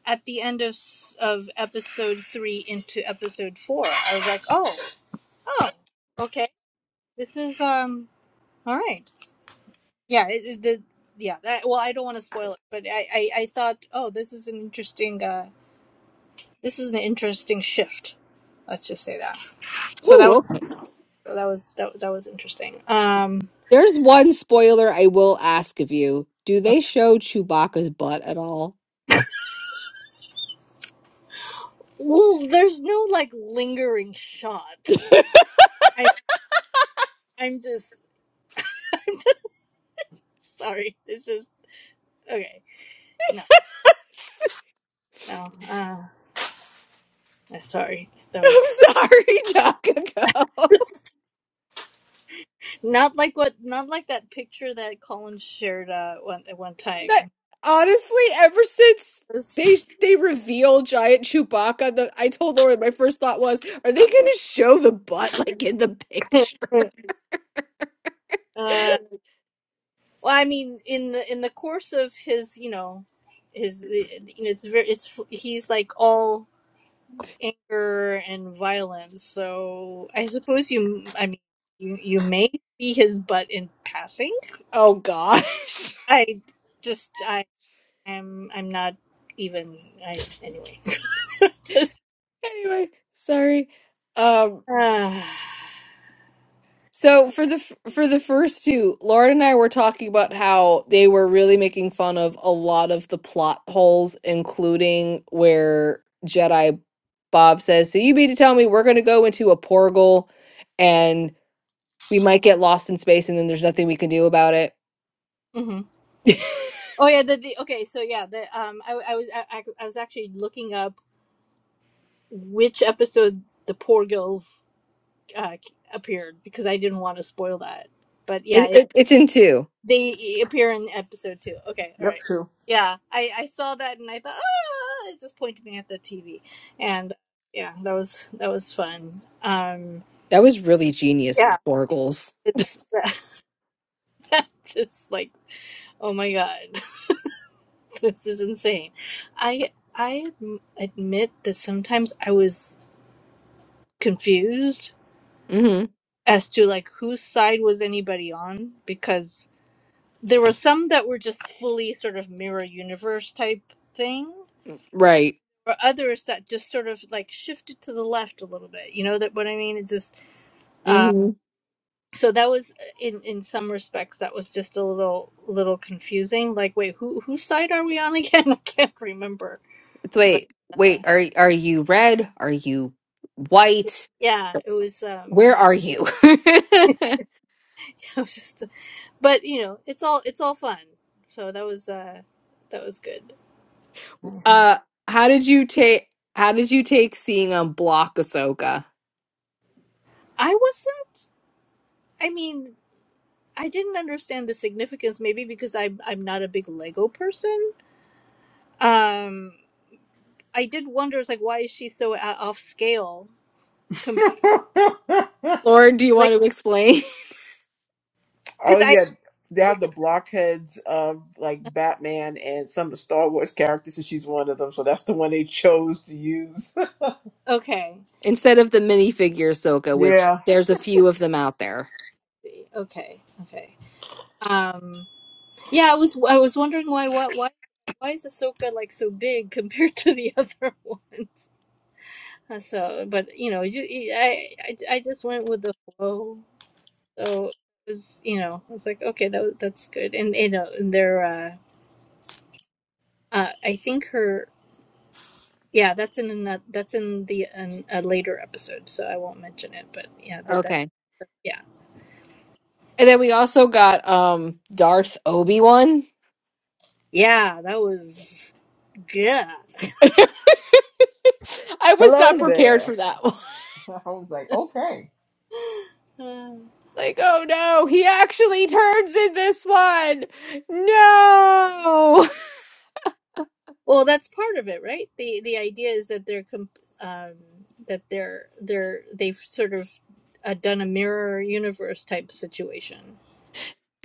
[SPEAKER 3] at the end of s- of episode three into episode four. I was like, oh, oh, okay, this is um, all right, yeah, it, it- the yeah that well, I don't want to spoil it, but I, I I thought, oh, this is an interesting uh, this is an interesting shift. Let's just say that. So that
[SPEAKER 1] ooh,
[SPEAKER 3] was
[SPEAKER 1] okay.
[SPEAKER 3] that was that that was interesting. Um.
[SPEAKER 1] There's one spoiler I will ask of you. Do they show Chewbacca's butt at all?
[SPEAKER 3] Well, there's no like lingering shot. I I'm just sorry. This is okay. No, no. Uh, eh, sorry. That was
[SPEAKER 1] I'm sorry, Takako.
[SPEAKER 3] not like what not like that picture that Colin shared uh one at one
[SPEAKER 1] That
[SPEAKER 3] time.
[SPEAKER 1] honestly, ever since
[SPEAKER 3] This-
[SPEAKER 1] they they reveal giant Chewbacca, the, I told Lauren my first thought was, are they going to show the butt like in the picture?
[SPEAKER 3] uh, well, I mean, in the in the course of his, you know, his the- you know, it's very it's he's like all. anger and violence. So I suppose you, I mean, you, you may see his butt in passing.
[SPEAKER 1] Oh gosh.
[SPEAKER 3] I just, I am, I'm not even, I, anyway, just,
[SPEAKER 1] anyway, sorry. Um.
[SPEAKER 3] uh,
[SPEAKER 1] So for the f- for the first two, Lauren and I were talking about how they were really making fun of a lot of the plot holes, including where Jedi Bob says, "So you mean to tell me we're going to go into a portal and we might get lost in space, and then there's nothing we can do about it?"
[SPEAKER 3] hmm Oh yeah, the, the okay. So yeah, the um, I, I was I, I I was actually looking up which episode the poor girls uh, appeared because I didn't want to spoil that. But yeah,
[SPEAKER 1] It, it it's in two.
[SPEAKER 3] They e-, appear in episode two. Okay, all
[SPEAKER 2] yep.
[SPEAKER 3] right.
[SPEAKER 2] True.
[SPEAKER 3] Yeah, I, I saw that and I thought, ah, it just pointed me at the TV, and yeah, that was that was fun. Um,
[SPEAKER 1] That was really genius,
[SPEAKER 3] yeah,
[SPEAKER 1] Porgles.
[SPEAKER 3] it's just like oh my god this is insane i i adm- admit that sometimes i was confused
[SPEAKER 1] hmm
[SPEAKER 3] as to like whose side was anybody on because there were some that were just fully sort of mirror universe type things
[SPEAKER 1] Right.
[SPEAKER 3] or others that just sort of like shifted to the left a little bit. You know that what I mean? It's just uh,
[SPEAKER 1] hmm
[SPEAKER 3] so that was uh, in in some respects that was just a little little confusing. Like, wait, who whose side are we on again? I can't remember.
[SPEAKER 1] It's
[SPEAKER 3] But
[SPEAKER 1] wait,
[SPEAKER 3] uh,
[SPEAKER 1] wait. Are are you red? Are you white?
[SPEAKER 3] yeah, it was
[SPEAKER 1] Where
[SPEAKER 3] um,
[SPEAKER 1] are you?
[SPEAKER 3] it was just. But you know, it's all it's all fun. So that was uh, that was good. Mhm.
[SPEAKER 1] uh how did you take how did you take seeing on block Ahsoka?
[SPEAKER 3] I wasn't. I mean. I didn't understand the significance, maybe because I'm I'm not a big Lego person, um I did wonder, it's like, why is she so o- off scale compared?
[SPEAKER 1] Lauren, do you
[SPEAKER 3] Like,
[SPEAKER 1] want to explain?
[SPEAKER 3] because
[SPEAKER 2] Oh
[SPEAKER 3] I
[SPEAKER 2] yeah, they have
[SPEAKER 3] think
[SPEAKER 2] the
[SPEAKER 3] that,
[SPEAKER 2] blockheads of like Batman and some of the Star Wars characters, and she's one of them. So that's the one they chose to use.
[SPEAKER 3] okay,
[SPEAKER 1] Instead of the minifigure Ahsoka, which
[SPEAKER 2] yeah.
[SPEAKER 1] there's a few of them out there.
[SPEAKER 3] okay, okay. Um, yeah, I was I was wondering why what why why is Ahsoka like so big compared to the other ones? Uh, So, but you know, you, I, I I just went with the flow. So it was you know, I was like, okay, that was, that's good. And you know, and their uh, uh, I think her yeah, that's in another, that's in the an, a later episode, so I won't mention it. But yeah, that that.
[SPEAKER 1] Okay.
[SPEAKER 3] Yeah.
[SPEAKER 1] And then we also got um Darth Obi-Wan.
[SPEAKER 3] Yeah, that was good.
[SPEAKER 1] I was not
[SPEAKER 2] Hello
[SPEAKER 1] prepared
[SPEAKER 2] there.
[SPEAKER 1] for that one.
[SPEAKER 2] I was like, okay.
[SPEAKER 3] Uh,
[SPEAKER 1] Like, oh no, he actually turns in this one. No.
[SPEAKER 3] well, that's part of it, right? The the idea is that they're com- um that they're they're they've sort of uh, done a mirror universe type situation.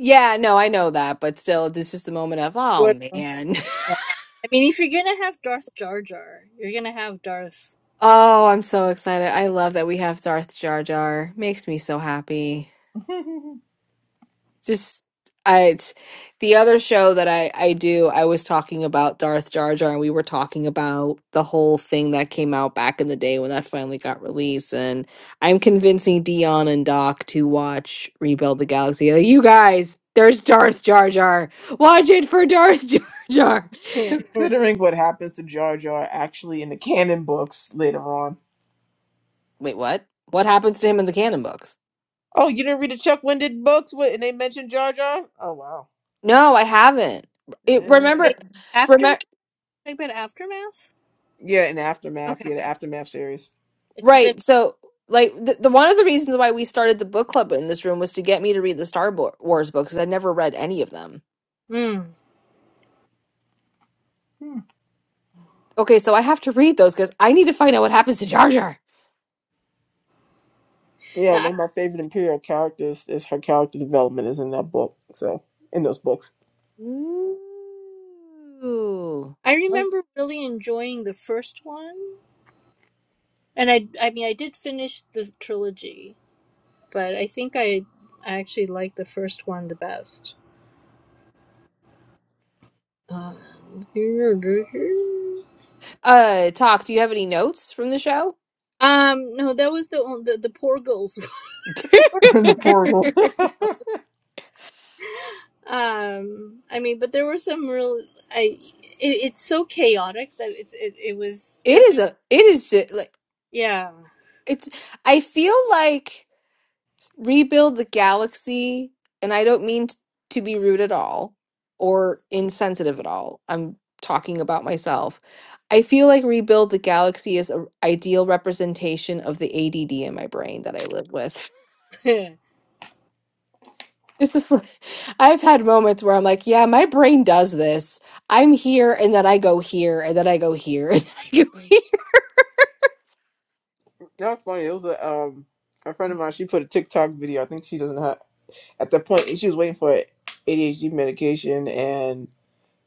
[SPEAKER 1] Yeah, no, I know that, but still, it's just a moment of, oh
[SPEAKER 3] What?
[SPEAKER 1] man.
[SPEAKER 3] Yeah. I mean, if you're gonna have Darth Jar Jar, you're gonna have Darth.
[SPEAKER 1] Oh, I'm so excited. I love that we have Darth Jar Jar. Makes me so happy. Just I it's, the other show that I I do, I was talking about Darth Jar Jar and we were talking about the whole thing that came out back in the day when that finally got released and I'm convincing Dion and Doc to watch Rebuild the Galaxy. Like, you guys, there's Darth Jar Jar. Watch it for Darth Jar Jar.
[SPEAKER 3] Wait,
[SPEAKER 2] Considering what happens to Jar Jar actually in the canon books later on.
[SPEAKER 1] Wait, what? What happens to him in the canon books?
[SPEAKER 2] Oh, you didn't read the Chuck Winded books, what? And they mentioned Jar Jar. Oh wow.
[SPEAKER 1] No, I haven't. It
[SPEAKER 2] Yeah,
[SPEAKER 1] remember remember
[SPEAKER 3] aftermath? Talking about aftermath?
[SPEAKER 2] Yeah, in aftermath,
[SPEAKER 3] Okay,
[SPEAKER 2] yeah, the aftermath series.
[SPEAKER 3] it's been.
[SPEAKER 1] Right. So, like, the, the one of the reasons why we started the book club in this room was to get me to read the Star Bo- Wars books because I'd never read any of them.
[SPEAKER 3] Mm.
[SPEAKER 2] Hmm.
[SPEAKER 1] Okay, so I have to read those because I need to find out what happens to Jar Jar.
[SPEAKER 2] Yeah,
[SPEAKER 3] Yeah, I
[SPEAKER 2] one of my favorite Imperial characters is her character development is in that book. So in those books.
[SPEAKER 1] Ooh.
[SPEAKER 3] I
[SPEAKER 1] Oh.
[SPEAKER 3] remember really enjoying the first one, And I I mean I did finish the trilogy, but I think I I actually liked the first one the best. Um,
[SPEAKER 1] Uh, talk. Do you have any notes from the show?
[SPEAKER 3] um no, that was the on- the, the poor girls.
[SPEAKER 2] the portals.
[SPEAKER 1] it
[SPEAKER 3] Um I mean, but there were some real I it, it's so chaotic that it's it, it was just
[SPEAKER 1] is a. It is just like
[SPEAKER 3] yeah.
[SPEAKER 1] it's. I feel like. rebuild the galaxy, and I don't mean t- to be rude at all or insensitive at all. I'm talking about myself. I feel like rebuild the galaxy is an ideal representation of the ADD in my brain that I live with.
[SPEAKER 3] Hmm.
[SPEAKER 1] This is like, I've had moments where I'm like, yeah, my brain does this. I'm here, and then I go here, and then I go here, and then I go here.
[SPEAKER 2] That's funny. It was a um a friend of mine.
[SPEAKER 1] Mhm.
[SPEAKER 2] She put a TikTok video. I think she doesn't have at that point. She was waiting for ADHD medication, and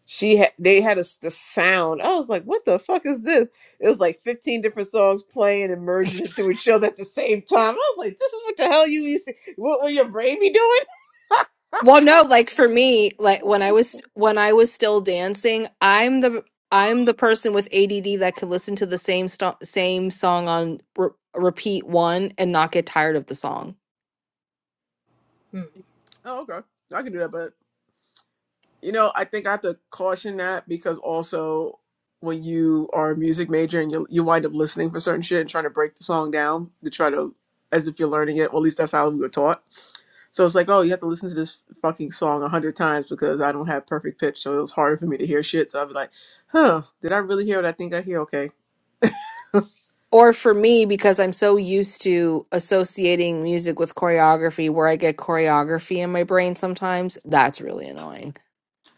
[SPEAKER 2] she had they had a s the sound. I was like, what the fuck is this? It was like fifteen different songs playing and merging into each other at the same time. I was like, this is what the hell you be se- what will your brain be doing?
[SPEAKER 1] Well, no, like for me, like when I was when I was still dancing, I'm the I'm the person with ADD that could listen to the same sto- same song on re- repeat one and not get tired of the song.
[SPEAKER 2] Oh, okay. I can do that, but you know, I think I have to caution that because also when you are a music major and you you wind up listening for certain shit and trying to break the song down to try to as if you're learning it. Well, at least that's how we were taught. So it's like, oh, you have to listen to this fucking song a hundred times because I don't have perfect pitch, so it was harder for me to hear shit. So I'd be like, huh, did I really hear what I think I hear? Okay.
[SPEAKER 1] or for me because i'm so used to associating music with choreography where i get choreography in my brain sometimes that's really annoying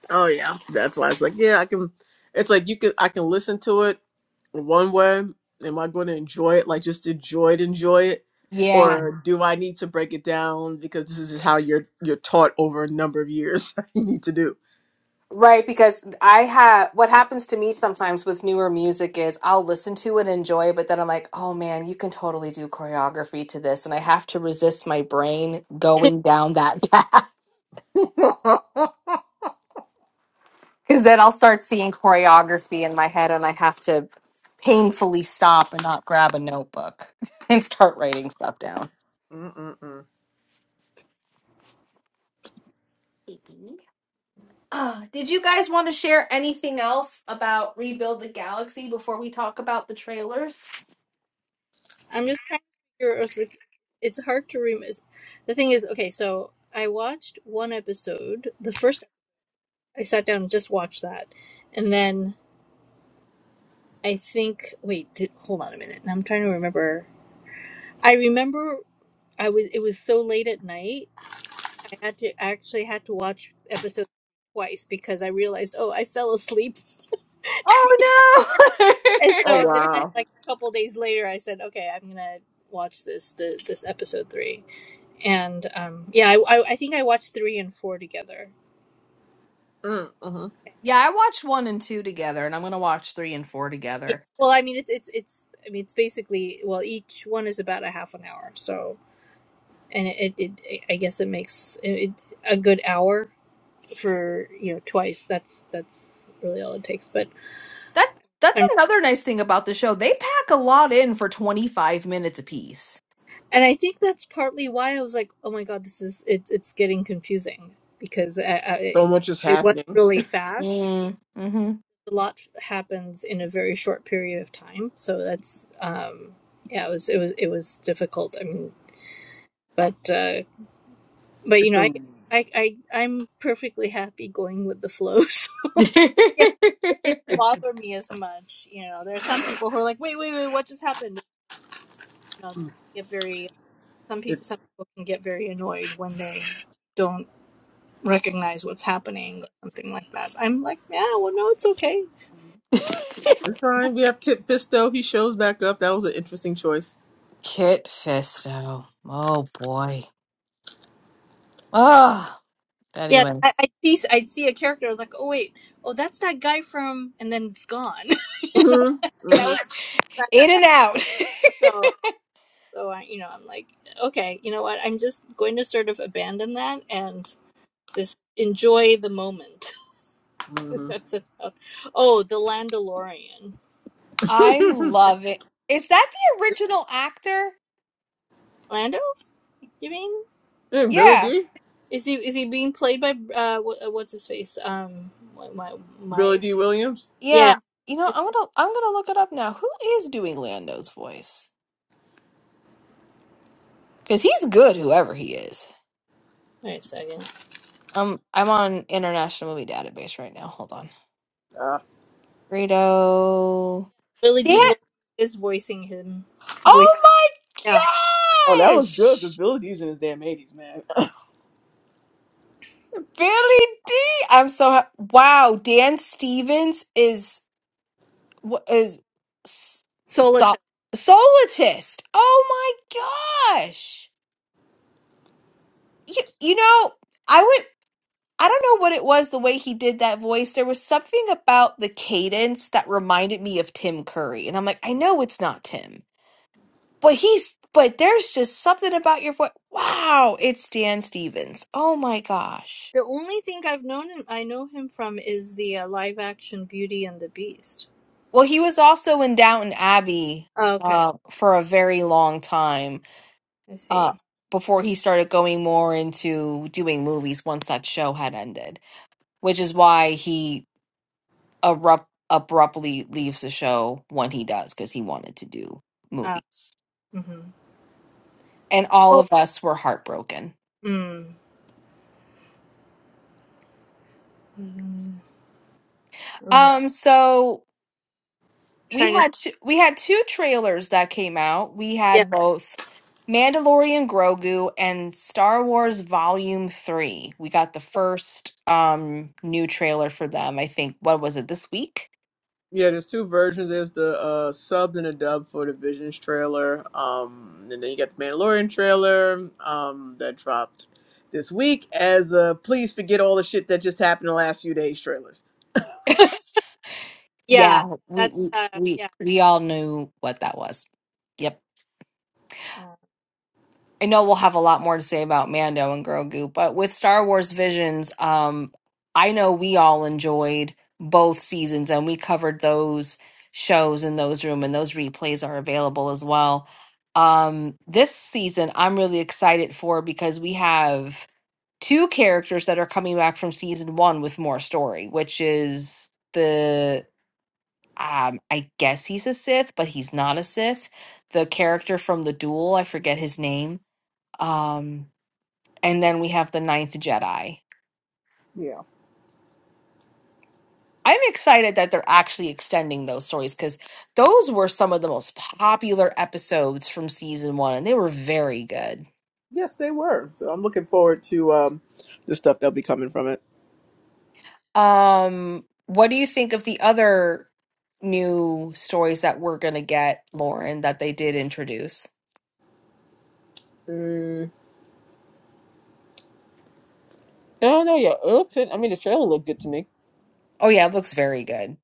[SPEAKER 2] Oh yeah, that's why it's like, yeah, I can. It's like you can I can listen to it one way am i going to enjoy it like just enjoy it enjoy it
[SPEAKER 1] Yeah,
[SPEAKER 2] or do i need to break it down because this is how you're you're taught over a number of years you need to do
[SPEAKER 1] right. Because I have what happens to me sometimes with newer music is I'll listen to and enjoy, but then I'm like, oh man, you can totally do choreography to this. And I have to resist my brain going down that path
[SPEAKER 2] Mm-mm-mm.
[SPEAKER 1] because then I'll start seeing choreography in my head and I have to painfully stop and not grab a notebook and start writing stuff down. Uh, did you guys want to share anything else about Rebuild the Galaxy before we talk about the trailers?
[SPEAKER 3] I'm just trying to figure it's like it's hard to remember. The thing is, okay, so I watched one episode, the first I sat down and just watched that. And then I think. Wait, did, hold on a minute. I'm trying to remember. I remember I was. It was so late at night. I had to I actually had to watch episode twice because I realized, oh, I fell asleep.
[SPEAKER 1] Oh
[SPEAKER 3] and
[SPEAKER 2] oh
[SPEAKER 3] so the
[SPEAKER 1] no!
[SPEAKER 3] next,
[SPEAKER 2] wow
[SPEAKER 3] like a couple days later, I said, okay, I'm gonna watch this the this episode three. And um, yeah, I, I I think I watched three and four together.
[SPEAKER 2] mm-hmm.
[SPEAKER 1] yeah, I watched one and two together, and I'm gonna watch three and four
[SPEAKER 3] Yeah.
[SPEAKER 1] together.
[SPEAKER 3] Well, I mean, it's it's it's. I mean, it's basically well, each one is about a half an hour. So, and it, it, it I guess it makes it a good hour for you know twice that's that's really all it takes but
[SPEAKER 1] That that's
[SPEAKER 3] and
[SPEAKER 1] another nice thing about the show. They pack a lot in for 25 minutes apiece.
[SPEAKER 3] and i think that's partly why i was like oh my god this is it's it's getting confusing because I, I, it
[SPEAKER 2] so much is
[SPEAKER 3] it was
[SPEAKER 2] happening
[SPEAKER 3] really fast
[SPEAKER 1] Mm, mm-hmm.
[SPEAKER 3] a lot happens in a very short period of time so that's um yeah it was it was it was difficult i mean but uh but you
[SPEAKER 2] it's
[SPEAKER 3] know i
[SPEAKER 2] a
[SPEAKER 3] i, I i'm perfectly happy going with the flow so yeah it didn't
[SPEAKER 2] it,
[SPEAKER 3] bother me as much you know there are some people who are like wait wait wait what just happened you know they get very some
[SPEAKER 2] it,
[SPEAKER 3] people some people can get very annoyed when they don't recognize what's happening or something like that. I'm like, yeah, well, no, it's okay.
[SPEAKER 2] it's
[SPEAKER 3] Yeah,
[SPEAKER 2] fine we have kit fisto he shows back up that was an interesting choice
[SPEAKER 1] Kit Fisto. Oh boy. Oh.
[SPEAKER 3] Yeah,
[SPEAKER 1] Anyway.
[SPEAKER 3] I, I'd see I'd see a character I was like, oh wait, oh that's that guy from, and then it's gone. you know,
[SPEAKER 2] hmm
[SPEAKER 3] what I mean that
[SPEAKER 2] hmm
[SPEAKER 3] was that.
[SPEAKER 1] In and
[SPEAKER 3] that.
[SPEAKER 1] out.
[SPEAKER 3] So so I you know I'm like, okay, you know what? I'm just going to sort of abandon that and just enjoy the moment because
[SPEAKER 2] hmm
[SPEAKER 3] that's about. Oh, the Landalorian.
[SPEAKER 1] I'm loving. Is there?
[SPEAKER 3] Lando, you mean?
[SPEAKER 2] and billy
[SPEAKER 1] Yeah.
[SPEAKER 2] d
[SPEAKER 3] Is he is he being played by uh wh- uh, what's his face? Um, my my,
[SPEAKER 2] billy
[SPEAKER 3] my
[SPEAKER 2] d williams
[SPEAKER 3] yeah.
[SPEAKER 1] Yeah, you know, I'm gonna I'm gonna look it up now. Who is doing Lando's voice? Because he's good, whoever he is.
[SPEAKER 3] Wait a second.
[SPEAKER 1] Um, I'm on International Movie Database right now. Hold on,
[SPEAKER 2] uh,
[SPEAKER 1] Greedo.
[SPEAKER 3] Billy
[SPEAKER 1] Dan.
[SPEAKER 3] D
[SPEAKER 2] mm.
[SPEAKER 3] Williams is voicing him.
[SPEAKER 1] Oh
[SPEAKER 3] Voicing yeah.
[SPEAKER 2] oh
[SPEAKER 1] my
[SPEAKER 2] that was good because
[SPEAKER 1] gosh,
[SPEAKER 2] billy d's in his damn 80s man
[SPEAKER 1] Billy D. I'm so ha- wow. Dan Stevens is what is s- so-
[SPEAKER 3] Solitaire.
[SPEAKER 1] solitist. Oh my gosh. You, you know. I would. I don't know what it was the way he did that voice. There was something about the cadence that reminded me of Tim Curry. And I'm like, I know it's not Tim, but he's, but there's just something about your voice. Wow, it's Dan Stevens. Oh my gosh.
[SPEAKER 3] The only thing I've known him, I know him from is the uh, live action Beauty and the Beast.
[SPEAKER 1] Well, he was also in Downton Abbey
[SPEAKER 3] Oh, okay,
[SPEAKER 1] uh, for a very long time
[SPEAKER 3] I
[SPEAKER 1] uh,
[SPEAKER 3] see.
[SPEAKER 1] before he started going more into doing movies once that show had ended, which is why he abrupt, abruptly leaves the show when he does because he wanted to do
[SPEAKER 3] Uh,
[SPEAKER 1] movies,
[SPEAKER 3] mm-hmm.
[SPEAKER 1] and all
[SPEAKER 3] Oh,
[SPEAKER 1] of us were heartbroken.
[SPEAKER 3] mm. Mm. I was
[SPEAKER 1] Um, so we
[SPEAKER 3] trying to.
[SPEAKER 1] had two, we had two trailers that came out. We
[SPEAKER 3] Yeah,
[SPEAKER 1] had both Mandalorian Grogu and Star Wars Volume Three. We got the first um new trailer for them. I think what was it this week?
[SPEAKER 2] Yeah, there's two versions. There's the uh, subbed and a dub for the Visions trailer. Um, and then you got the Mandalorian trailer um, that dropped this week as uh, please forget all the shit that just happened in the last few days trailers.
[SPEAKER 3] yeah.
[SPEAKER 1] Yeah, we
[SPEAKER 3] That's
[SPEAKER 1] we
[SPEAKER 3] uh,
[SPEAKER 1] we,
[SPEAKER 3] yeah.
[SPEAKER 1] we all knew what that was. Yep.
[SPEAKER 3] Uh,
[SPEAKER 1] I know we'll have a lot more to say about Mando and Grogu, but with Star Wars Visions, um, I know we all enjoyed both seasons and we covered those shows in those room and those replays are available as well. Um, this season I'm really excited for because we have two characters that are coming back from season one with more story, which is the um, I guess he's a Sith, but he's not a Sith. The character from the duel, I forget his name Um, and then we have the ninth jedi
[SPEAKER 2] Yeah.
[SPEAKER 1] i'm excited that they're actually extending those stories because those were some of the most popular episodes from season one and they were very good
[SPEAKER 2] Yes, they were. So I'm looking forward to um, the stuff that'll be coming from it.
[SPEAKER 1] um what do you think of the other new stories that we're gonna get lauren that they did introduce
[SPEAKER 2] Mm, I don't know yet. It looks in, I mean, the trailer looked good to me.
[SPEAKER 1] oh yeah it looks very good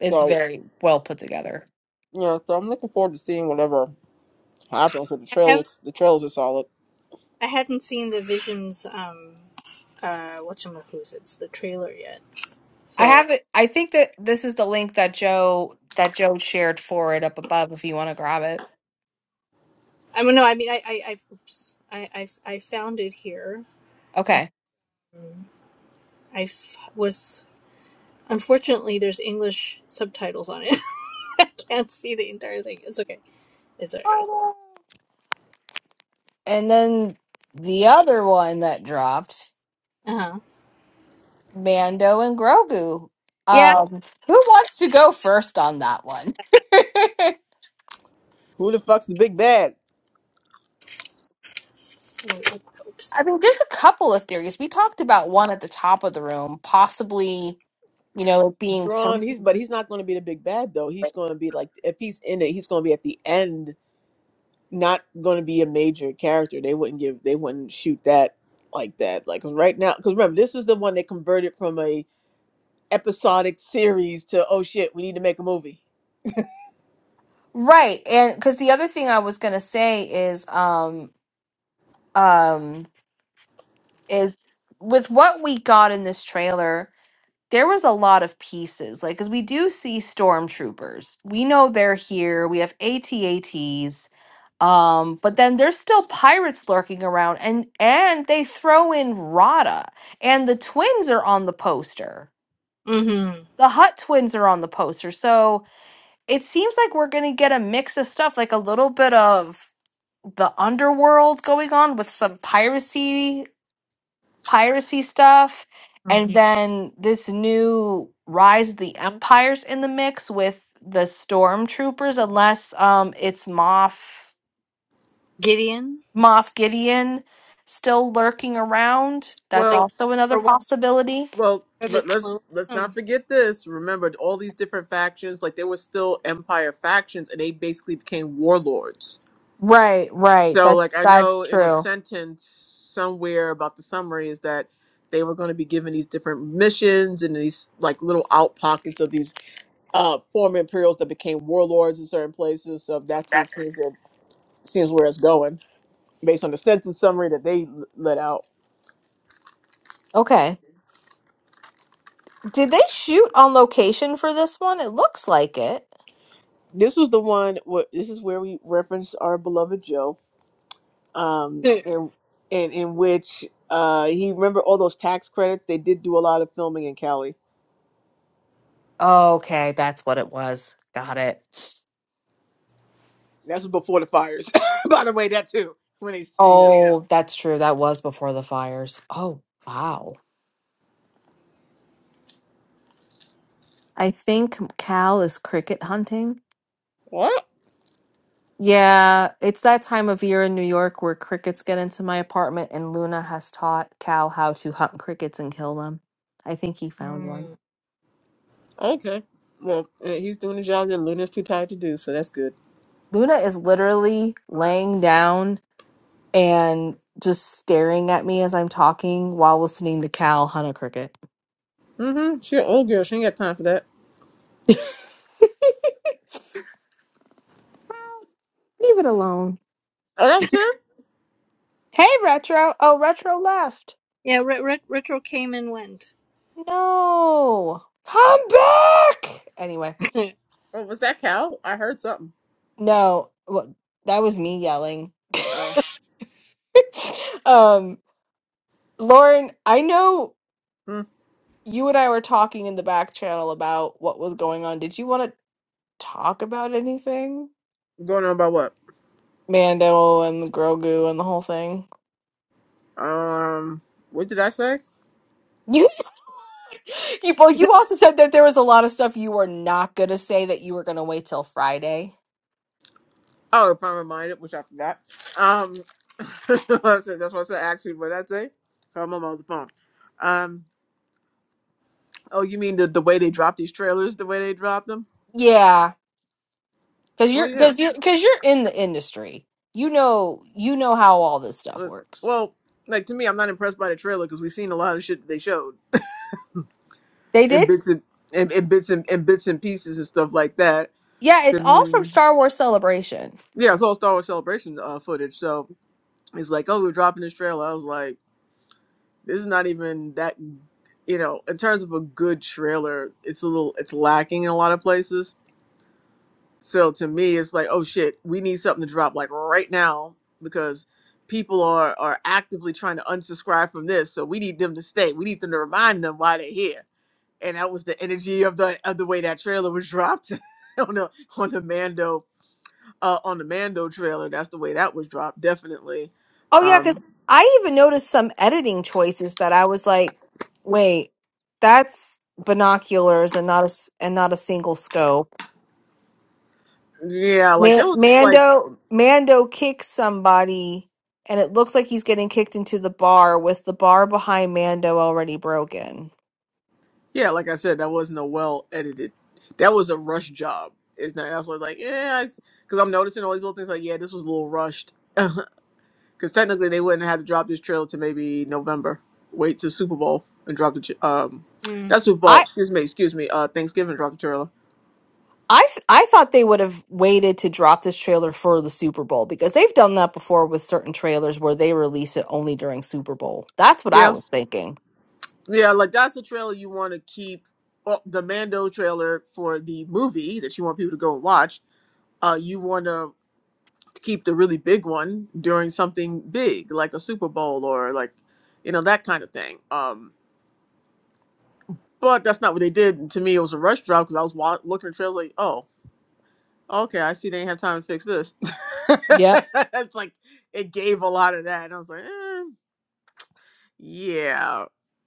[SPEAKER 1] it's
[SPEAKER 2] So,
[SPEAKER 1] very well put together
[SPEAKER 2] you know, so I'm looking forward to seeing whatever happens with the
[SPEAKER 3] I
[SPEAKER 2] trailer.
[SPEAKER 3] haven't
[SPEAKER 2] looks- The trailers are solid.
[SPEAKER 3] I hadn't seen the Visions um uh whatchamacallits, the trailer yet.
[SPEAKER 1] i
[SPEAKER 3] So
[SPEAKER 1] have it i think that this is the link that joe that joe shared for it up above if you want to grab it
[SPEAKER 3] I mean no, I mean I I I've, oops, I, I I found it here and
[SPEAKER 1] okay
[SPEAKER 3] I f- was unfortunately there's English subtitles on it. I can't see the entire thing. It's okay. It's alright.
[SPEAKER 1] And then the other one that dropped,
[SPEAKER 3] Uh huh.
[SPEAKER 1] Mando and Grogu.
[SPEAKER 3] Yeah.
[SPEAKER 1] Um, who wants to go first on that one?
[SPEAKER 2] Who the fuck's the big bad?
[SPEAKER 3] Wait, what- Oops.
[SPEAKER 1] I mean, there's a couple of theories. We talked about one at the top of the room, possibly, you know, it being
[SPEAKER 2] Thrawn,
[SPEAKER 1] three.
[SPEAKER 2] he's but he's not going to be the big bad though. He's going to be like if he's in it, he's going to be at the end, not going to be a major character. They wouldn't give, they wouldn't shoot that like that. Like 'cause right now, because remember, this was the one they converted from a episodic series to oh shit, we need to make a movie.
[SPEAKER 1] Right. And because the other thing I was going to say is, um, um, is with what we got in this trailer, there was a lot of pieces like because we do see stormtroopers we know they're here we have atats um but then there's still pirates lurking around and and they throw in rada and the twins are on the poster
[SPEAKER 3] Mm-hmm.
[SPEAKER 1] the hut twins are on the poster so it seems like we're gonna get a mix of stuff like a little bit of the underworld going on with some piracy piracy stuff
[SPEAKER 3] Mm.
[SPEAKER 1] and Yeah. then this new rise of the empires in the mix with the stormtroopers unless um it's moff
[SPEAKER 3] Gideon,
[SPEAKER 1] moff gideon still lurking around that's
[SPEAKER 3] like
[SPEAKER 2] Well,
[SPEAKER 1] also another
[SPEAKER 3] or one
[SPEAKER 1] possibility
[SPEAKER 2] well,
[SPEAKER 3] of
[SPEAKER 2] let,
[SPEAKER 3] his
[SPEAKER 2] let's
[SPEAKER 3] clones.
[SPEAKER 2] let's not
[SPEAKER 3] Um,
[SPEAKER 2] forget this. Remember all these different factions, like there were still empire factions, and they basically became warlords.
[SPEAKER 1] right right
[SPEAKER 2] So,
[SPEAKER 1] that's
[SPEAKER 2] like, I know
[SPEAKER 1] that's
[SPEAKER 2] in a
[SPEAKER 1] true
[SPEAKER 2] sentence somewhere about the summary is that they were going to be given these different missions and these like little out pockets of these uh, former Imperials that became warlords in certain places. So that's where it seems where, seems where it's going based on the sentence summary that they l- let out.
[SPEAKER 1] okay did they shoot on location for this one it looks like it
[SPEAKER 2] This was the one. wh- This is where we reference our beloved Joe, um, and in, in which uh, he remember all those tax credits. They did do a lot of filming in Cali
[SPEAKER 1] okay that's what it was got it
[SPEAKER 2] That's before the fires. By the way, that too. When they,
[SPEAKER 1] Yeah.
[SPEAKER 2] you know,
[SPEAKER 1] oh that's true that was before the fires oh wow I think Cal is cricket hunting.
[SPEAKER 2] what?
[SPEAKER 1] Yeah, it's that time of year in New York where crickets get into my apartment, and Luna has taught Cal how to hunt crickets and kill them. I think he found one.
[SPEAKER 3] mm.
[SPEAKER 2] Okay. Well, uh, he's doing a job that Luna's too tired to do, so that's good.
[SPEAKER 1] Luna is literally laying down and just staring at me as I'm talking while listening to Cal hunt a cricket.
[SPEAKER 2] Mm-hmm. She an old girl. She ain't got time for that.
[SPEAKER 1] Leave it alone.
[SPEAKER 2] Oh, that was him.
[SPEAKER 1] Hey, Retro. Oh, Retro left.
[SPEAKER 3] Yeah. Re- re- retro came and went.
[SPEAKER 1] No. Come back. Anyway.
[SPEAKER 2] Oh, was that Cal? I heard something.
[SPEAKER 1] No, well, that was me yelling.
[SPEAKER 2] Oh,
[SPEAKER 1] Um, Lauren, I know
[SPEAKER 2] hmm.
[SPEAKER 1] you and I were talking in the back channel about what was going on. Did you want to talk about anything?
[SPEAKER 2] Going on about what?
[SPEAKER 1] Mando and Grogu and the whole thing.
[SPEAKER 2] Um, what did I say?
[SPEAKER 1] You, you, well, you also said that there was a lot of stuff you were not gonna say that you were gonna wait till Friday.
[SPEAKER 2] Oh, if I'm reminded, which I forgot. Um, I said- that's what I said. Actually, what did I say? Oh, I'm on the phone. Um. Oh, you mean the the way they drop these trailers? The way they drop them?
[SPEAKER 1] Yeah, because
[SPEAKER 2] Well,
[SPEAKER 1] you're
[SPEAKER 2] yeah.
[SPEAKER 1] because you're because you're in the industry. You know, you know how all this stuff
[SPEAKER 2] Uh,
[SPEAKER 1] works.
[SPEAKER 2] well, like to me, I'm not impressed by the trailer because we've seen a lot of shit that they showed
[SPEAKER 1] They
[SPEAKER 2] and
[SPEAKER 1] did.
[SPEAKER 2] bits and and, and bits and, and bits and pieces and stuff like that.
[SPEAKER 1] Yeah,
[SPEAKER 2] I
[SPEAKER 1] it's all from
[SPEAKER 2] mean,
[SPEAKER 1] Star Wars Celebration.
[SPEAKER 2] yeah, it's all Star Wars Celebration uh, footage. So it's like, oh, we're dropping this trailer. I was like, this is not even that. You know, in terms of a good trailer, it's a little, it's lacking in a lot of places. So to me, it's like, oh shit, we need something to drop like right now because people are are actively trying to unsubscribe from this. So we need them to stay. We need them to remind them why they're here and that was the energy of the of the way that trailer was dropped on the on the Mando uh, on the Mando trailer. That's the way that was dropped, definitely.
[SPEAKER 1] Oh yeah, because
[SPEAKER 2] Um,
[SPEAKER 1] I even noticed some editing choices that I was like, wait, that's binoculars and not a s- and not a single scope.
[SPEAKER 2] yeah, like
[SPEAKER 1] Ma-
[SPEAKER 2] that was like
[SPEAKER 1] Mando Mando kicks somebody, and it looks like he's getting kicked into the bar with the bar behind Mando already broken.
[SPEAKER 2] yeah, like I said, that wasn't a well edited. That was a rush job. It's not. I was like, yeah, because I'm noticing all these little things. Like, yeah, this was a little rushed. Because technically, they wouldn't have to drop this trailer to maybe November. Wait to Super Bowl and drop the. ch- Um,
[SPEAKER 3] mm.
[SPEAKER 2] that's Super
[SPEAKER 1] I.
[SPEAKER 2] Bowl. Excuse me. Excuse me. Uh, Thanksgiving drop the trailer.
[SPEAKER 1] I, f- I thought they would have waited to drop this trailer for the Super Bowl because they've done that before with certain trailers where they release it only during Super Bowl. That's what I
[SPEAKER 2] Yeah.
[SPEAKER 1] was thinking.
[SPEAKER 2] Yeah, like that's a trailer you want to keep. Well, the Mando trailer for the movie that you want people to go and watch. Uh, you want to keep the really big one during something big, like a Super Bowl or like, you know, that kind of thing. Um, but that's not what they did. And to me, it was a rush job because I was wa- looking at the trailers like, oh, okay, I see they didn't have time to fix this.
[SPEAKER 1] Yep.
[SPEAKER 2] it's like it gave a lot of that, and I was like, eh. Yeah.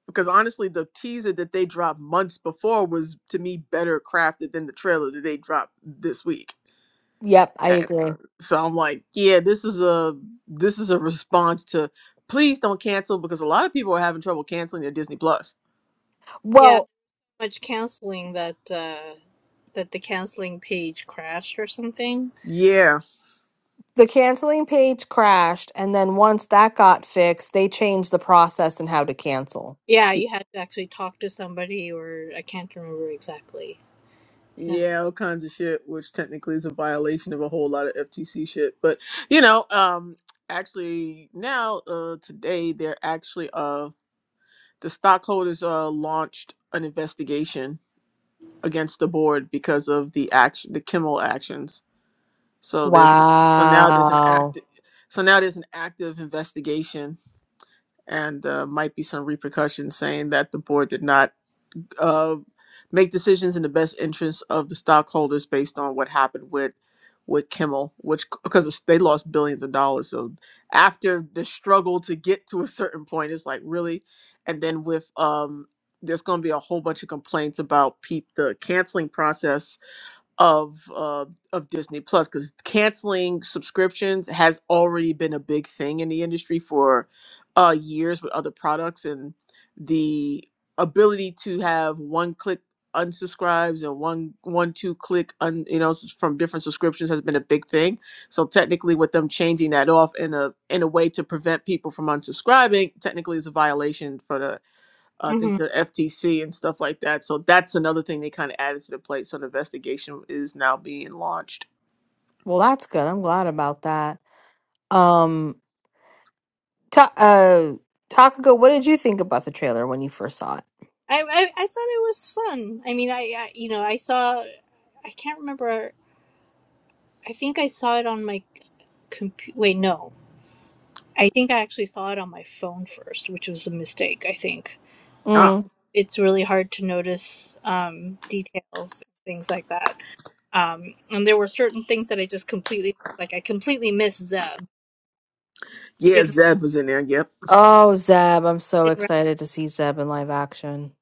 [SPEAKER 2] Because honestly, the teaser that they dropped months before was to me better crafted than the trailer that they dropped this week.
[SPEAKER 1] Yep, I
[SPEAKER 2] And, uh,
[SPEAKER 1] agree.
[SPEAKER 2] so I'm like, yeah, this is a this is a response to please don't cancel because a lot of people are having trouble canceling their Disney Plus.
[SPEAKER 3] Yeah.
[SPEAKER 1] Well,
[SPEAKER 3] much canceling that uh that the canceling page crashed or something.
[SPEAKER 2] Yeah,
[SPEAKER 1] the canceling page crashed, and then once that got fixed, they changed the process and how to cancel.
[SPEAKER 3] Yeah, you had to actually talk to somebody, or I can't remember exactly. Yeah.
[SPEAKER 2] yeah, all kinds of shit, which technically is a violation of a whole lot of FTC shit. But you know, um, actually now uh today they're actually uh the stockholders uh launched an investigation against the board because of the action, the Kimmel actions. So there's an, so now there's an
[SPEAKER 1] Wow.
[SPEAKER 2] act. so now there's an active investigation and uh, might be some repercussions saying that the board did not uh, make decisions in the best interest of the stockholders based on what happened with with Kimmel, which because they lost billions of dollars. So after the struggle to get to a certain point, it's like really, and then with um, there's going to be a whole bunch of complaints about peep the canceling process of uh, of Disney Plus because canceling subscriptions has already been a big thing in the industry for uh, years with other products, and the ability to have one click unsubscribes and one one two click un, you know s- from different subscriptions has been a big thing. So technically, with them changing that off in a in a way to prevent people from unsubscribing, technically is a violation for the I think
[SPEAKER 3] hmm
[SPEAKER 2] the FTC and stuff like that. So that's another thing they kind of added to the plate. So the investigation is now being launched.
[SPEAKER 1] Well, that's good. I'm glad about that. Um, ta- uh, Takako, what did you think about the trailer when you first saw it?
[SPEAKER 3] I, I I thought it was fun. I mean, I, I you know I saw I can't remember. I think I saw it on my computer. Wait, no, I think I actually saw it on my phone first, which was a mistake. I think Be-
[SPEAKER 2] Ah,
[SPEAKER 1] Mm.
[SPEAKER 3] it's really hard to notice um, details, things like that. um, and there were certain things that I just completely like. I completely missed Zeb. I
[SPEAKER 2] yeah,
[SPEAKER 3] didn't,
[SPEAKER 2] Zeb was in there. Yep,
[SPEAKER 1] Oh, Zeb, I'm so
[SPEAKER 3] didn't
[SPEAKER 1] excited to see Zeb in live action.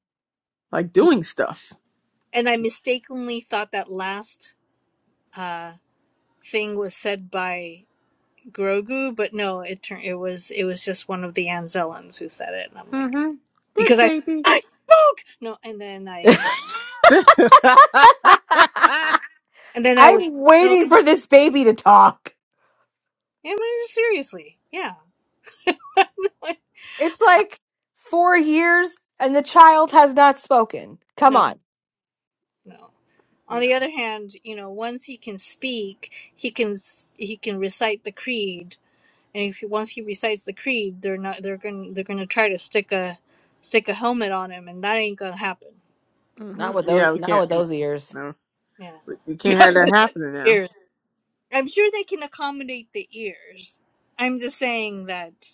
[SPEAKER 2] like
[SPEAKER 3] rec-
[SPEAKER 2] doing stuff.
[SPEAKER 3] and I mistakenly thought that last uh, thing was said by Grogu, but no, it turned it was it was just one of the Anzellans who said it, and I'm like
[SPEAKER 2] Mm-hmm. Good
[SPEAKER 3] because I
[SPEAKER 2] baby.
[SPEAKER 3] I spoke no, and then I and then I was
[SPEAKER 1] I'm
[SPEAKER 3] no, am
[SPEAKER 1] waiting for this baby to talk.
[SPEAKER 3] I really seriously? Yeah, like,
[SPEAKER 1] It's like four years and the child has not spoken. Come
[SPEAKER 3] no,
[SPEAKER 1] on.
[SPEAKER 3] no. On the
[SPEAKER 2] no.
[SPEAKER 3] other hand, you know, once he can speak, he can s- he can recite the creed and if he, once he recites the creed, they're not they're gonna they're gonna try to stick a stick a helmet on him, and that ain't gonna happen.
[SPEAKER 2] hmm
[SPEAKER 1] Not with those
[SPEAKER 2] Yeah, we
[SPEAKER 1] not
[SPEAKER 2] can't.
[SPEAKER 1] with
[SPEAKER 2] mm,
[SPEAKER 1] those ears.
[SPEAKER 2] No,
[SPEAKER 3] Yeah,
[SPEAKER 2] we we can't have
[SPEAKER 3] not
[SPEAKER 2] that
[SPEAKER 3] with
[SPEAKER 2] happening now.
[SPEAKER 3] ears. I'm sure they can accommodate the ears. I'm just saying that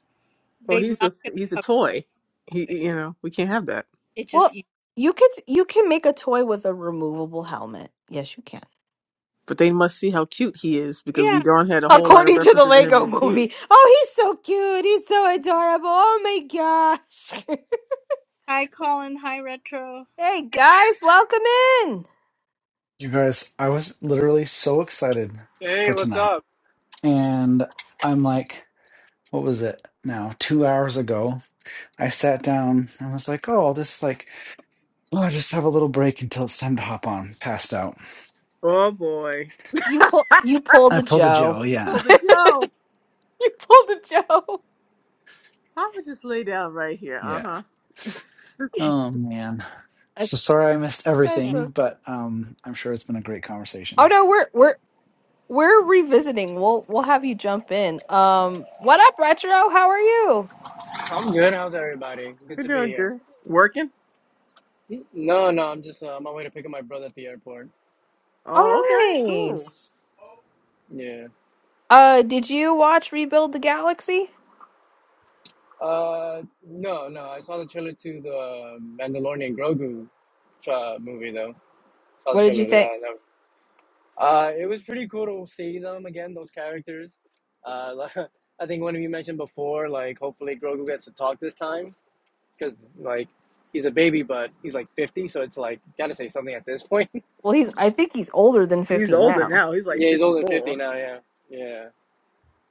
[SPEAKER 2] Well,
[SPEAKER 3] they're
[SPEAKER 2] he's
[SPEAKER 3] not
[SPEAKER 2] the
[SPEAKER 3] gonna
[SPEAKER 2] he's a
[SPEAKER 3] cover
[SPEAKER 2] toy. He,
[SPEAKER 3] it.
[SPEAKER 2] he- you know, we can't have that.
[SPEAKER 3] It just
[SPEAKER 1] Well, you could you can make a toy with a removable helmet. Yes, you can.
[SPEAKER 2] But they must see how cute he is because we
[SPEAKER 3] yeah.
[SPEAKER 2] darn had a whole lot of
[SPEAKER 1] According to the
[SPEAKER 2] references to him
[SPEAKER 1] Lego
[SPEAKER 2] being cute.
[SPEAKER 1] movie. Oh, he's so cute. He's so adorable. Oh my gosh.
[SPEAKER 3] Hi Colin. Hi Retro.
[SPEAKER 1] Hey guys, welcome in.
[SPEAKER 4] You guys, I was literally so excited
[SPEAKER 5] Hey,
[SPEAKER 4] for
[SPEAKER 5] what's
[SPEAKER 4] tonight.
[SPEAKER 5] up?
[SPEAKER 4] And I'm like, what was it now? Two hours ago, I sat down and was like, oh, I'll just like, oh, I'll just have a little break until it's time to hop on. Passed out.
[SPEAKER 2] Oh boy,
[SPEAKER 1] You pull you
[SPEAKER 4] I
[SPEAKER 1] pulled a
[SPEAKER 4] pulled a Joe.
[SPEAKER 1] Joe.
[SPEAKER 2] you
[SPEAKER 4] Yeah.
[SPEAKER 2] pulled a Joe.
[SPEAKER 1] you pulled a Joe.
[SPEAKER 2] I would just lay down right here. Uh
[SPEAKER 4] Yeah.
[SPEAKER 2] huh.
[SPEAKER 4] Oh, man.
[SPEAKER 1] I-
[SPEAKER 4] So sorry I missed
[SPEAKER 1] That's
[SPEAKER 3] Yeah.
[SPEAKER 4] everything,
[SPEAKER 1] awesome.
[SPEAKER 4] but um, I'm sure it's been a great
[SPEAKER 1] Oh
[SPEAKER 4] conversation.
[SPEAKER 1] no, we're we're we're revisiting. We'll we'll have you jump in. Um what up, Retro? How are you?
[SPEAKER 5] I'm good. How's everybody? Good
[SPEAKER 2] We're
[SPEAKER 5] to be
[SPEAKER 2] doing
[SPEAKER 5] here.
[SPEAKER 2] good. Working?
[SPEAKER 5] No, no, I'm just uh, on my way to pick up my brother at the airport.
[SPEAKER 2] Oh, okay.
[SPEAKER 1] Oh
[SPEAKER 2] Cool.
[SPEAKER 1] nice.
[SPEAKER 5] Yeah.
[SPEAKER 1] Uh did you watch Rebuild the Galaxy?
[SPEAKER 5] Uh, no, no, I saw the trailer to the Mandalorian Grogu uh, movie though. Saw the
[SPEAKER 1] What did you
[SPEAKER 5] trailer to
[SPEAKER 1] think?
[SPEAKER 5] that. That- Uh, it was pretty cool to see them again, those characters. Uh, like, I think one of you mentioned before, like hopefully Grogu gets to talk this time because like he's a baby, but he's like 50, so it's like gotta say something at this point.
[SPEAKER 1] Well he's I think he's older than
[SPEAKER 2] He's
[SPEAKER 1] 50
[SPEAKER 2] older
[SPEAKER 1] now.
[SPEAKER 2] now. He's like
[SPEAKER 5] yeah, he's older than 50
[SPEAKER 2] 54.
[SPEAKER 5] now. Yeah, yeah.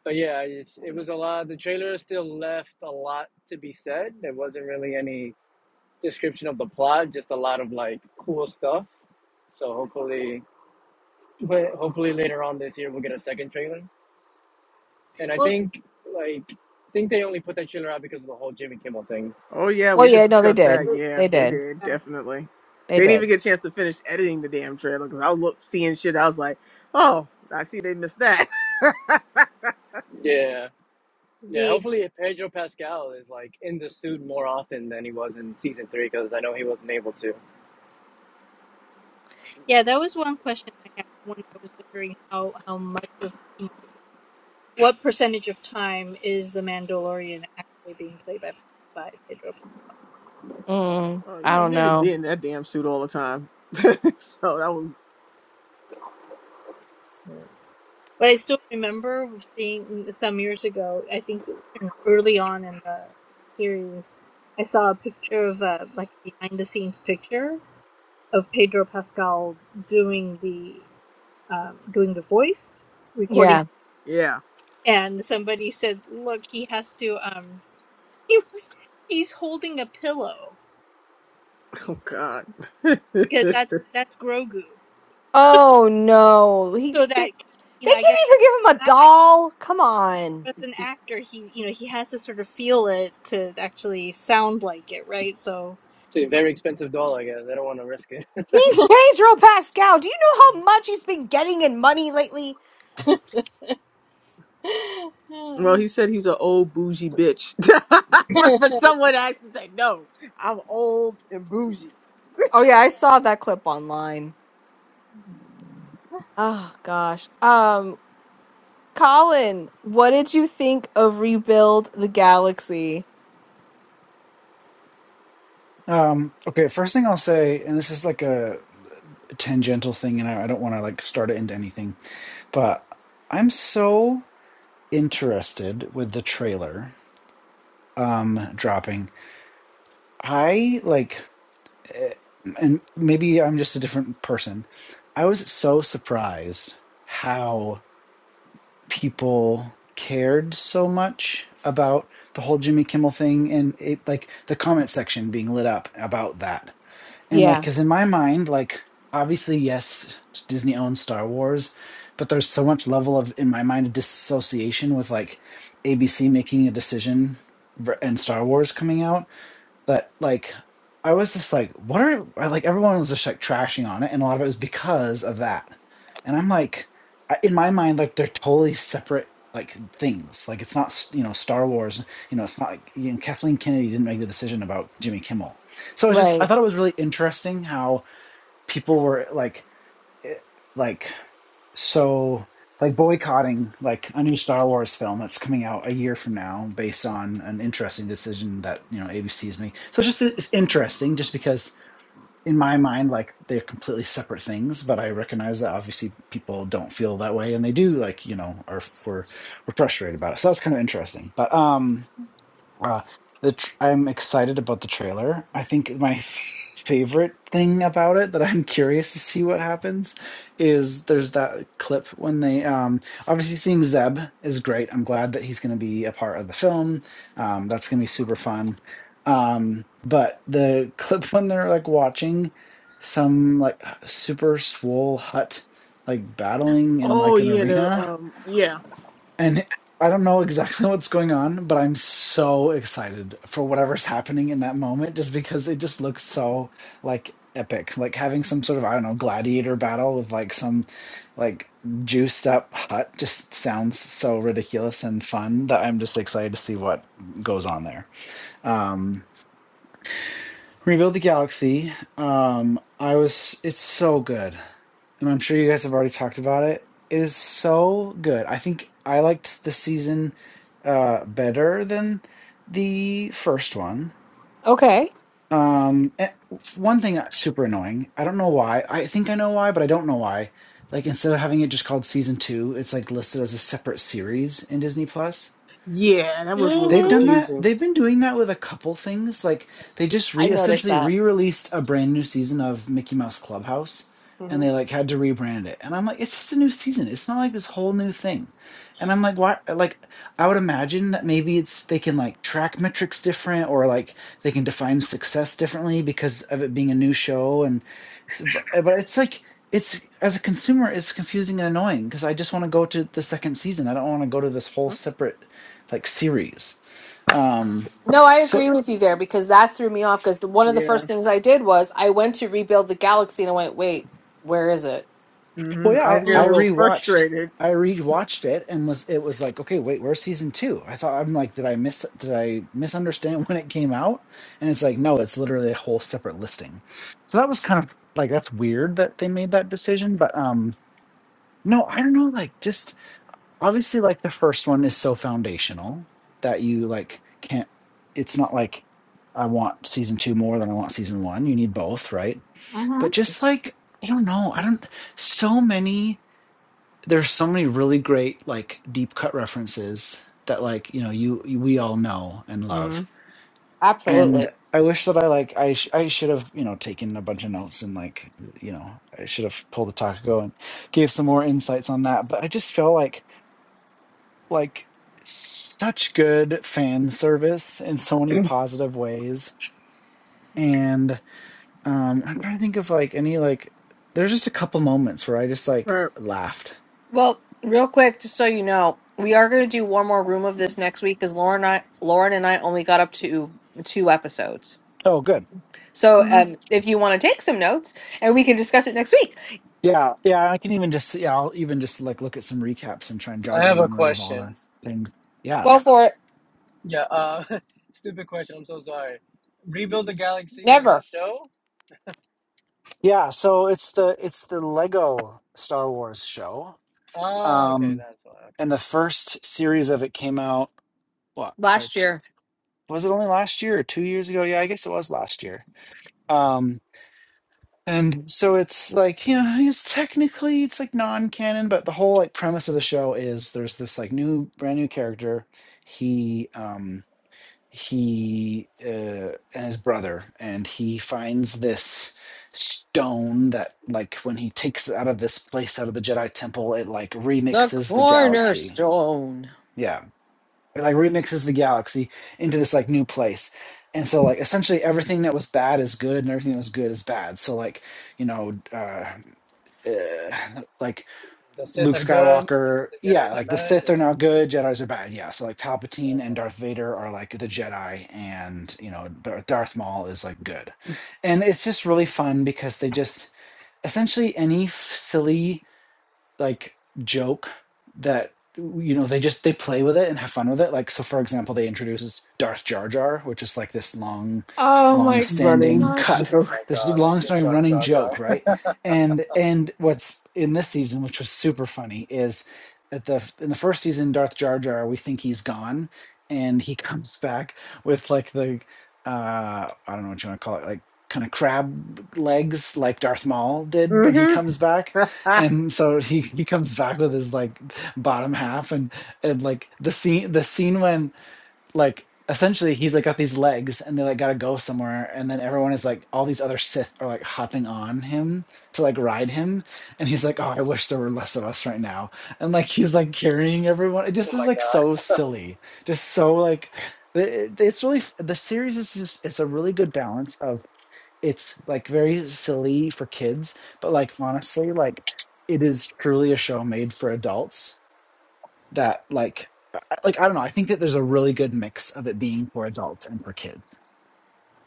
[SPEAKER 5] But yeah, I just, it was a lot. The trailer still left a lot to be said. There wasn't really any description of the plot, just a lot of like cool stuff. So hopefully, but hopefully later on this year we'll get a second trailer. And I
[SPEAKER 3] Well,
[SPEAKER 5] think like I think they only put that trailer out because of the whole Jimmy Kimmel thing.
[SPEAKER 2] Oh, yeah.
[SPEAKER 1] Well,
[SPEAKER 2] We just
[SPEAKER 1] yeah, no, they
[SPEAKER 2] discussed
[SPEAKER 1] did.
[SPEAKER 2] that. Yeah,
[SPEAKER 1] They
[SPEAKER 2] he
[SPEAKER 1] did.
[SPEAKER 2] did.
[SPEAKER 3] yeah.
[SPEAKER 2] Definitely.
[SPEAKER 1] They
[SPEAKER 2] They didn't even
[SPEAKER 1] did.
[SPEAKER 2] get a chance to finish editing the damn trailer because I was look, seeing shit. I was like, oh, I see they missed that.
[SPEAKER 5] Yeah, yeah.
[SPEAKER 3] The
[SPEAKER 5] Hopefully Pedro Pascal is like in the suit more often than he was in season three because I know he wasn't able to.
[SPEAKER 3] yeah, that was one question I had. when I was wondering how how much of you know what percentage of time is the Mandalorian actually being played by by Pedro?
[SPEAKER 1] Mm,
[SPEAKER 2] oh, you
[SPEAKER 1] I
[SPEAKER 2] know,
[SPEAKER 1] don't
[SPEAKER 2] he had to be
[SPEAKER 1] know.
[SPEAKER 2] in that damn suit all the time. so that was,
[SPEAKER 3] But I still remember seeing mm, some years ago. I think early on in the series, I saw a picture of a like a behind the scenes picture of Pedro Pascal doing the um, doing the voice recording,
[SPEAKER 1] Yeah.
[SPEAKER 2] yeah.
[SPEAKER 3] and somebody said, "Look, he has to. Um, he was he's holding a pillow
[SPEAKER 2] Oh, God.
[SPEAKER 3] because that's that's Grogu.
[SPEAKER 1] Oh no, he
[SPEAKER 3] So
[SPEAKER 1] they,
[SPEAKER 3] that you
[SPEAKER 1] they
[SPEAKER 3] know, I
[SPEAKER 1] can't
[SPEAKER 3] guess."
[SPEAKER 1] even give him a
[SPEAKER 3] act-
[SPEAKER 1] doll. Come on,
[SPEAKER 3] As an actor, he you know he has to sort of feel it to actually sound like it, right? So
[SPEAKER 5] It's a very expensive doll, I guess. I don't want to risk it.
[SPEAKER 1] he's Pedro Pascal. Do you know how much he's been getting in money lately?
[SPEAKER 2] Well, he said he's an old bougie bitch. but someone actually said, "No, I'm old and bougie."
[SPEAKER 1] Oh yeah, I saw that clip online. Oh gosh. Um, Colin, what did you think of Rebuild the Galaxy?
[SPEAKER 4] Um, okay, first thing I'll say, and this is like a tangential thing, and I, I don't want to like start it into anything, but I'm so interested with the trailer um dropping i like eh, and maybe i'm just a different person i was so surprised how people cared so much about the whole jimmy kimmel thing and it like the comment section being lit up about that And like,
[SPEAKER 1] Yeah.
[SPEAKER 4] because in my mind, like, obviously, yes, Disney owns Star Wars, but there's so much level of, in my mind, disassociation with like ABC making a decision ver- and Star Wars coming out that, like, I was just like, "What are" I like, everyone was just, like, trashing on it, and a lot of it was because of that, and I'm like, I in my mind, like, they're totally separate, like, things, like, it's not s you know, Star Wars, you know, it's not like, you know, Kathleen Kennedy didn't make the decision about Jimmy Kimmel. So, it's just I
[SPEAKER 1] Right.
[SPEAKER 4] thought it was really interesting how people were, like it- like so like boycotting like a new Star Wars film that's coming out a year from now based on an interesting decision that you know ABC is making. So just it's interesting just because in my mind like they're completely separate things, but I recognize that obviously people don't feel that way and they do like you know are we're we're frustrated about it. So that's kind of interesting. But um uh, the tr I'm excited about the trailer. I think my f favorite thing about it that I'm curious to see what happens is there's that clip when they um obviously seeing Zeb is great. I'm glad that he's going to be a part of the film. Um, that's going to be super fun. Um, but the clip when they're like watching some like super swole hut like battling in
[SPEAKER 2] Oh
[SPEAKER 4] like an
[SPEAKER 2] yeah, the
[SPEAKER 4] arena.
[SPEAKER 2] um, yeah,
[SPEAKER 4] And I don't know exactly what's going on, but I'm so excited for whatever's happening in that moment just because it just looks so like epic. Like having some sort of, I don't know, gladiator battle with like some like juiced up hut just sounds so ridiculous and fun that I'm just excited to see what goes on there. Um Rebuild the Galaxy. Um I was it's so good and I'm sure you guys have already talked about it, is so good. I think I liked the season uh better than the first one.
[SPEAKER 1] Okay.
[SPEAKER 4] Um eh, one thing that's super annoying. I don't know why. I think I know why, but I don't know why. Like instead of having it just called season 2, it's like listed as a separate series in Disney Plus.
[SPEAKER 2] yeah. That was a little
[SPEAKER 4] They've
[SPEAKER 1] hmm
[SPEAKER 4] done that.
[SPEAKER 2] confusing.
[SPEAKER 4] They've been doing that with a couple things. Like they just
[SPEAKER 1] I
[SPEAKER 4] re
[SPEAKER 1] know
[SPEAKER 4] essentially
[SPEAKER 1] that.
[SPEAKER 4] re-released a brand new season of Mickey Mouse Clubhouse and
[SPEAKER 2] hmm
[SPEAKER 4] they like had to rebrand it. And I'm like, it's just a new season. It's not like this whole new thing. And I'm like, why like I would imagine that maybe it's they can like track metrics different or like they can define success differently because of it being a new show and s- b- but it's like it's as a consumer it's confusing and annoying because I just want to go to the second season. I don't want to go to this whole separate like series um,
[SPEAKER 1] No, I agree
[SPEAKER 4] so
[SPEAKER 1] with you there because that threw me off. Because one of the
[SPEAKER 2] Yeah,
[SPEAKER 1] first things I did was I went to rebuild the galaxy and I went, wait, where is it?
[SPEAKER 4] well,
[SPEAKER 2] hmm I
[SPEAKER 4] yeah,
[SPEAKER 2] was getting
[SPEAKER 4] I, I
[SPEAKER 2] a
[SPEAKER 3] Mm.
[SPEAKER 2] little
[SPEAKER 4] rewatched,
[SPEAKER 2] frustrated.
[SPEAKER 4] I rewatched it and was it was like, okay, wait, where's season two? I thought I'm like, did I miss did I misunderstand when it came out? And it's like, no, it's literally a whole separate listing. So that was kind of like that's weird that they made that decision, but um, no, I don't know, like just obviously like the first one is so foundational that you like can't. It's not like I want season two more than I want season one. You need both, right?
[SPEAKER 1] hmm
[SPEAKER 4] but just like I don't know, I don't so many there's so many really great like deep cut references that like, you know, you, you we all know and love.
[SPEAKER 2] Mm-hmm.
[SPEAKER 4] And I wish that I like I sh- I should have, you know, taken a bunch of notes and like, you know, I should have pulled the Takako and gave some more insights on that, but I just feel like like such good fan service in so many positive ways and Um, I'm trying to think of like any like there's just a couple moments where I just like
[SPEAKER 2] Right.
[SPEAKER 4] laughed.
[SPEAKER 1] Well, real quick, just so you know, we are going to do one more room of this next week because Lauren, and I, Lauren and I only got up to two episodes.
[SPEAKER 4] Oh, good.
[SPEAKER 1] So um, if you want to take some notes and we can discuss it next week,
[SPEAKER 4] Yeah, yeah. I can even just yeah, I'll even just like look at some recaps and try and
[SPEAKER 5] I
[SPEAKER 4] jog my
[SPEAKER 5] have a
[SPEAKER 4] memory of all the
[SPEAKER 5] question.
[SPEAKER 4] things. Yeah.
[SPEAKER 1] go for it.
[SPEAKER 5] Yeah, uh, stupid question. I'm so sorry. Rebuild the Galaxy is a
[SPEAKER 1] Never
[SPEAKER 5] show?
[SPEAKER 4] Yeah, so it's the it's the Lego Star Wars show.
[SPEAKER 5] Ah, okay,
[SPEAKER 4] Um
[SPEAKER 5] that's why. Okay.
[SPEAKER 4] and the first series of it came out what? Uh,
[SPEAKER 1] last
[SPEAKER 4] two,
[SPEAKER 1] year,
[SPEAKER 4] was it only last year or 2 years ago? Yeah, I guess it was last year. Um. And so it's like, you know, it's technically it's like non-canon, but the whole like premise of the show is there's this like new brand new character. He um he uh and his brother and he finds this stone that like when he takes it out of this place out of the Jedi temple, it like
[SPEAKER 1] the
[SPEAKER 4] remixes the galaxy.
[SPEAKER 1] cornerstone.
[SPEAKER 4] Yeah. It like remixes the galaxy into this like new place. And so like essentially everything that was bad is good and everything that was good is bad. So like you know, uh, uh, like
[SPEAKER 5] The Sith
[SPEAKER 4] Luke
[SPEAKER 5] are good.
[SPEAKER 4] Skywalker,
[SPEAKER 5] The
[SPEAKER 4] yeah,
[SPEAKER 5] Jedi's are
[SPEAKER 4] like the
[SPEAKER 5] bad.
[SPEAKER 4] Sith
[SPEAKER 5] Yeah.
[SPEAKER 4] are now good, Jedi's are bad, yeah. So like Palpatine and
[SPEAKER 5] Okay.
[SPEAKER 4] Darth Vader are like the Jedi, and you know Dar- Darth Maul is like good, and it's just really fun because they just essentially any f- silly like joke that you know they just they play with it and have fun with it like so for example they introduces darth jar jar which is like this long
[SPEAKER 1] Oh
[SPEAKER 4] long
[SPEAKER 1] my
[SPEAKER 4] standing
[SPEAKER 2] Running
[SPEAKER 1] gosh,
[SPEAKER 4] cut
[SPEAKER 5] Oh
[SPEAKER 2] joke.
[SPEAKER 5] my
[SPEAKER 4] this
[SPEAKER 5] god, they
[SPEAKER 4] long
[SPEAKER 5] did
[SPEAKER 4] standing
[SPEAKER 5] Darth
[SPEAKER 4] running
[SPEAKER 5] Jar Jar.
[SPEAKER 4] joke right and and what's in this season which was super funny is at the in the first season darth jar jar we think he's gone and he comes back with like the uh i don't know what you want to call it like kind of crab legs like darth maul did when he
[SPEAKER 2] hmm
[SPEAKER 4] comes back and so he he comes back with his like bottom half and and like the scene the scene when like essentially he's like got these legs and they like gotta go somewhere and then everyone is like all these other sith are like hopping on him to like ride him and he's like oh i wish there were less of us right now and like he's like carrying everyone it
[SPEAKER 5] oh
[SPEAKER 4] just is
[SPEAKER 5] my
[SPEAKER 4] like
[SPEAKER 5] god.
[SPEAKER 4] so silly just so like it- it- it's really f- the series is just it's a really good balance of it's like very silly for kids, but like honestly, like it is truly a show made for adults that like I- like I don't know, I think that there's a really good mix of it being for adults and for kids.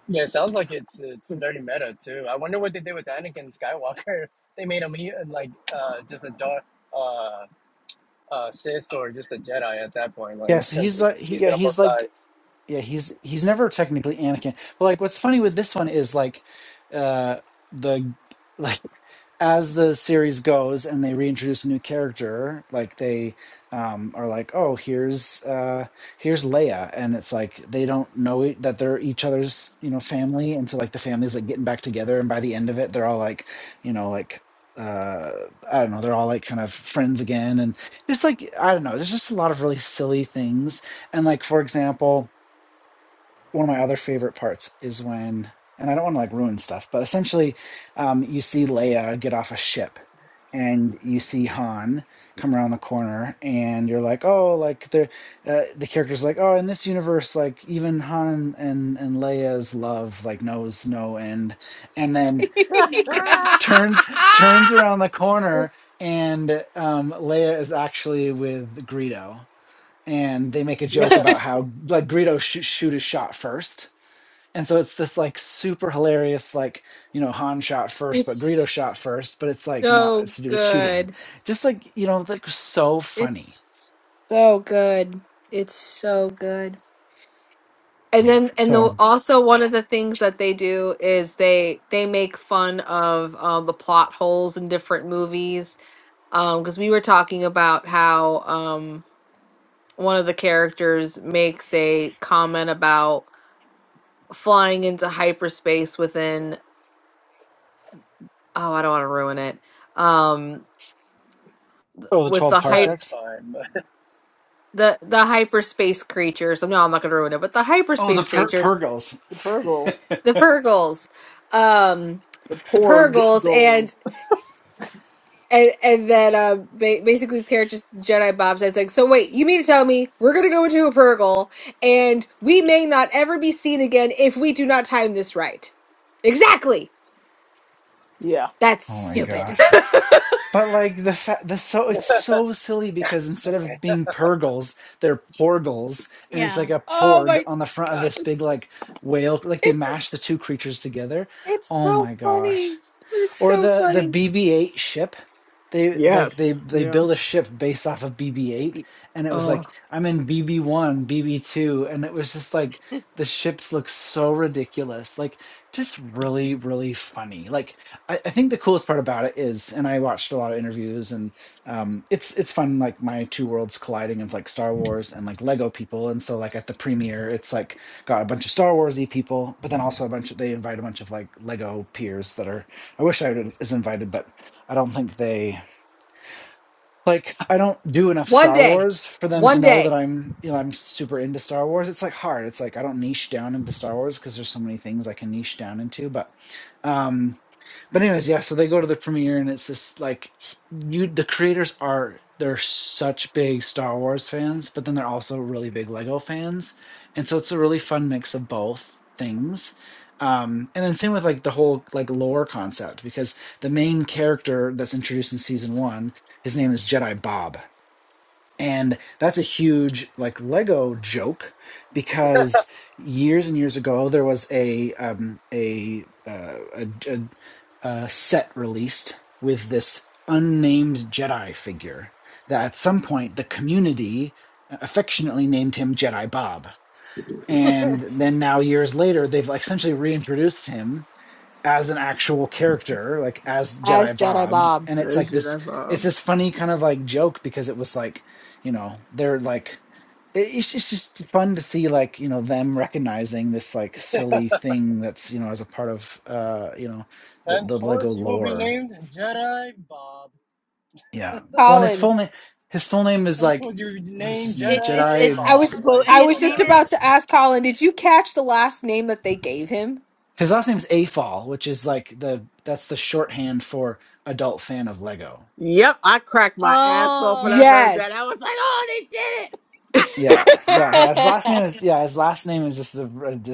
[SPEAKER 5] Yeah, it sounds like it's it's very meta too. I wonder what they did with Anakin Skywalker. They made him he, like uh just a dark uh uh Sith or just a Jedi at that point,
[SPEAKER 4] Yeah,
[SPEAKER 5] like
[SPEAKER 4] so
[SPEAKER 5] because
[SPEAKER 4] he's
[SPEAKER 5] he's
[SPEAKER 4] like he,
[SPEAKER 5] he's
[SPEAKER 4] yeah,
[SPEAKER 5] been on both
[SPEAKER 4] he's like
[SPEAKER 5] sides.
[SPEAKER 4] yeah he's he's never technically anakin but like what's funny with this one is like uh the like as the series goes and they reintroduce a new character like they um are like oh here's uh here's leia and it's like they don't know it, that they're each other's you know family and so like the family's like getting back together and by the end of it they're all like you know like uh i don't know they're all like kind of friends again and it's like i don't know there's just a lot of really silly things and like for example one of my other favorite parts is when, and I don't want to like ruin stuff, but essentially, um, you see Leia get off a ship, and you see Han come around the corner, and you're like, oh, like the uh, the character's like, oh, in this universe, like even Han and and Leia's love like knows no end, and then turns turns around the corner, and um, Leia is actually with Greedo. And they make a
[SPEAKER 5] no,
[SPEAKER 4] joke about how like Greedo sh- shoot his shot first, and so it's this like super hilarious, like, you know, Han shot first, but Greedo shot first,
[SPEAKER 1] it's
[SPEAKER 4] but it's like not
[SPEAKER 1] so
[SPEAKER 4] to do with shooting.
[SPEAKER 1] good.
[SPEAKER 4] Just like, you know, like so funny.
[SPEAKER 1] It's so good. It's so good. And
[SPEAKER 4] Yeah.
[SPEAKER 1] then and the
[SPEAKER 4] So,
[SPEAKER 1] also one of the things that they do is they they make fun of um, the plot holes in different movies. Um because we were talking about how um one of the characters meant about flying into hyperspace within oh I don't want to ruin it. Um
[SPEAKER 4] oh, the
[SPEAKER 1] with
[SPEAKER 4] 12
[SPEAKER 1] the
[SPEAKER 5] no,
[SPEAKER 1] hype
[SPEAKER 5] it's
[SPEAKER 4] parsecs.
[SPEAKER 5] fine. But
[SPEAKER 1] the the hyperspace creatures. No, I'm not gonna ruin it, but the
[SPEAKER 4] Oh, the
[SPEAKER 1] hyperspace
[SPEAKER 4] per-
[SPEAKER 1] creatures
[SPEAKER 4] Purgles.
[SPEAKER 2] The Purgles.
[SPEAKER 1] the Purgles, um,
[SPEAKER 2] The
[SPEAKER 1] the Purgles,
[SPEAKER 2] Porgles.
[SPEAKER 1] and and and then uh, ba- basically this character's Jedi Bob says like, so wait, you mean to tell me we're gonna go into a Purgle and we may not ever be seen again if we do not time this right? Exactly.
[SPEAKER 2] Yeah.
[SPEAKER 1] That's
[SPEAKER 4] Oh my
[SPEAKER 1] stupid.
[SPEAKER 4] gosh. But like the fa- the so it's so silly
[SPEAKER 5] that's
[SPEAKER 4] because instead
[SPEAKER 5] stupid.
[SPEAKER 4] of being Purgles, they're Porgles, and it's
[SPEAKER 3] yeah.
[SPEAKER 4] like a
[SPEAKER 1] Oh
[SPEAKER 4] porg
[SPEAKER 1] my
[SPEAKER 4] on the front of
[SPEAKER 1] gosh,
[SPEAKER 4] this big
[SPEAKER 1] it's
[SPEAKER 4] like
[SPEAKER 1] just,
[SPEAKER 4] whale. Like they
[SPEAKER 1] It's
[SPEAKER 4] mash the two creatures together.
[SPEAKER 1] it's
[SPEAKER 4] Oh
[SPEAKER 1] so
[SPEAKER 4] my gosh.
[SPEAKER 1] funny. It is
[SPEAKER 4] Or
[SPEAKER 1] so
[SPEAKER 4] the the
[SPEAKER 1] funny.
[SPEAKER 4] BB-8 ship. They like they
[SPEAKER 2] Yes.
[SPEAKER 4] they
[SPEAKER 2] Yeah.
[SPEAKER 4] build a ship based off of BB-8
[SPEAKER 1] Be-
[SPEAKER 4] and it was
[SPEAKER 1] Oh,
[SPEAKER 4] like I'm in BB-1, BB-2 and it was just like the ships look so ridiculous. Like just really really funny. Like I, I think the coolest part about it is and I watched a lot of interviews and um it's it's fun like my two worlds colliding of like Star Wars and like Lego people and so like at the premiere it's like got a bunch of Star Warsy people but then also a bunch of they invite a bunch of like Lego peers that are I wish I would- was invited, but I don't think they like. I don't do enough
[SPEAKER 1] one
[SPEAKER 4] Star
[SPEAKER 1] day,
[SPEAKER 4] Wars for them to
[SPEAKER 1] one
[SPEAKER 4] know that
[SPEAKER 1] day
[SPEAKER 4] I'm, you know, I'm super into Star Wars. It's like hard. It's like I don't niche down into Star Wars because there's so many things I can niche down into. But, um, but anyways, yeah, so they go to the premiere and it's this like you the creators are they're such big Star Wars fans, but then they're also really big Lego fans. And so it's a really fun mix of both things. Um, and then same with like the whole like lore concept because the main character that's introduced in season one, his name is Jedi Bob and that's a huge like Lego joke because years and years ago there was a um, a, uh, a, a a set released with this unnamed Jedi figure that at some point the community affectionately named him Jedi Bob. And then now years later they've like essentially reintroduced him as an actual character, like as
[SPEAKER 1] as
[SPEAKER 4] Jedi
[SPEAKER 1] Jedi
[SPEAKER 4] Bob.
[SPEAKER 1] Bob,
[SPEAKER 4] And it's
[SPEAKER 2] That
[SPEAKER 4] like
[SPEAKER 2] should
[SPEAKER 4] this,
[SPEAKER 2] have. Uh...
[SPEAKER 4] it's this funny kind of like joke because it was like, you know, they're like, it- it's just, just fun to see like, you know, them recognizing this like silly thing that's, you know, as a part of, uh, you know, the, the Lego
[SPEAKER 5] Henceforth, you will be
[SPEAKER 4] lore.
[SPEAKER 5] named Jedi Bob.
[SPEAKER 4] Yeah. Well, and his
[SPEAKER 1] Colin.
[SPEAKER 4] full name, his full name is like,
[SPEAKER 5] Henceforth, you will be
[SPEAKER 4] what is
[SPEAKER 5] named
[SPEAKER 4] his name?
[SPEAKER 3] It's
[SPEAKER 5] Jedi
[SPEAKER 3] it's
[SPEAKER 1] I
[SPEAKER 4] Jedi.
[SPEAKER 5] Bob.
[SPEAKER 3] it's
[SPEAKER 1] was
[SPEAKER 3] well,
[SPEAKER 5] Like,
[SPEAKER 1] I
[SPEAKER 3] his
[SPEAKER 5] just
[SPEAKER 1] was
[SPEAKER 5] like
[SPEAKER 1] just
[SPEAKER 3] name is
[SPEAKER 1] about
[SPEAKER 5] that,
[SPEAKER 1] to ask Colin, did you catch the last name that they gave him?
[SPEAKER 4] His last name is Afal, which is like the, that's the shorthand for adult fan of Lego.
[SPEAKER 2] Yep. I cracked my ass off when I heard
[SPEAKER 3] oh.
[SPEAKER 2] that. I
[SPEAKER 1] Yes.
[SPEAKER 2] was like, oh, they did
[SPEAKER 4] Yeah, yeah, yeah. His last name is yeah. His last name is just a,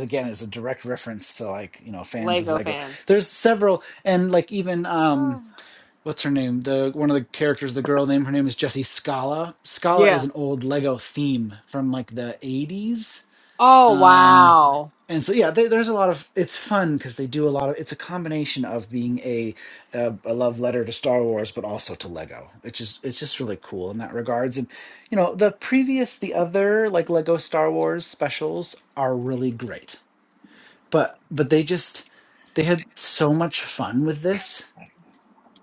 [SPEAKER 4] again is a direct reference to like you know fans of
[SPEAKER 1] Lego
[SPEAKER 4] Lego.
[SPEAKER 1] fans.
[SPEAKER 4] There's several and like even um
[SPEAKER 2] it.
[SPEAKER 4] what's her name the one of the characters the girl name her name is Jessie Scala. Scala is
[SPEAKER 2] yeah.
[SPEAKER 4] an old Lego theme from like the 80s
[SPEAKER 1] Oh
[SPEAKER 4] um
[SPEAKER 1] wow.
[SPEAKER 4] and so yeah there, there's a lot of it's fun because they do a lot of it's a combination of being a, a a love letter to star wars but also to lego it's just it's just really cool in that regards and you know the previous the other like lego star wars specials are really great but but they just they had so much fun with this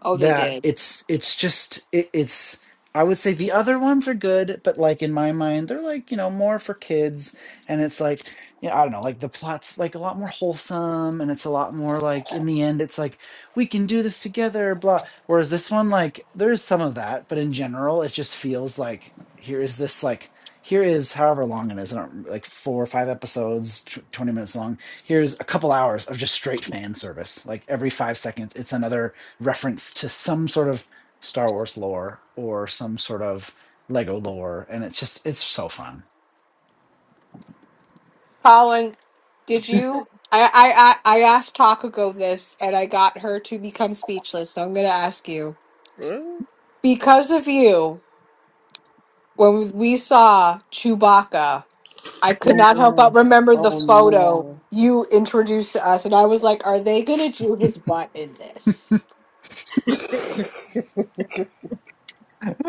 [SPEAKER 1] Oh they
[SPEAKER 4] that
[SPEAKER 1] did.
[SPEAKER 4] it's it's just it, it's I would say the other ones are good, but like in my mind, they're like you know more for kids, and it's like you know, I don't know, like the plot's like a lot more wholesome, and it's a lot more like in the end, it's like we can do this together, blah. Whereas this one, like there's some of that, but in general, it just feels like here is this like here is however long it is, I don't like four or five episodes, tw- twenty minutes long. Here's a couple hours of just straight fan service, like every five seconds, it's another reference to some sort of Star Wars lore or some sort of Lego lore, and it's just it's so fun.
[SPEAKER 1] Colin, did
[SPEAKER 5] right?
[SPEAKER 1] you I, I I I asked Takago this and I got her to become speechless, so I'm gonna ask you.
[SPEAKER 2] Really?
[SPEAKER 1] Because of you, when we saw Chewbacca I could
[SPEAKER 2] Oh
[SPEAKER 1] not help but
[SPEAKER 2] no.
[SPEAKER 1] remember the
[SPEAKER 2] Oh
[SPEAKER 1] photo
[SPEAKER 2] no.
[SPEAKER 1] you introduced to us, and I was like, "Are they gonna do his butt in this?"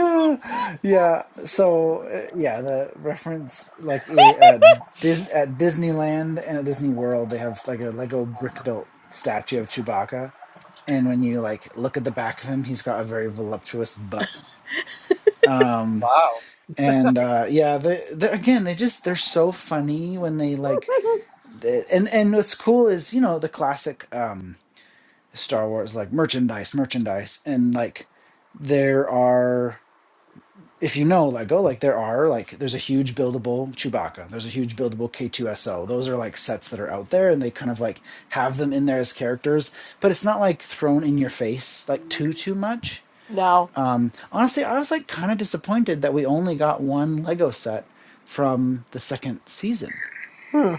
[SPEAKER 4] yeah. So uh, yeah, the reference like i- at Dis- at Disneyland and at Disney World, they have like a Lego brick built statue of Chewbacca, and when you like look at the back of him, he's got a very voluptuous butt. Um,
[SPEAKER 5] wow.
[SPEAKER 4] and uh, yeah, they, they again, they just they're so funny when they like The- and and what's cool is you know the classic um Star Wars like merchandise, merchandise, and like there are if you know Lego like there are like there's a huge buildable Chewbacca, there's a huge buildable K2SO. Those are like sets that are out there, and they kind of like have them in there as characters, but it's not like thrown in your face like too too much.
[SPEAKER 1] no,
[SPEAKER 4] Um, honestly, I was like kind of disappointed that we only got one Lego set from the second season
[SPEAKER 2] Hmm.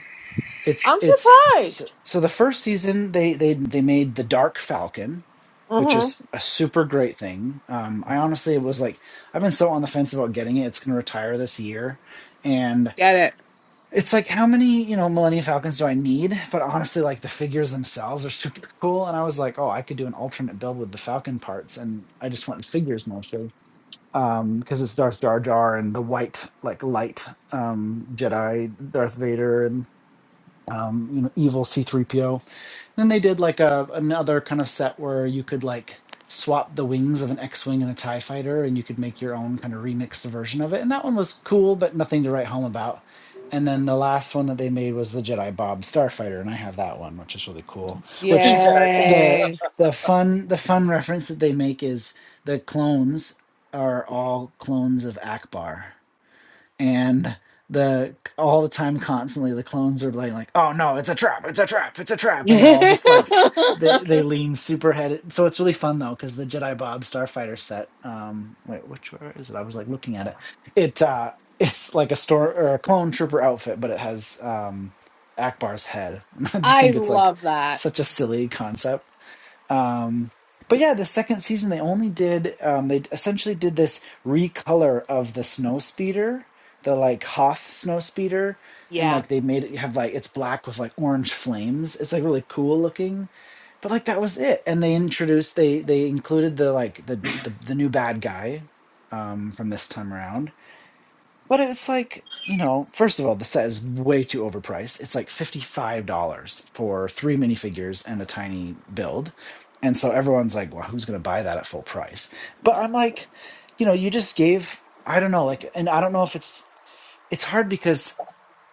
[SPEAKER 1] I'm
[SPEAKER 4] it's it's so
[SPEAKER 1] just.
[SPEAKER 4] so the first season they they they made the dark falcon which
[SPEAKER 1] hmm
[SPEAKER 4] is a super great thing um i honestly was like i've been so on the fence about getting it it's going to retire this year and
[SPEAKER 1] Get it.
[SPEAKER 4] it's like how many you know millennium falcons do i need but honestly like the figures themselves are super cool and i was like oh i could do an alternate build with the falcon parts and i just went figures mostly um because it's darth jar jar and the white like light um jedi darth vader um, you know, evil C3PO. Then they did like a another kind of set where you could like swap the wings of an X-wing and a TIE fighter and you could make your own kind of remixed version of it. And that one was cool, but nothing to write home about. And then the last one that they made was the Jedi Bob Starfighter, and I have that one, which is really cool. Which
[SPEAKER 5] Jedi Bob.
[SPEAKER 4] the
[SPEAKER 1] Yay!
[SPEAKER 4] the fun the fun reference that they make is the clones are all clones of Akbar and the all the time constantly the clones are like, like oh no it's a trap it's a trap it's a trap and they're all just like they they lean super headed so it's really fun though because the jedi bob starfighter set um wait which where is it i was like looking at it it uh it's like a store or a clone trooper outfit but it has um akbar's head i just
[SPEAKER 1] I
[SPEAKER 4] think it's like
[SPEAKER 1] love that.
[SPEAKER 4] such a silly concept um, but yeah, the second season they only did um, they essentially did this recolor of the snow speeder, the like Hoth snow speeder, and
[SPEAKER 1] Yeah,
[SPEAKER 4] like they made it have like it's black with like orange flames. It's like really cool looking. But like that was it. And they introduced they they included the like the the, the new bad guy um, from this time around but it's like, you know, first of all, the set is way too overpriced. It's like $55 for three minifigures and a tiny build. And so everyone's like, well, who's going to buy that at full price? But I'm like, you know, you just gave, I don't know, like, and I don't know if it's, it's hard because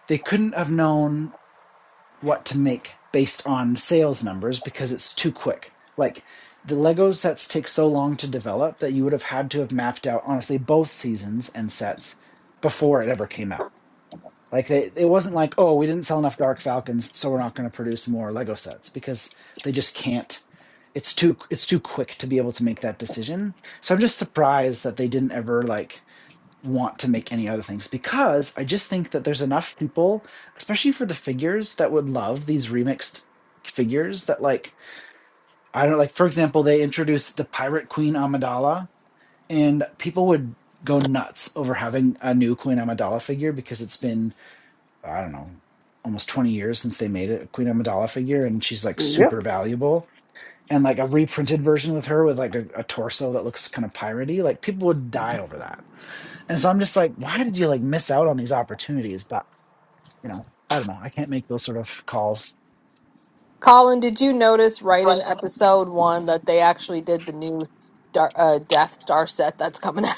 [SPEAKER 4] they couldn't have known what to make based on sales numbers because it's too quick. Like, the Lego sets take so long to develop that you would have had to have mapped out, honestly, both seasons and sets before it ever came out like they, it wasn't like, oh, we didn't sell enough Dark Falcons, so we're not going to produce more Lego sets because they just can't. It's too it's too quick to be able to make that decision. So I'm just surprised that they didn't ever like want to make any other things because I just think that there's enough people, especially for the figures, that would love these remixed figures that like I don't like for example, they introduced the Pirate Queen Amidala and people would go nuts over having a new Queen Amidala figure because it's been I don't know, almost 20 years since they made it, a Queen Amidala figure, and she's like
[SPEAKER 2] Yep.
[SPEAKER 4] super valuable. And like a reprinted version with her with like a, a torso that looks kind of piratey, like people would die over that. And so I'm just like, why did you like miss out on these opportunities? But you know, I don't know. I can't make those sort of calls.
[SPEAKER 1] Colin, did you notice right in episode one that they actually did the new Star, uh, Death Star set that's coming out?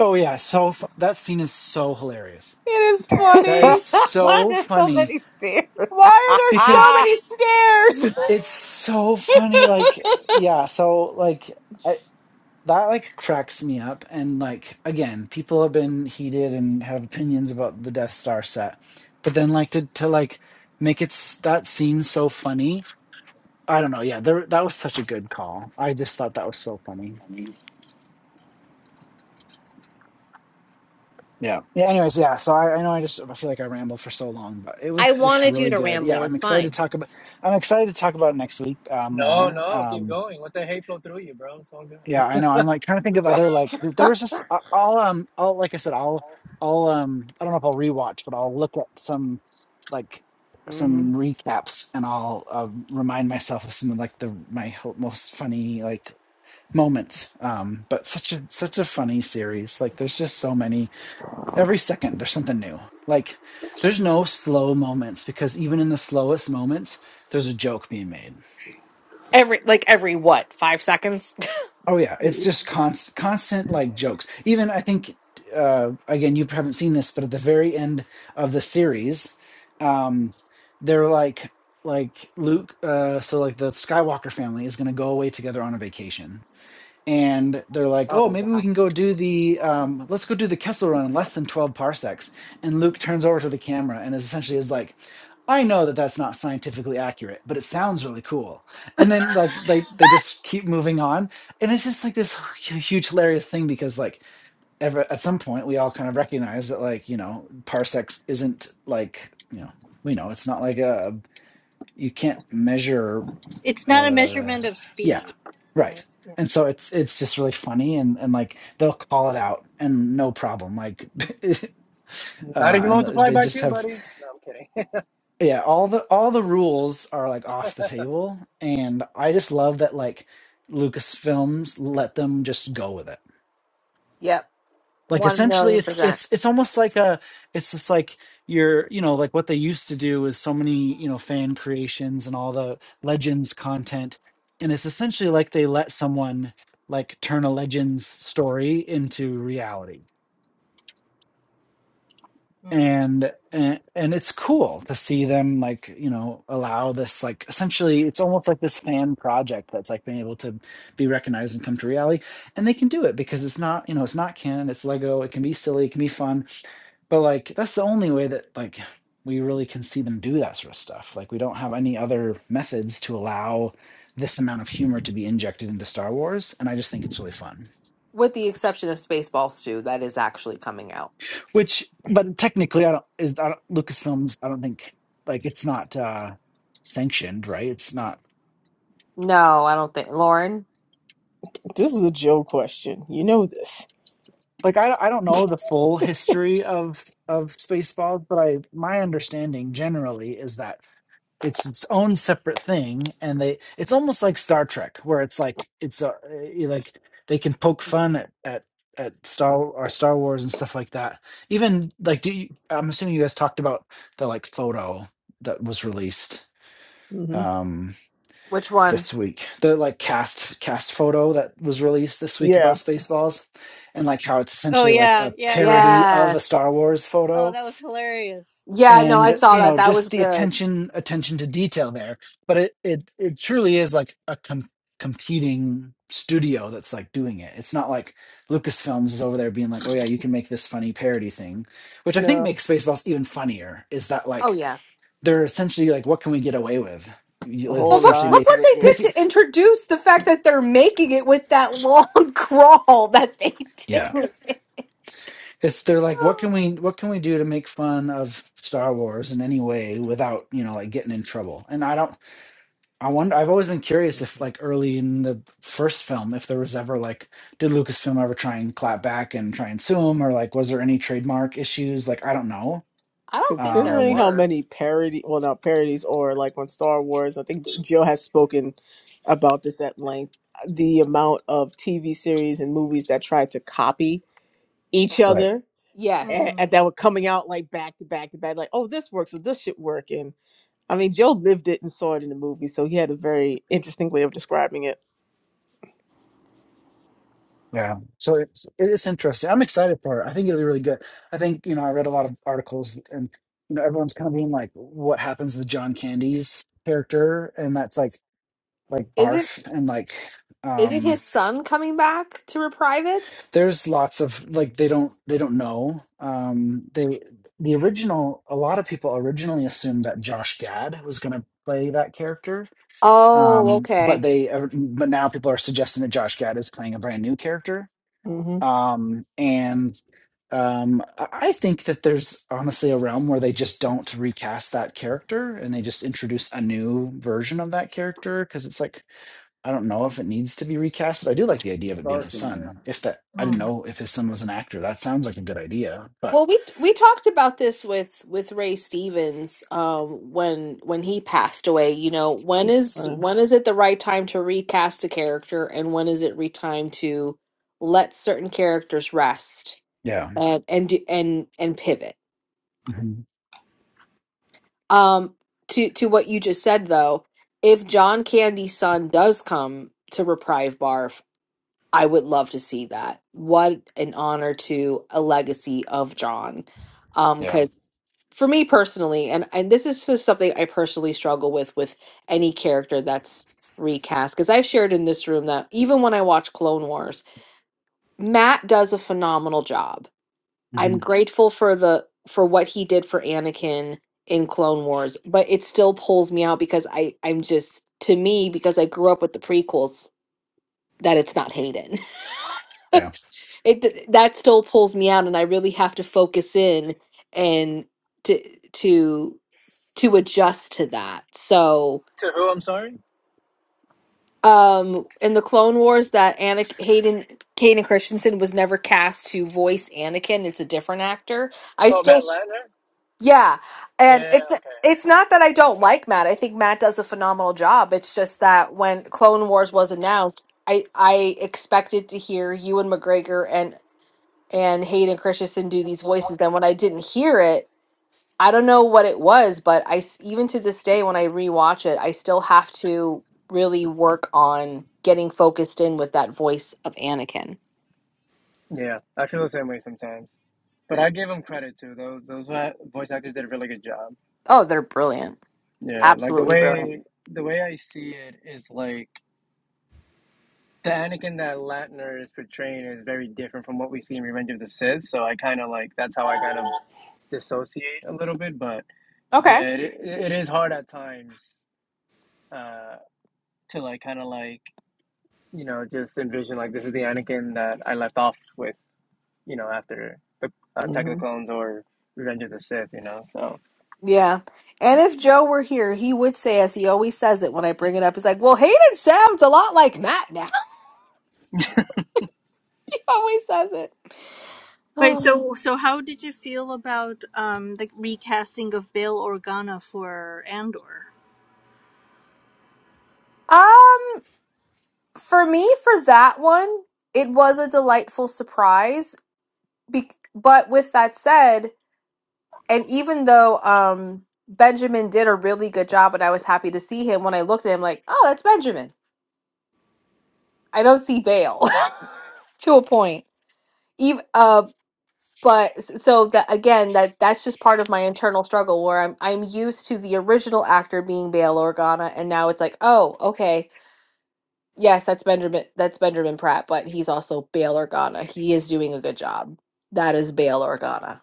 [SPEAKER 4] Oh yeah, so fu- that scene is so hilarious.
[SPEAKER 1] It is
[SPEAKER 4] That is
[SPEAKER 1] funny.
[SPEAKER 2] Why is
[SPEAKER 4] so
[SPEAKER 2] there so
[SPEAKER 4] funny
[SPEAKER 2] many stairs?
[SPEAKER 1] Why are there so many
[SPEAKER 4] because
[SPEAKER 1] stairs?
[SPEAKER 4] it's so funny. Like yeah, so like. that like cracks me up and like again people have been heated and have opinions about the death star set but then like to to like make it s- that seem so funny i don't know yeah there, that was such a good call i just thought that was so funny yeah yeah anyways yeah so I, I know i just i feel like i rambled for so long but it
[SPEAKER 1] I
[SPEAKER 4] was just
[SPEAKER 1] wanted you
[SPEAKER 4] really
[SPEAKER 1] to
[SPEAKER 4] good yeah
[SPEAKER 1] ramble.
[SPEAKER 4] i'm
[SPEAKER 1] It's
[SPEAKER 4] excited to
[SPEAKER 1] fine.
[SPEAKER 4] talk about i'm excited to talk about it next week uh,
[SPEAKER 5] No,
[SPEAKER 4] more
[SPEAKER 5] no, keep
[SPEAKER 4] um,
[SPEAKER 5] going. Let the hate flow through you, bro. It's all good.
[SPEAKER 4] Yeah, I know. I'm like trying to think of other like th- there was just I- I'll um I'll like I said I'll I'll um I don't know if I'll rewatch, but I'll look at some like
[SPEAKER 2] Mhm.
[SPEAKER 4] some recaps and I'll um, remind myself of some of like the my ho- most funny like moments. Um, but such a such a funny series. Like there's just so many. Every second there's something new. Like there's no slow moments because even in the slowest moments there's a joke being made.
[SPEAKER 1] Every like every what? Five seconds?
[SPEAKER 4] Oh yeah, it's just constant, constant like jokes. Even I think uh, again, you haven't seen this, but at the very end of the series, um, they're like like Luke. Uh, so like the Skywalker family is going to go away together on a vacation, and they're like, "Oh,
[SPEAKER 1] Oh
[SPEAKER 4] maybe we
[SPEAKER 1] wow.
[SPEAKER 4] can go do the um, let's go do the Kessel Run in less than twelve parsecs." And Luke turns over to the camera and is essentially is like, "I know that that's not scientifically accurate, but it sounds really cool." And then like they they just keep moving on, and it's just like this hu- huge hilarious thing because like ever at some point we all kind of recognize that like you know parsecs isn't like you know we know it's not like a you can't measure
[SPEAKER 3] It's not a
[SPEAKER 4] uh
[SPEAKER 3] measurement of
[SPEAKER 4] yeah
[SPEAKER 3] speed, right?
[SPEAKER 4] right
[SPEAKER 3] Yeah.
[SPEAKER 4] and so it's it's just really funny and and like they'll call it out and no problem like
[SPEAKER 5] Not if
[SPEAKER 4] uh
[SPEAKER 5] you
[SPEAKER 4] and th-
[SPEAKER 5] multiply
[SPEAKER 4] they
[SPEAKER 5] by
[SPEAKER 4] just
[SPEAKER 5] two,
[SPEAKER 4] have
[SPEAKER 5] buddy. No, I'm kidding.
[SPEAKER 4] yeah all the all the rules are like off the table and i just love that like lucasfilms let them just go with it
[SPEAKER 1] Yep.
[SPEAKER 4] like
[SPEAKER 1] One
[SPEAKER 4] essentially
[SPEAKER 1] million
[SPEAKER 4] it's
[SPEAKER 1] percent.
[SPEAKER 4] it's it's almost like a it's just like you're you know like what they used to do is so many you know fan creations and all the legends content and it's essentially like they let someone like turn a legends story into reality
[SPEAKER 3] Mm.
[SPEAKER 4] and and, and it's cool to see them like you know allow this like essentially it's almost like this fan project that's like been able to be recognized and come to reality and they can do it because it's not you know it's not canon it's lego it can be silly it can be fun but, like, that's the only way that, like, we really can see them do that sort of stuff. Like, we don't have any other methods to allow this amount of humor to be injected into Star Wars, and I just think it's really fun.
[SPEAKER 1] With the exception of Spaceballs 2, that is actually coming out.
[SPEAKER 4] Which but technically, I don't is I don't Lucasfilms, I don't think like, it's not, uh, sanctioned, right? It's not
[SPEAKER 1] No, I don't think. Lauren,
[SPEAKER 2] This is a Joe question. You know this.
[SPEAKER 4] like, I I don't know the full history of of Spaceballs, but I my understanding generally is that it's its own separate thing and they it's almost like star trek where it's like it's a, you like they can poke fun at, at at star or star wars and stuff like that even like do you i'm assuming you guys talked about the like photo that was released
[SPEAKER 2] hmm
[SPEAKER 4] um
[SPEAKER 1] which one?
[SPEAKER 4] this week the like cast cast photo that was released this week about
[SPEAKER 2] Yeah.
[SPEAKER 4] spaceballs and like how it's
[SPEAKER 3] Oh
[SPEAKER 4] essentially like
[SPEAKER 3] yeah,
[SPEAKER 4] a
[SPEAKER 3] yeah, yeah,
[SPEAKER 4] parody
[SPEAKER 3] yeah.
[SPEAKER 4] of a
[SPEAKER 1] Yes.
[SPEAKER 4] star wars photo
[SPEAKER 3] Oh, that was hilarious.
[SPEAKER 1] Yeah,
[SPEAKER 3] That
[SPEAKER 1] no,
[SPEAKER 3] was that
[SPEAKER 1] I
[SPEAKER 4] and
[SPEAKER 3] was
[SPEAKER 1] saw
[SPEAKER 4] you
[SPEAKER 1] that.
[SPEAKER 3] great.
[SPEAKER 4] know
[SPEAKER 1] That was
[SPEAKER 4] just the
[SPEAKER 1] good.
[SPEAKER 4] attention attention to detail there but it it it truly is like a com- competing studio that's like doing it it's not like lucasfilms is over there being like oh yeah you can make this funny parody thing which i think
[SPEAKER 2] No.
[SPEAKER 4] makes spaceballs even funnier is that
[SPEAKER 1] Oh,
[SPEAKER 4] like
[SPEAKER 1] yeah.
[SPEAKER 4] they're essentially like what can we get away with you
[SPEAKER 2] A
[SPEAKER 4] like,
[SPEAKER 1] Well,
[SPEAKER 2] whole
[SPEAKER 1] look,
[SPEAKER 4] essentially
[SPEAKER 2] lot.
[SPEAKER 1] look
[SPEAKER 4] make
[SPEAKER 1] what they
[SPEAKER 4] make
[SPEAKER 1] did
[SPEAKER 4] it
[SPEAKER 1] to introduce the fact that they're making it with that long crawl that they
[SPEAKER 4] yeah
[SPEAKER 1] did.
[SPEAKER 4] it's they're like what can we what can we do to make fun of star wars in any way without you know like getting in trouble and i don't I wonder. I've always been curious if, like, early in the first film, if there was ever like, did Lucasfilm ever try and clap back and try and sue him, or like, was there any trademark issues? Like, I don't know.
[SPEAKER 1] I don't think there
[SPEAKER 2] Considering
[SPEAKER 4] Um,
[SPEAKER 2] how
[SPEAKER 1] were.
[SPEAKER 2] many parody, well, not parodies, or like on Star Wars, I think Jill has spoken about this at length. The amount of TV series and movies that tried to copy each
[SPEAKER 4] right.
[SPEAKER 2] other and,
[SPEAKER 1] Yes.
[SPEAKER 3] Mm.
[SPEAKER 2] and that were coming out like back to back to back, like, oh, this works, so this should work. And I mean, Joe lived it and saw it in the movie, so he had a very interesting way of describing it.
[SPEAKER 4] Yeah. So it's it is interesting. I'm excited for it. I think it'll be really good. I think you know I read a lot of articles, and you know everyone's kind of being like, what happens to John Candy's character, and that's like like
[SPEAKER 1] Is it
[SPEAKER 4] barf and like.
[SPEAKER 1] is it
[SPEAKER 4] um
[SPEAKER 1] his son coming back to reprieve it?
[SPEAKER 4] there's lots of like they don't they don't know um they the original a lot of people originally assumed that josh gad was going to play that character
[SPEAKER 1] Oh,
[SPEAKER 4] um but
[SPEAKER 1] okay.
[SPEAKER 4] they uh, but now people are suggesting that josh gad is playing a brand new character
[SPEAKER 2] hmm
[SPEAKER 4] um and um i I think that there's honestly a realm where they just don't recast that character and they just introduce a new version of that character because it's like I don't know if it needs to be recast. I do like the idea of it being
[SPEAKER 3] Dark
[SPEAKER 4] his
[SPEAKER 3] in there.
[SPEAKER 4] son. If that, I didn't know if his son was an actor. That sounds like a good idea. But
[SPEAKER 1] Well, we we talked about this with with Ray Stevens um when when he passed away, you know, when is
[SPEAKER 2] hmm
[SPEAKER 1] when is it the right time to recast a character and when is it re time to let certain characters rest?
[SPEAKER 4] yeah,
[SPEAKER 1] and and do- and and pivot.
[SPEAKER 4] hmm
[SPEAKER 1] Um, to to what you just said though, if John Candy's son does come to Reprieve Barf, I would love to see that. What an honor to a legacy of John, um,
[SPEAKER 4] yeah,
[SPEAKER 1] because for me personally, and and this is just something I personally struggle with with any character that's recast because I've shared in this room that even when I watch Clone Wars, Matt does a phenomenal job I'm
[SPEAKER 4] hmm
[SPEAKER 1] grateful for the for what he did for Anakin in Clone Wars, but it still pulls me out because I I'm just to me because I grew up with the prequels that it's not Hayden.
[SPEAKER 4] yeah,
[SPEAKER 1] it that still pulls me out and I really have to focus in and to to to adjust to that. So
[SPEAKER 5] to who, I'm sorry?
[SPEAKER 1] um in the Clone Wars that Anakin Hayden Hayden Christensen was never cast to voice Anakin. It's a different actor. I
[SPEAKER 5] Oh,
[SPEAKER 1] still
[SPEAKER 5] Matt
[SPEAKER 1] Right.
[SPEAKER 5] Latner?
[SPEAKER 1] Yeah. And
[SPEAKER 5] Yeah,
[SPEAKER 1] it's
[SPEAKER 5] okay. I
[SPEAKER 1] it's
[SPEAKER 5] see.
[SPEAKER 1] not that I don't
[SPEAKER 5] Yeah.
[SPEAKER 1] like Matt. I think Matt does a phenomenal job. It's just that when Clone Wars was announced, I I expected to hear you and McGregor and and Hayden Christensen do these voices. Then when I didn't hear it, I don't know what it was, but I s- even to this day when I rewatch it, I still have to really work on getting focused in with that voice of Anakin.
[SPEAKER 5] yeah, I feel the same way sometimes. But I give him credit, too. Those, those voice actors did a really good job.
[SPEAKER 1] Oh, they're brilliant.
[SPEAKER 5] Yeah, like the
[SPEAKER 1] Absolutely brilliant.
[SPEAKER 5] way the way I see it is like the Anakin that Latner is portraying is very different from what we see in Revenge of the Sith. So I kind of like that's how I kind of dissociate a little bit. But
[SPEAKER 1] Okay.
[SPEAKER 5] yeah, it, it is hard at times uh, to like kind of like you know just envision like this is the Anakin that I left off with. You know, after the uh, Attack of the Clones or Revenge of the Sith. You know, so
[SPEAKER 1] Yeah. And if Joe were here, he would say, as he always says it when I bring it up, he's like, well, Hayden sounds a lot like Matt now. he always says it.
[SPEAKER 3] Wait,
[SPEAKER 1] Um,
[SPEAKER 3] so so how did you feel about um the recasting of Bail Organa for Andor?
[SPEAKER 1] um, for me, for that one, it was a delightful surprise. Be- but with that said, and even though um, Benjamin did a really good job and I was happy to see him, when I looked at him, like, oh, that's Benjamin. I don't see Bale to a point. Even, uh, but s- so that again that that's just part of my internal struggle where i'm i'm used to the original actor being bail organa and now it's like oh okay yes that's benjamin that's benjamin pratt but he's also bail organa he is doing a good job that is bail organa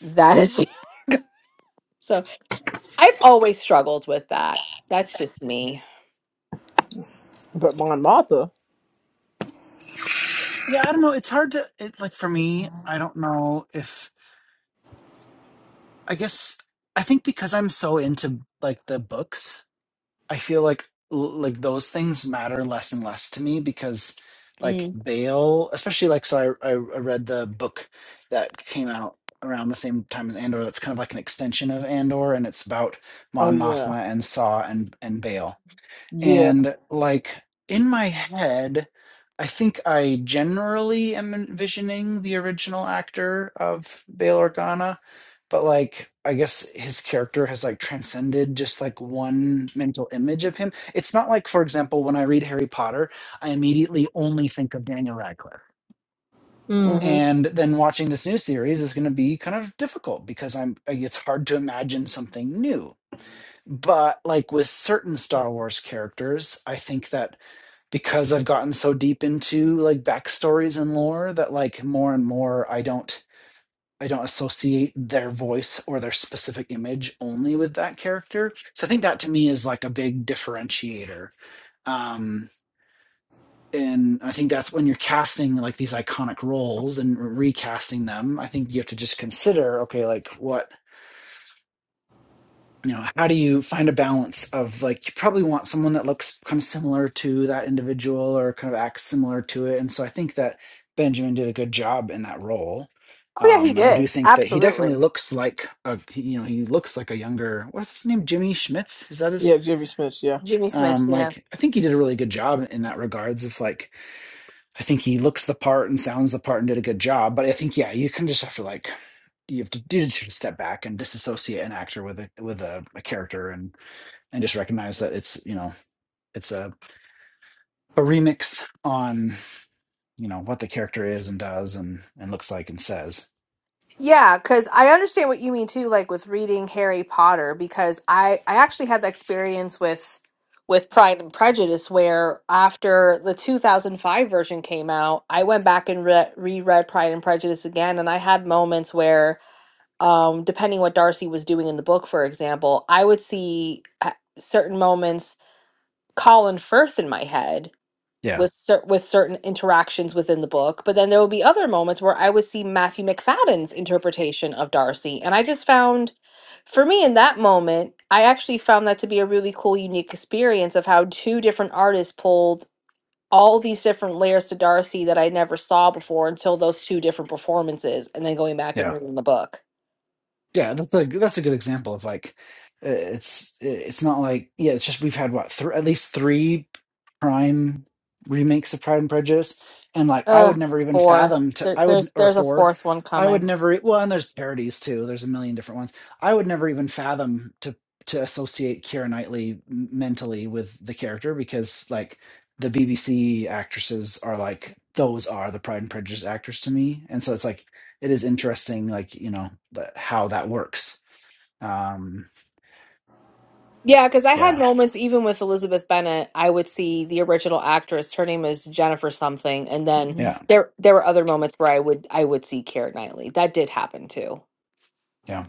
[SPEAKER 1] that is so i've always struggled with that that's just me
[SPEAKER 2] But Mon Martha,
[SPEAKER 4] yeah. I don't know. It's hard to it like for me. I don't know if I guess I think because I'm so into like the books I feel like like those things matter less and less to me because like
[SPEAKER 1] Mm.
[SPEAKER 4] Bale, especially like so I I I read the book that came out around the same time as Andor that's kind of like an extension of Andor and it's about
[SPEAKER 2] oh
[SPEAKER 4] Mon
[SPEAKER 2] yeah,
[SPEAKER 4] Mothma and Saw and and Bale.
[SPEAKER 2] yeah,
[SPEAKER 4] And like in my head, I think I generally am envisioning the original actor of Bail Organa, but like I guess his character has like transcended just like one mental image of him. It's not like, for example, when I read Harry Potter, I immediately only think of Daniel Radcliffe.
[SPEAKER 2] hmm
[SPEAKER 3] Mm.
[SPEAKER 4] And then watching this new series is going to be kind of difficult because I'm like, it's hard to imagine something new. But like with certain Star Wars characters, I think that because I've gotten so deep into like backstories and lore that like more and more I don't I don't associate their voice or their specific image only with that character. So I think that to me is like a big differentiator. Um and I think that's when you're casting like these iconic roles and recasting them, I think you have to just consider okay like what you know how do you find a balance of like you probably want someone that looks kind of similar to that individual or kind of acts similar to it and so i think that benjamin did a good job in that role
[SPEAKER 1] oh yeah he
[SPEAKER 4] um, and i do
[SPEAKER 1] did
[SPEAKER 4] think that he
[SPEAKER 1] absolutely
[SPEAKER 4] definitely looks like a he- you know he looks like a younger what's his name jimmy schmitz is that his
[SPEAKER 2] yeah, Jimmy Smith, yeah.
[SPEAKER 1] jimmy smith
[SPEAKER 4] um,
[SPEAKER 1] yeah
[SPEAKER 4] like i think he did a really good job in that regards of like i think he looks the part and sounds the part and did a good job but i think yeah you can just have to like you have to do just step back and disassociate an actor with a with a, a character and and just recognize that it's you know it's a, a remix on you know what the character is and does and and looks like and says
[SPEAKER 1] yeah i understand reading Harry Potter because I I actually had the experience with with Pride and Prejudice where after the 2005 version came out, I went back and re- reread Pride and Prejudice again and I had moments where um depending what Darcy was doing in the book for example, I would see at certain moments Colin Firth in my head
[SPEAKER 4] yeah
[SPEAKER 1] with cer- with certain interactions within the book, but then there would be other moments where I would see Matthew McFadden's interpretation of Darcy and I just found for me in that moment i actually found that to be a really cool unique experience of how two different artists pulled all these different layers to darcy that i never saw before until those two different performances and then going back and
[SPEAKER 4] yeah
[SPEAKER 1] reading the book
[SPEAKER 4] Yeah, that's a that's a good example of like uh, it's it's not like yeah, it's just we've had what thr at least three prime remakes of Pride and Prejudice, and like I
[SPEAKER 1] uh
[SPEAKER 4] would never even
[SPEAKER 1] four
[SPEAKER 4] fathom to
[SPEAKER 1] there,
[SPEAKER 4] I would
[SPEAKER 1] there's
[SPEAKER 4] or
[SPEAKER 1] there's a
[SPEAKER 4] four,
[SPEAKER 1] fourth one
[SPEAKER 4] I would
[SPEAKER 1] coming
[SPEAKER 4] never e, well, and there's parodies too. There's a million different ones. I would never even fathom to to associate Keira Knightley m- mentally with the character because like the BBC actresses are like those are the Pride and Prejudice actors to me, and so it's like it is interesting, like you know the, how that works. Um,
[SPEAKER 1] yeah because i had
[SPEAKER 4] yeah,
[SPEAKER 1] moments even with elizabeth Bennet, i would see the original actress her name is jennifer something and then
[SPEAKER 2] hmm
[SPEAKER 4] yeah,
[SPEAKER 1] there there were other moments where i would i would see Keira knightley that did happen too
[SPEAKER 4] yeah.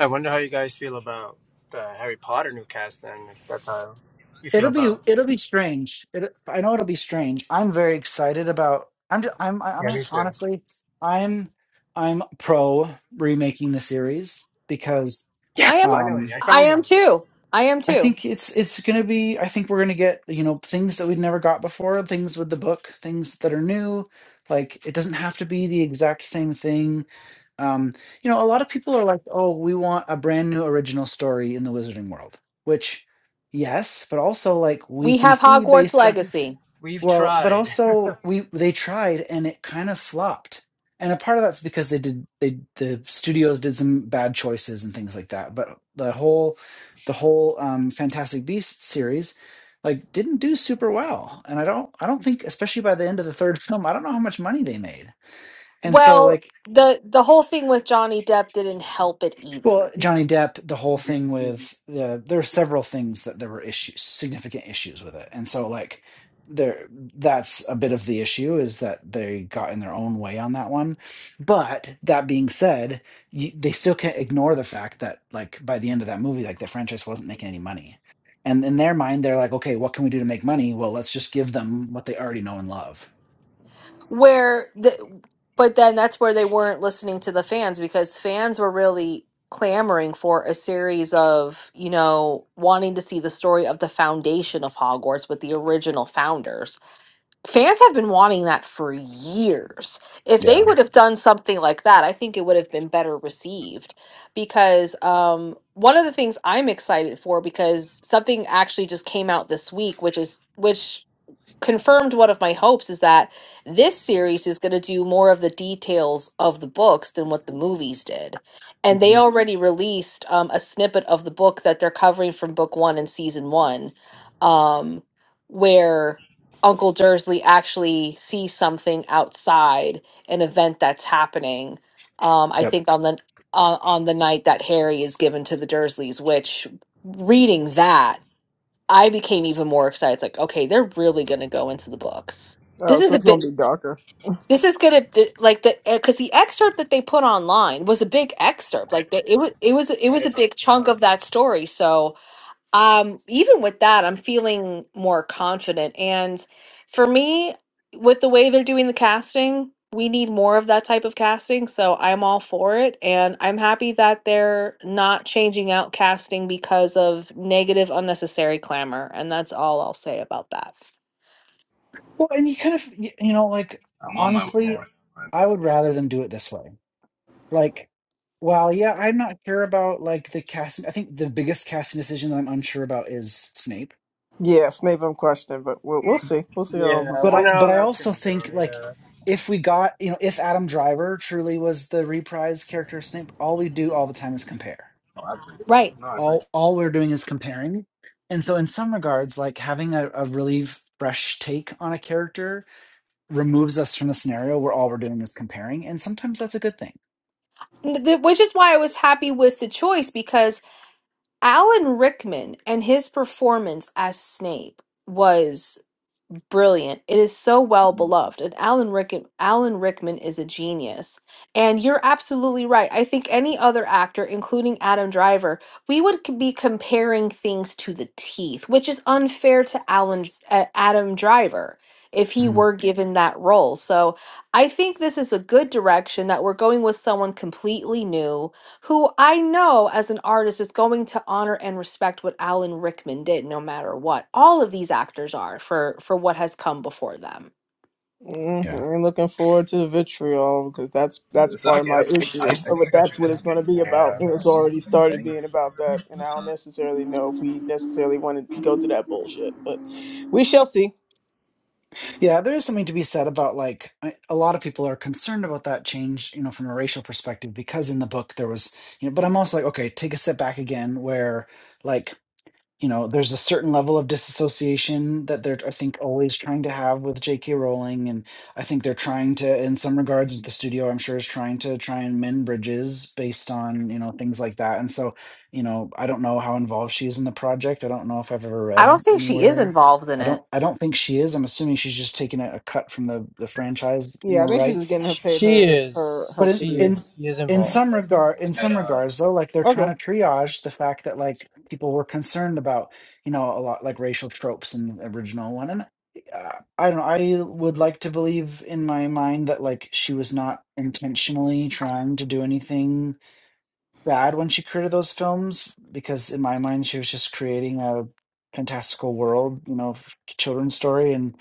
[SPEAKER 5] I wonder how you guys feel about the Harry Potter new cast then, if that's how you feel
[SPEAKER 4] It'll be
[SPEAKER 5] about. it.
[SPEAKER 4] it'll be strange. It, I know it'll be strange. I'm very excited about. I'm ju- I'm
[SPEAKER 5] Yeah, me
[SPEAKER 4] I'm
[SPEAKER 5] too.
[SPEAKER 4] honestly I'm I'm pro remaking the series because
[SPEAKER 1] I
[SPEAKER 5] Yes,
[SPEAKER 1] am
[SPEAKER 5] finally,
[SPEAKER 4] um
[SPEAKER 5] I
[SPEAKER 1] I
[SPEAKER 5] found
[SPEAKER 1] am
[SPEAKER 5] one.
[SPEAKER 1] too. I am
[SPEAKER 4] I
[SPEAKER 1] too.
[SPEAKER 4] think it's it's going to be. I think we're going to get you know things that we've never got before, things with the book, things that are new. Like it doesn't have to be the exact same thing. Um, you know, a lot of people are like, "Oh, we want a brand new original story in the Wizarding World," which, yes, but also like we
[SPEAKER 1] We
[SPEAKER 4] can
[SPEAKER 1] have
[SPEAKER 4] see
[SPEAKER 1] Hogwarts
[SPEAKER 4] based on
[SPEAKER 1] Legacy.
[SPEAKER 5] We've
[SPEAKER 4] well, but
[SPEAKER 5] tried.
[SPEAKER 4] also we they tried and it kind of flopped. And a part of that's because they did they the studios did some bad choices and things like that. But the whole the whole um Fantastic Beasts series like didn't do super well. And I don't I don't think especially by the end of the third film, I don't know how much money they made. And so
[SPEAKER 1] Well,
[SPEAKER 4] like
[SPEAKER 1] the the whole thing with Johnny Depp didn't help it
[SPEAKER 4] Well,
[SPEAKER 1] either.
[SPEAKER 4] Johnny Depp, the whole thing with the there are several things that there were issues, significant issues with it, and so like there that's a bit of the issue is that they got in their own way on that one. But that being said, you, they still can't ignore the fact that like by the end of that movie, like the franchise wasn't making any money, and in their mind, they're like, okay, what can we do to make money? Well, let's just give them what they already know and love.
[SPEAKER 1] Where the but then that's where they weren't listening to the fans because fans were really clamoring for a series of, you know, wanting to see the story of the foundation of Hogwarts with the original founders. Fans have been wanting that for years. If they
[SPEAKER 4] Yeah.
[SPEAKER 1] would have done something like that, I think it would have been better received because um, one of the things I'm excited for because something actually just came out this week, which is which confirmed one of my hopes is that this series is going to do more of the details of the books than what the movies did and they
[SPEAKER 4] hmm
[SPEAKER 1] already released um, a snippet of the book that they're covering from book one and season one um, where uncle dursley actually sees something outside an event that's happening um, i
[SPEAKER 4] Yep.
[SPEAKER 1] think on the on on the night that harry is given to the dursleys which reading that I became even more excited. It's like, okay, they're really going to go into the books.
[SPEAKER 2] Oh,
[SPEAKER 1] This is
[SPEAKER 2] so
[SPEAKER 1] a
[SPEAKER 2] it's gonna
[SPEAKER 1] bit.
[SPEAKER 2] be darker.
[SPEAKER 1] This is gonna th- like the because the excerpt that they put online was a big excerpt. Like they, it was it was it was a big chunk of that story. So um, even with that, I'm feeling more confident. And for me, with the way they're doing the casting, we need more of that type of casting. So I'm all for it. And I'm happy that they're not changing out casting because of negative, unnecessary clamor. And that's all I'll say about that.
[SPEAKER 4] Well, and you kind of you, you know like
[SPEAKER 5] Yeah.
[SPEAKER 4] honestly, I would rather them do it this way Like, well, yeah, I'm not sure about like the casting. I think the biggest casting decision that I'm unsure about is Snape.
[SPEAKER 2] Yeah, Snape, I'm questioning, but we'll, we'll see. We'll see how it
[SPEAKER 5] Yeah, I
[SPEAKER 4] But I,
[SPEAKER 5] wonder
[SPEAKER 2] performs.
[SPEAKER 5] how
[SPEAKER 4] but I
[SPEAKER 5] that's
[SPEAKER 4] also
[SPEAKER 5] gonna go.
[SPEAKER 4] think like
[SPEAKER 5] Yeah.
[SPEAKER 4] if we got, you know, if Adam Driver truly was the reprise character of Snape, all we do all the time is compare.
[SPEAKER 1] Right.
[SPEAKER 4] All, all we're doing is comparing. And so, in some regards, like having a, a really f- fresh take on a character removes us from the scenario where all we're doing is comparing. And sometimes that's a good thing.
[SPEAKER 1] N- th- Which is why I was happy with the choice because Alan Rickman and his performance as Snape was brilliant. It is so well beloved. And Alan Rickman, Alan Rickman is a genius. And you're absolutely right. I think any other actor, including Adam Driver, we would c- be comparing things to the teeth, which is unfair to Alan uh, Adam Driver if he
[SPEAKER 4] Mhm.
[SPEAKER 1] were given that role. So I think this is a good direction that we're going with someone completely new who I know as an artist is going to honor and respect what Alan Rickman did no matter what. All of these actors are for for what has come before them.
[SPEAKER 2] mm I'm looking forward to the vitriol because that's that's part of my issue. But that's what it's going to be about, and it's already started being about that. And I don't necessarily know if we necessarily want to go through that bullshit, but we shall see.
[SPEAKER 4] Yeah, there is something to be said about like I- a lot of people are concerned about that change, you know, from a racial perspective because in the book there was, you know, but I'm also like, okay, take a step back again where like you know, there's a certain level of disassociation that they're, I think, always trying to have with J.K. Rowling. And I think they're trying to, in some regards, the studio, I'm sure, is trying to try and mend bridges based on, you know, things like that. And so, you know, I don't know how involved she is in the project. I don't know if I've ever
[SPEAKER 1] I don't
[SPEAKER 4] read
[SPEAKER 1] think she is
[SPEAKER 4] anywhere.
[SPEAKER 1] involved in
[SPEAKER 4] I
[SPEAKER 1] it.
[SPEAKER 4] don't, I don't think she is. I'm assuming she's just taking a, a cut from the, the franchise, you
[SPEAKER 2] Yeah, I
[SPEAKER 4] know,
[SPEAKER 2] think she's just
[SPEAKER 4] rights
[SPEAKER 2] getting her paid
[SPEAKER 5] She
[SPEAKER 2] her her
[SPEAKER 5] is.
[SPEAKER 4] but
[SPEAKER 2] her
[SPEAKER 4] in
[SPEAKER 5] She
[SPEAKER 4] in
[SPEAKER 2] fees.
[SPEAKER 5] is. She is
[SPEAKER 4] in
[SPEAKER 5] involved.
[SPEAKER 4] some regard in some regards though like they're trying
[SPEAKER 2] Okay.
[SPEAKER 4] to triage the fact that like people were concerned about you know a lot like racial tropes in the original one and uh, i don't know i would like to believe in my mind that like she was not intentionally trying to do anything bad when she created those films because in my mind she was just creating a fantastical world you know f- children's story and.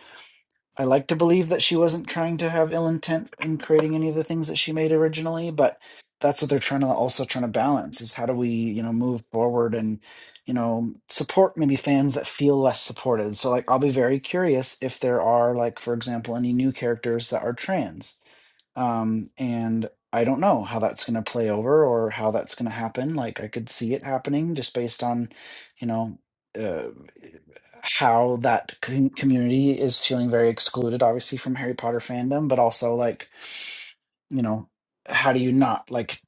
[SPEAKER 4] I like to believe that she wasn't trying to have ill intent in creating any of the things that she made originally, but that's what they're trying to also trying to balance is how do we, you know, move forward and, you know, support maybe fans that feel less supported. So like I'll be very curious if there are like, for example, any new characters that are trans um, and I don't know how that's gonna play over or how that's gonna happen. Like, I could see it happening just based on, you know, uh, how that com- community is feeling very excluded, obviously, from Harry Potter fandom, but also, like, you know, how do you not, like,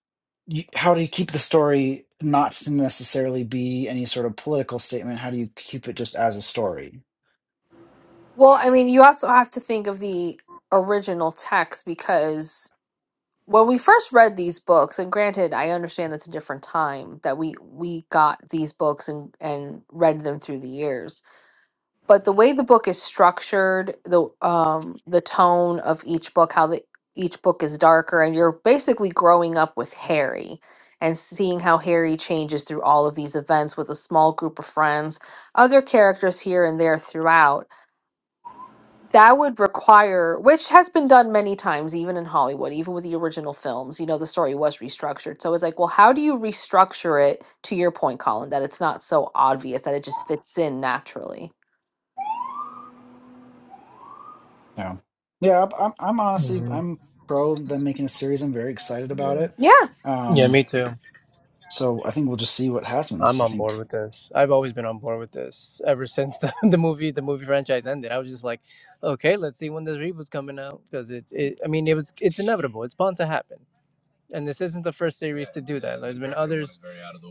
[SPEAKER 4] you, how do you keep the story not to necessarily be any sort of political statement? How do you keep it just as a story?
[SPEAKER 1] Well, I mean, you also have to think of the original text because when we first read these books, and granted, I understand that's a different time that we we got these books and and read them through the years. But the way the book is structured, the um the tone of each book, how the each book is darker, and you're basically growing up with Harry and seeing how Harry changes through all of these events with a small group of friends, other characters here and there throughout that would require which has been done many times even in hollywood even with the original films you know the story was restructured so it's like well how do you restructure it to your point colin that it's not so obvious that it just fits in naturally
[SPEAKER 4] You know? Yeah, I'm, I'm I'm honestly, I'm pro them making a series. I'm very excited about it.
[SPEAKER 1] Yeah.
[SPEAKER 5] Yeah,
[SPEAKER 4] Um,
[SPEAKER 5] me too.
[SPEAKER 4] So I think we'll just see what happens.
[SPEAKER 5] I'm
[SPEAKER 4] I
[SPEAKER 5] on board
[SPEAKER 4] think
[SPEAKER 5] with this. I've always been on board with this ever since the, the movie the movie franchise ended. I was just like, okay, let's see when this reboot's coming out because it's it, I mean it was it's inevitable. It's bound to happen. And this isn't the first series to do that. There's been others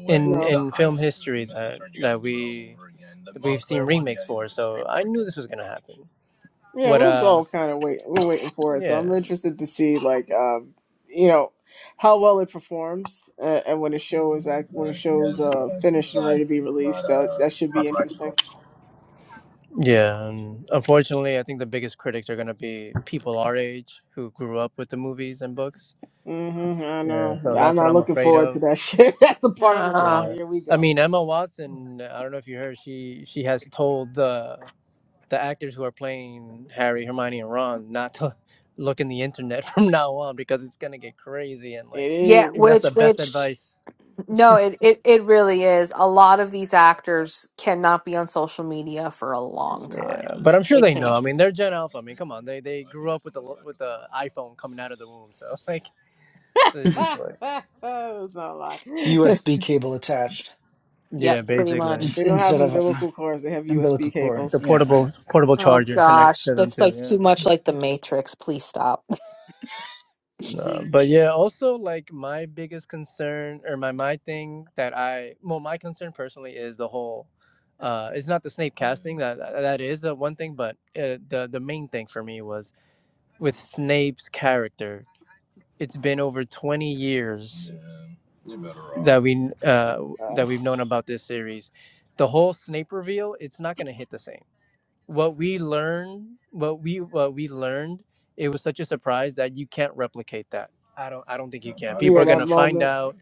[SPEAKER 5] in
[SPEAKER 2] no.
[SPEAKER 5] in film history that that we that we've seen remakes for. So I knew this was gonna happen.
[SPEAKER 2] Yeah,
[SPEAKER 5] What
[SPEAKER 2] we was
[SPEAKER 5] uh
[SPEAKER 2] all kind of waiting. We're waiting for it, so I'm
[SPEAKER 5] yeah.
[SPEAKER 2] interested to see, like, um, you know, how well it performs, uh, and when the show is act, when the show's uh finished and ready to be released, that that should be interesting.
[SPEAKER 5] Yeah, and unfortunately, I think the biggest critics are going to be people our age who grew up with the movies and books.
[SPEAKER 2] hmm I
[SPEAKER 5] Yeah,
[SPEAKER 2] know.
[SPEAKER 5] so
[SPEAKER 2] I'm
[SPEAKER 5] that's what
[SPEAKER 2] not
[SPEAKER 5] I'm
[SPEAKER 2] looking
[SPEAKER 5] afraid
[SPEAKER 2] forward to
[SPEAKER 5] of.
[SPEAKER 2] that shit. That's the part I'm like,
[SPEAKER 1] Uh,
[SPEAKER 2] oh,
[SPEAKER 5] Yeah,
[SPEAKER 2] here we
[SPEAKER 5] I
[SPEAKER 2] go.
[SPEAKER 5] mean Emma Watson. I don't know if you heard she she has told the the actors who are playing Harry, Hermione, and Ron not to look in the internet from now on because it's going to get crazy and like.
[SPEAKER 2] It
[SPEAKER 5] I
[SPEAKER 1] yeah,
[SPEAKER 5] think that's
[SPEAKER 1] which
[SPEAKER 5] the best
[SPEAKER 2] is.
[SPEAKER 1] which
[SPEAKER 5] advice.
[SPEAKER 1] no, it, it it really is. A lot of these actors cannot be on social media for a long
[SPEAKER 5] Yeah,
[SPEAKER 1] time.
[SPEAKER 5] but I'm sure
[SPEAKER 1] They
[SPEAKER 5] they know.
[SPEAKER 1] can't.
[SPEAKER 5] I mean, they're Gen Alpha. I mean, come on, they they grew up with the lo- with the iPhone coming out of the womb. So like, so it's just
[SPEAKER 2] it's
[SPEAKER 5] like.
[SPEAKER 2] not a lie.
[SPEAKER 4] USB cable attached
[SPEAKER 1] yep
[SPEAKER 5] Yeah,
[SPEAKER 1] pretty
[SPEAKER 5] basically
[SPEAKER 4] in-
[SPEAKER 1] much
[SPEAKER 2] they don't have
[SPEAKER 4] instead of an
[SPEAKER 2] umbilical cords. They have
[SPEAKER 4] umbilical
[SPEAKER 2] USB
[SPEAKER 4] cord.
[SPEAKER 5] the
[SPEAKER 2] cables.
[SPEAKER 4] Yeah,
[SPEAKER 5] portable portable
[SPEAKER 1] oh
[SPEAKER 5] charger connected
[SPEAKER 1] gosh
[SPEAKER 5] to them
[SPEAKER 1] that's
[SPEAKER 5] too.
[SPEAKER 1] like too
[SPEAKER 5] Yeah.
[SPEAKER 1] much like the matrix please stop
[SPEAKER 5] No, but yeah, also like my biggest concern or my my thing that I well my concern personally is the whole uh it's not the Snape casting that that is the one thing but uh, the the main thing for me was with Snape's character it's been over 20 years You're better off. that we uh
[SPEAKER 2] Uh,
[SPEAKER 5] that we've known about this series the whole Snape reveal it's not going to hit the same what we learned what we what we learned it was such a surprise that you can't replicate that i don't i don't think you can people are
[SPEAKER 2] yeah,
[SPEAKER 5] going
[SPEAKER 2] that
[SPEAKER 5] to find
[SPEAKER 2] moment.
[SPEAKER 5] out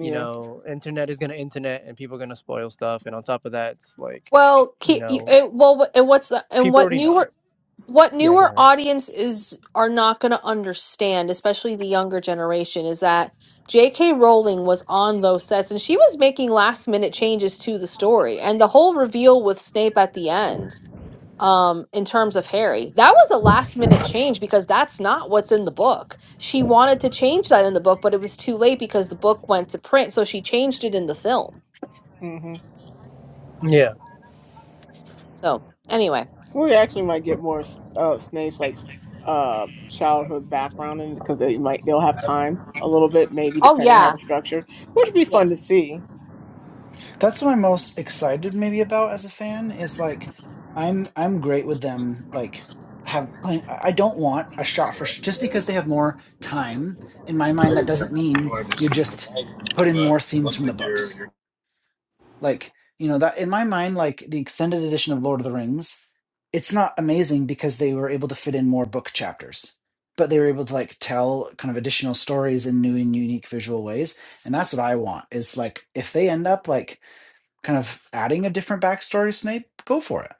[SPEAKER 5] you know internet is going to internet and people are going to spoil stuff and on top of that it's like
[SPEAKER 1] Well,
[SPEAKER 5] you
[SPEAKER 1] ke-
[SPEAKER 5] know
[SPEAKER 1] it, well, and what's and
[SPEAKER 5] people
[SPEAKER 1] what
[SPEAKER 5] already know
[SPEAKER 1] newer what
[SPEAKER 5] yeah go
[SPEAKER 1] newer
[SPEAKER 5] ahead
[SPEAKER 1] audience is are not going to understand, especially the younger generation, is that J.K. Rowling was on those sets and she was making last minute changes to the story and the whole reveal with Snape at the end. Um, in terms of Harry, that was a last minute change because that's not what's in the book. She wanted to change that in the book, but it was too late because the book went to print, so she changed it in the film.
[SPEAKER 2] Mm-hmm.
[SPEAKER 5] yeah
[SPEAKER 1] So anyway,
[SPEAKER 2] We actually might get more uh, Snape's like uh, childhood background, and because they might they'll have time a little bit, maybe
[SPEAKER 1] oh
[SPEAKER 2] depending on how
[SPEAKER 1] yeah,
[SPEAKER 2] it's structured, which would be
[SPEAKER 1] yeah.
[SPEAKER 2] fun to see.
[SPEAKER 4] that's what I'm most excited maybe about as a fan is like I'm I'm great with them like have playing. I I don't want a shot for sh- just because they have more time. In my mind, that doesn't mean you just put in more scenes from the books. Like, you know, that in my mind, like the extended edition of Lord of the Rings, it's not amazing because they were able to fit in more book chapters, but they were able to like tell kind of additional stories in new and unique visual ways. And that's what I want is like if they end up like kind of adding a different backstory to Snape, go for it.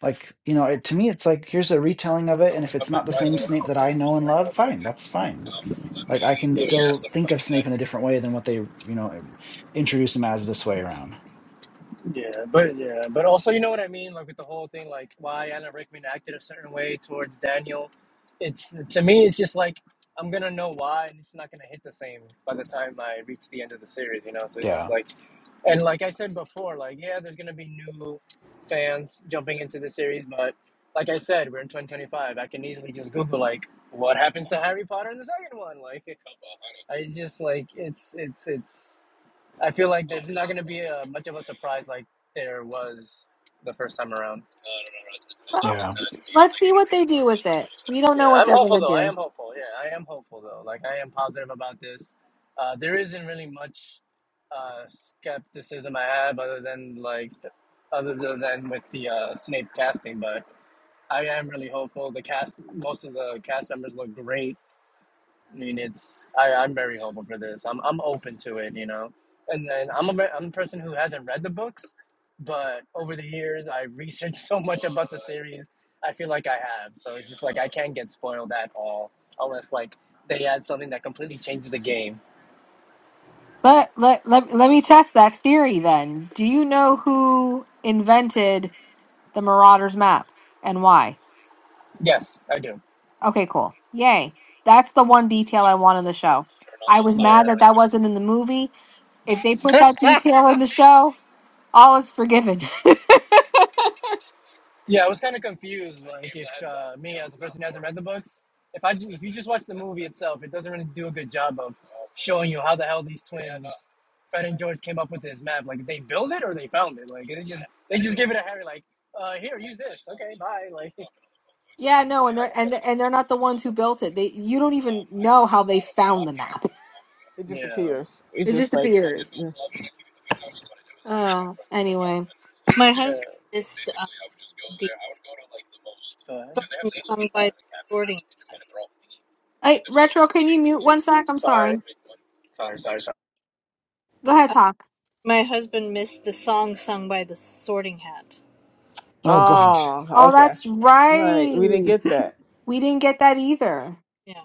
[SPEAKER 4] Like, you know, it, to me, it's like here's a retelling of it. And if it's not the same Snape that I know and love, fine, that's fine. Like, I can still think of Snape in a different way than what they, you know, introduce him as this way around.
[SPEAKER 5] Yeah, but yeah, but also you know what I mean, like with the whole thing, like why Alan Rickman acted a certain way towards Daniel. It's to me, it's just like I'm gonna know why, and it's not gonna hit the same by the time I reach the end of the series, you know. So it's
[SPEAKER 4] Yeah.
[SPEAKER 5] just like, and like I said before, like yeah, there's gonna be new fans jumping into the series, but like I said, we're in 2025. I can easily just Google like what happens to Harry Potter in the second one. Like I just like it's it's it's. I feel like there's not going to be a, much of a surprise like there was the first time around.
[SPEAKER 1] Well,
[SPEAKER 4] Yeah.
[SPEAKER 1] let's see what they do with it. We don't
[SPEAKER 5] Yeah,
[SPEAKER 1] know what
[SPEAKER 5] I'm
[SPEAKER 1] they're going
[SPEAKER 5] hopeful
[SPEAKER 1] to
[SPEAKER 5] though. I am
[SPEAKER 1] do.
[SPEAKER 5] hopeful. Yeah, I am hopeful though. Like I am positive about this. Uh, there isn't really much uh, skepticism I have other than like other than with the uh, Snape casting, but I am really hopeful. The cast, most of the cast members look great. I mean, it's I, I'm very hopeful for this. I'm I'm open to it, you know. And then I'm a ve- I'm a person who hasn't read the books, but over the years I researched so much about the series. I feel like I have, so it's just like I can't get spoiled at all, unless like they add something that completely changes the game.
[SPEAKER 1] Let, let, let, let me test that theory then. Do you know who invented the Marauders map and why?
[SPEAKER 5] Yes, I do.
[SPEAKER 1] Okay, cool. Yay. That's the one detail I want in the show. I was
[SPEAKER 5] Yeah,
[SPEAKER 1] mad that that wasn't in the movie. If they put
[SPEAKER 2] it
[SPEAKER 1] that detail in the show, all is forgiven.
[SPEAKER 5] yeah. I was kind of confused, like if uh, me as a person who hasn't read the books, if I ju- if you just watch the movie itself, it doesn't really do a good job of showing you how the hell these Yeah, no, Fred and George, came up with this map. Like they built it or they found it. Like it just they it to Harry. Like, uh, here,
[SPEAKER 1] Yeah, no, and they're and and they're not the ones who built it. They you don't even know how they found the map.
[SPEAKER 2] just appears. It's
[SPEAKER 1] It
[SPEAKER 2] just
[SPEAKER 1] just
[SPEAKER 2] like,
[SPEAKER 1] appears.
[SPEAKER 2] yeah.
[SPEAKER 1] Oh, anyway.
[SPEAKER 3] My husband missed um, the
[SPEAKER 5] Go ahead.
[SPEAKER 3] song sung by the sorting.
[SPEAKER 1] Hey, Retro, can you mute one sec? I'm
[SPEAKER 5] sorry,
[SPEAKER 1] sorry.
[SPEAKER 5] sorry, sorry.
[SPEAKER 1] Go ahead, talk.
[SPEAKER 3] My husband missed the song sung by the Sorting Hat.
[SPEAKER 4] Oh gosh.
[SPEAKER 2] oh,
[SPEAKER 1] Oh,
[SPEAKER 2] okay,
[SPEAKER 1] that's
[SPEAKER 2] right. We didn't
[SPEAKER 1] right.
[SPEAKER 2] get that.
[SPEAKER 1] We didn't get that either.
[SPEAKER 3] Yeah.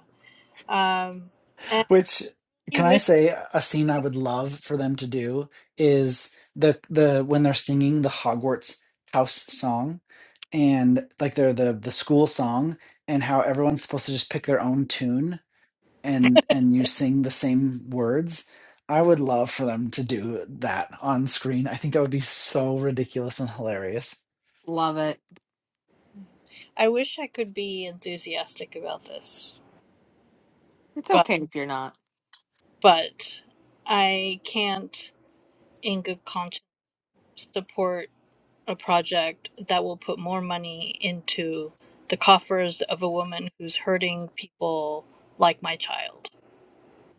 [SPEAKER 3] Um, and
[SPEAKER 4] Which
[SPEAKER 3] he
[SPEAKER 4] can I
[SPEAKER 3] wish
[SPEAKER 4] say a scene I would love for them to do is the the when they're singing the Hogwarts house song and like they're the the school song and how everyone's supposed to just pick their own tune and and you sing the same words. I would love for them to do that on screen. I think that would be so ridiculous and hilarious.
[SPEAKER 1] Love it.
[SPEAKER 3] I wish I could be enthusiastic about this,
[SPEAKER 1] It's
[SPEAKER 3] but
[SPEAKER 1] okay if you're not.
[SPEAKER 3] but I can't, in good conscience, support a project that will put more money into the coffers of a woman who's hurting people like my child.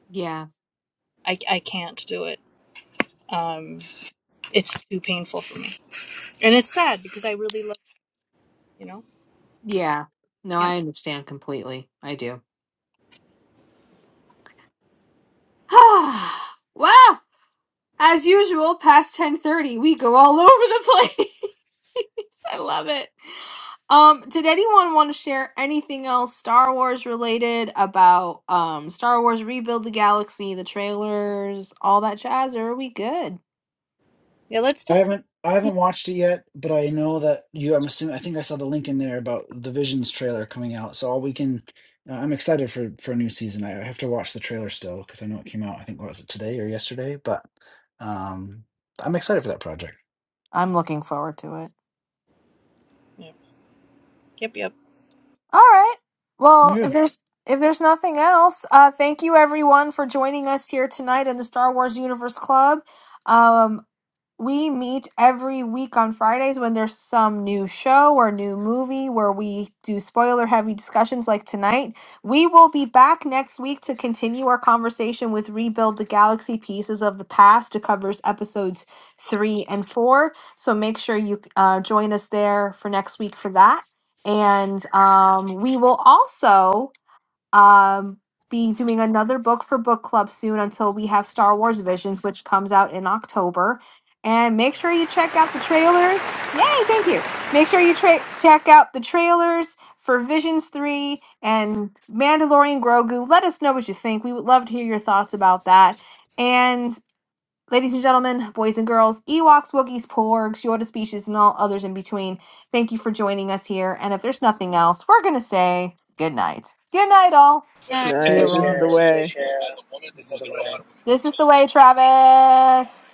[SPEAKER 1] Yeah.
[SPEAKER 3] I I can't do it. Um, it's too painful for me, and it's sad because I really love you know.
[SPEAKER 1] Yeah. No,
[SPEAKER 3] Can't.
[SPEAKER 1] I understand completely. I do. wow. As usual, past 10:30, we go all over the place. I love it. Um, did anyone want to share anything else Star Wars related about um Star Wars Rebuild the Galaxy, the trailers, all that jazz, or are we good?
[SPEAKER 3] Yeah, let's
[SPEAKER 4] I
[SPEAKER 3] talk.
[SPEAKER 4] haven't I haven't watched it yet, but I know that you I'm assuming I think I saw the link in there about the Visions trailer coming out. So all we can uh, I'm excited for for a new season. I have to watch the trailer still because I know it came out I think what was it today or yesterday, but um I'm excited for that project.
[SPEAKER 1] I'm looking forward to it.
[SPEAKER 3] Yeah. Yep, yep.
[SPEAKER 1] All right. Well, if there's if there's nothing else, uh, thank you everyone for joining us here tonight in the Star Wars Universe Club. Um, we meet every week on Fridays when there's some new show or new movie where we do spoiler heavy discussions like tonight. We will be back next week to continue our conversation with Rebuild the Galaxy Pieces of the Past. It covers episodes three and four. So make sure you uh, join us there for next week for that. And um, we will also um, be doing another book for book club soon until we have Star Wars Visions, which comes out in October. And make sure you check out the trailers. Yay, thank you. Make sure you tra- check out the trailers for Visions 3 and Mandalorian Grogu. Let us know what you think. We would love to hear your thoughts about that. And. Ladies and gentlemen, boys and girls, Ewoks, Wookiees, Porgs, Yoda species, and all others in between, thank you for joining us here. And if there's nothing else, we're going to say good night. Good night, all.
[SPEAKER 3] All right.
[SPEAKER 2] All
[SPEAKER 4] See you
[SPEAKER 2] right, this is
[SPEAKER 4] everyone.
[SPEAKER 2] the way.
[SPEAKER 1] This is the way, Travis.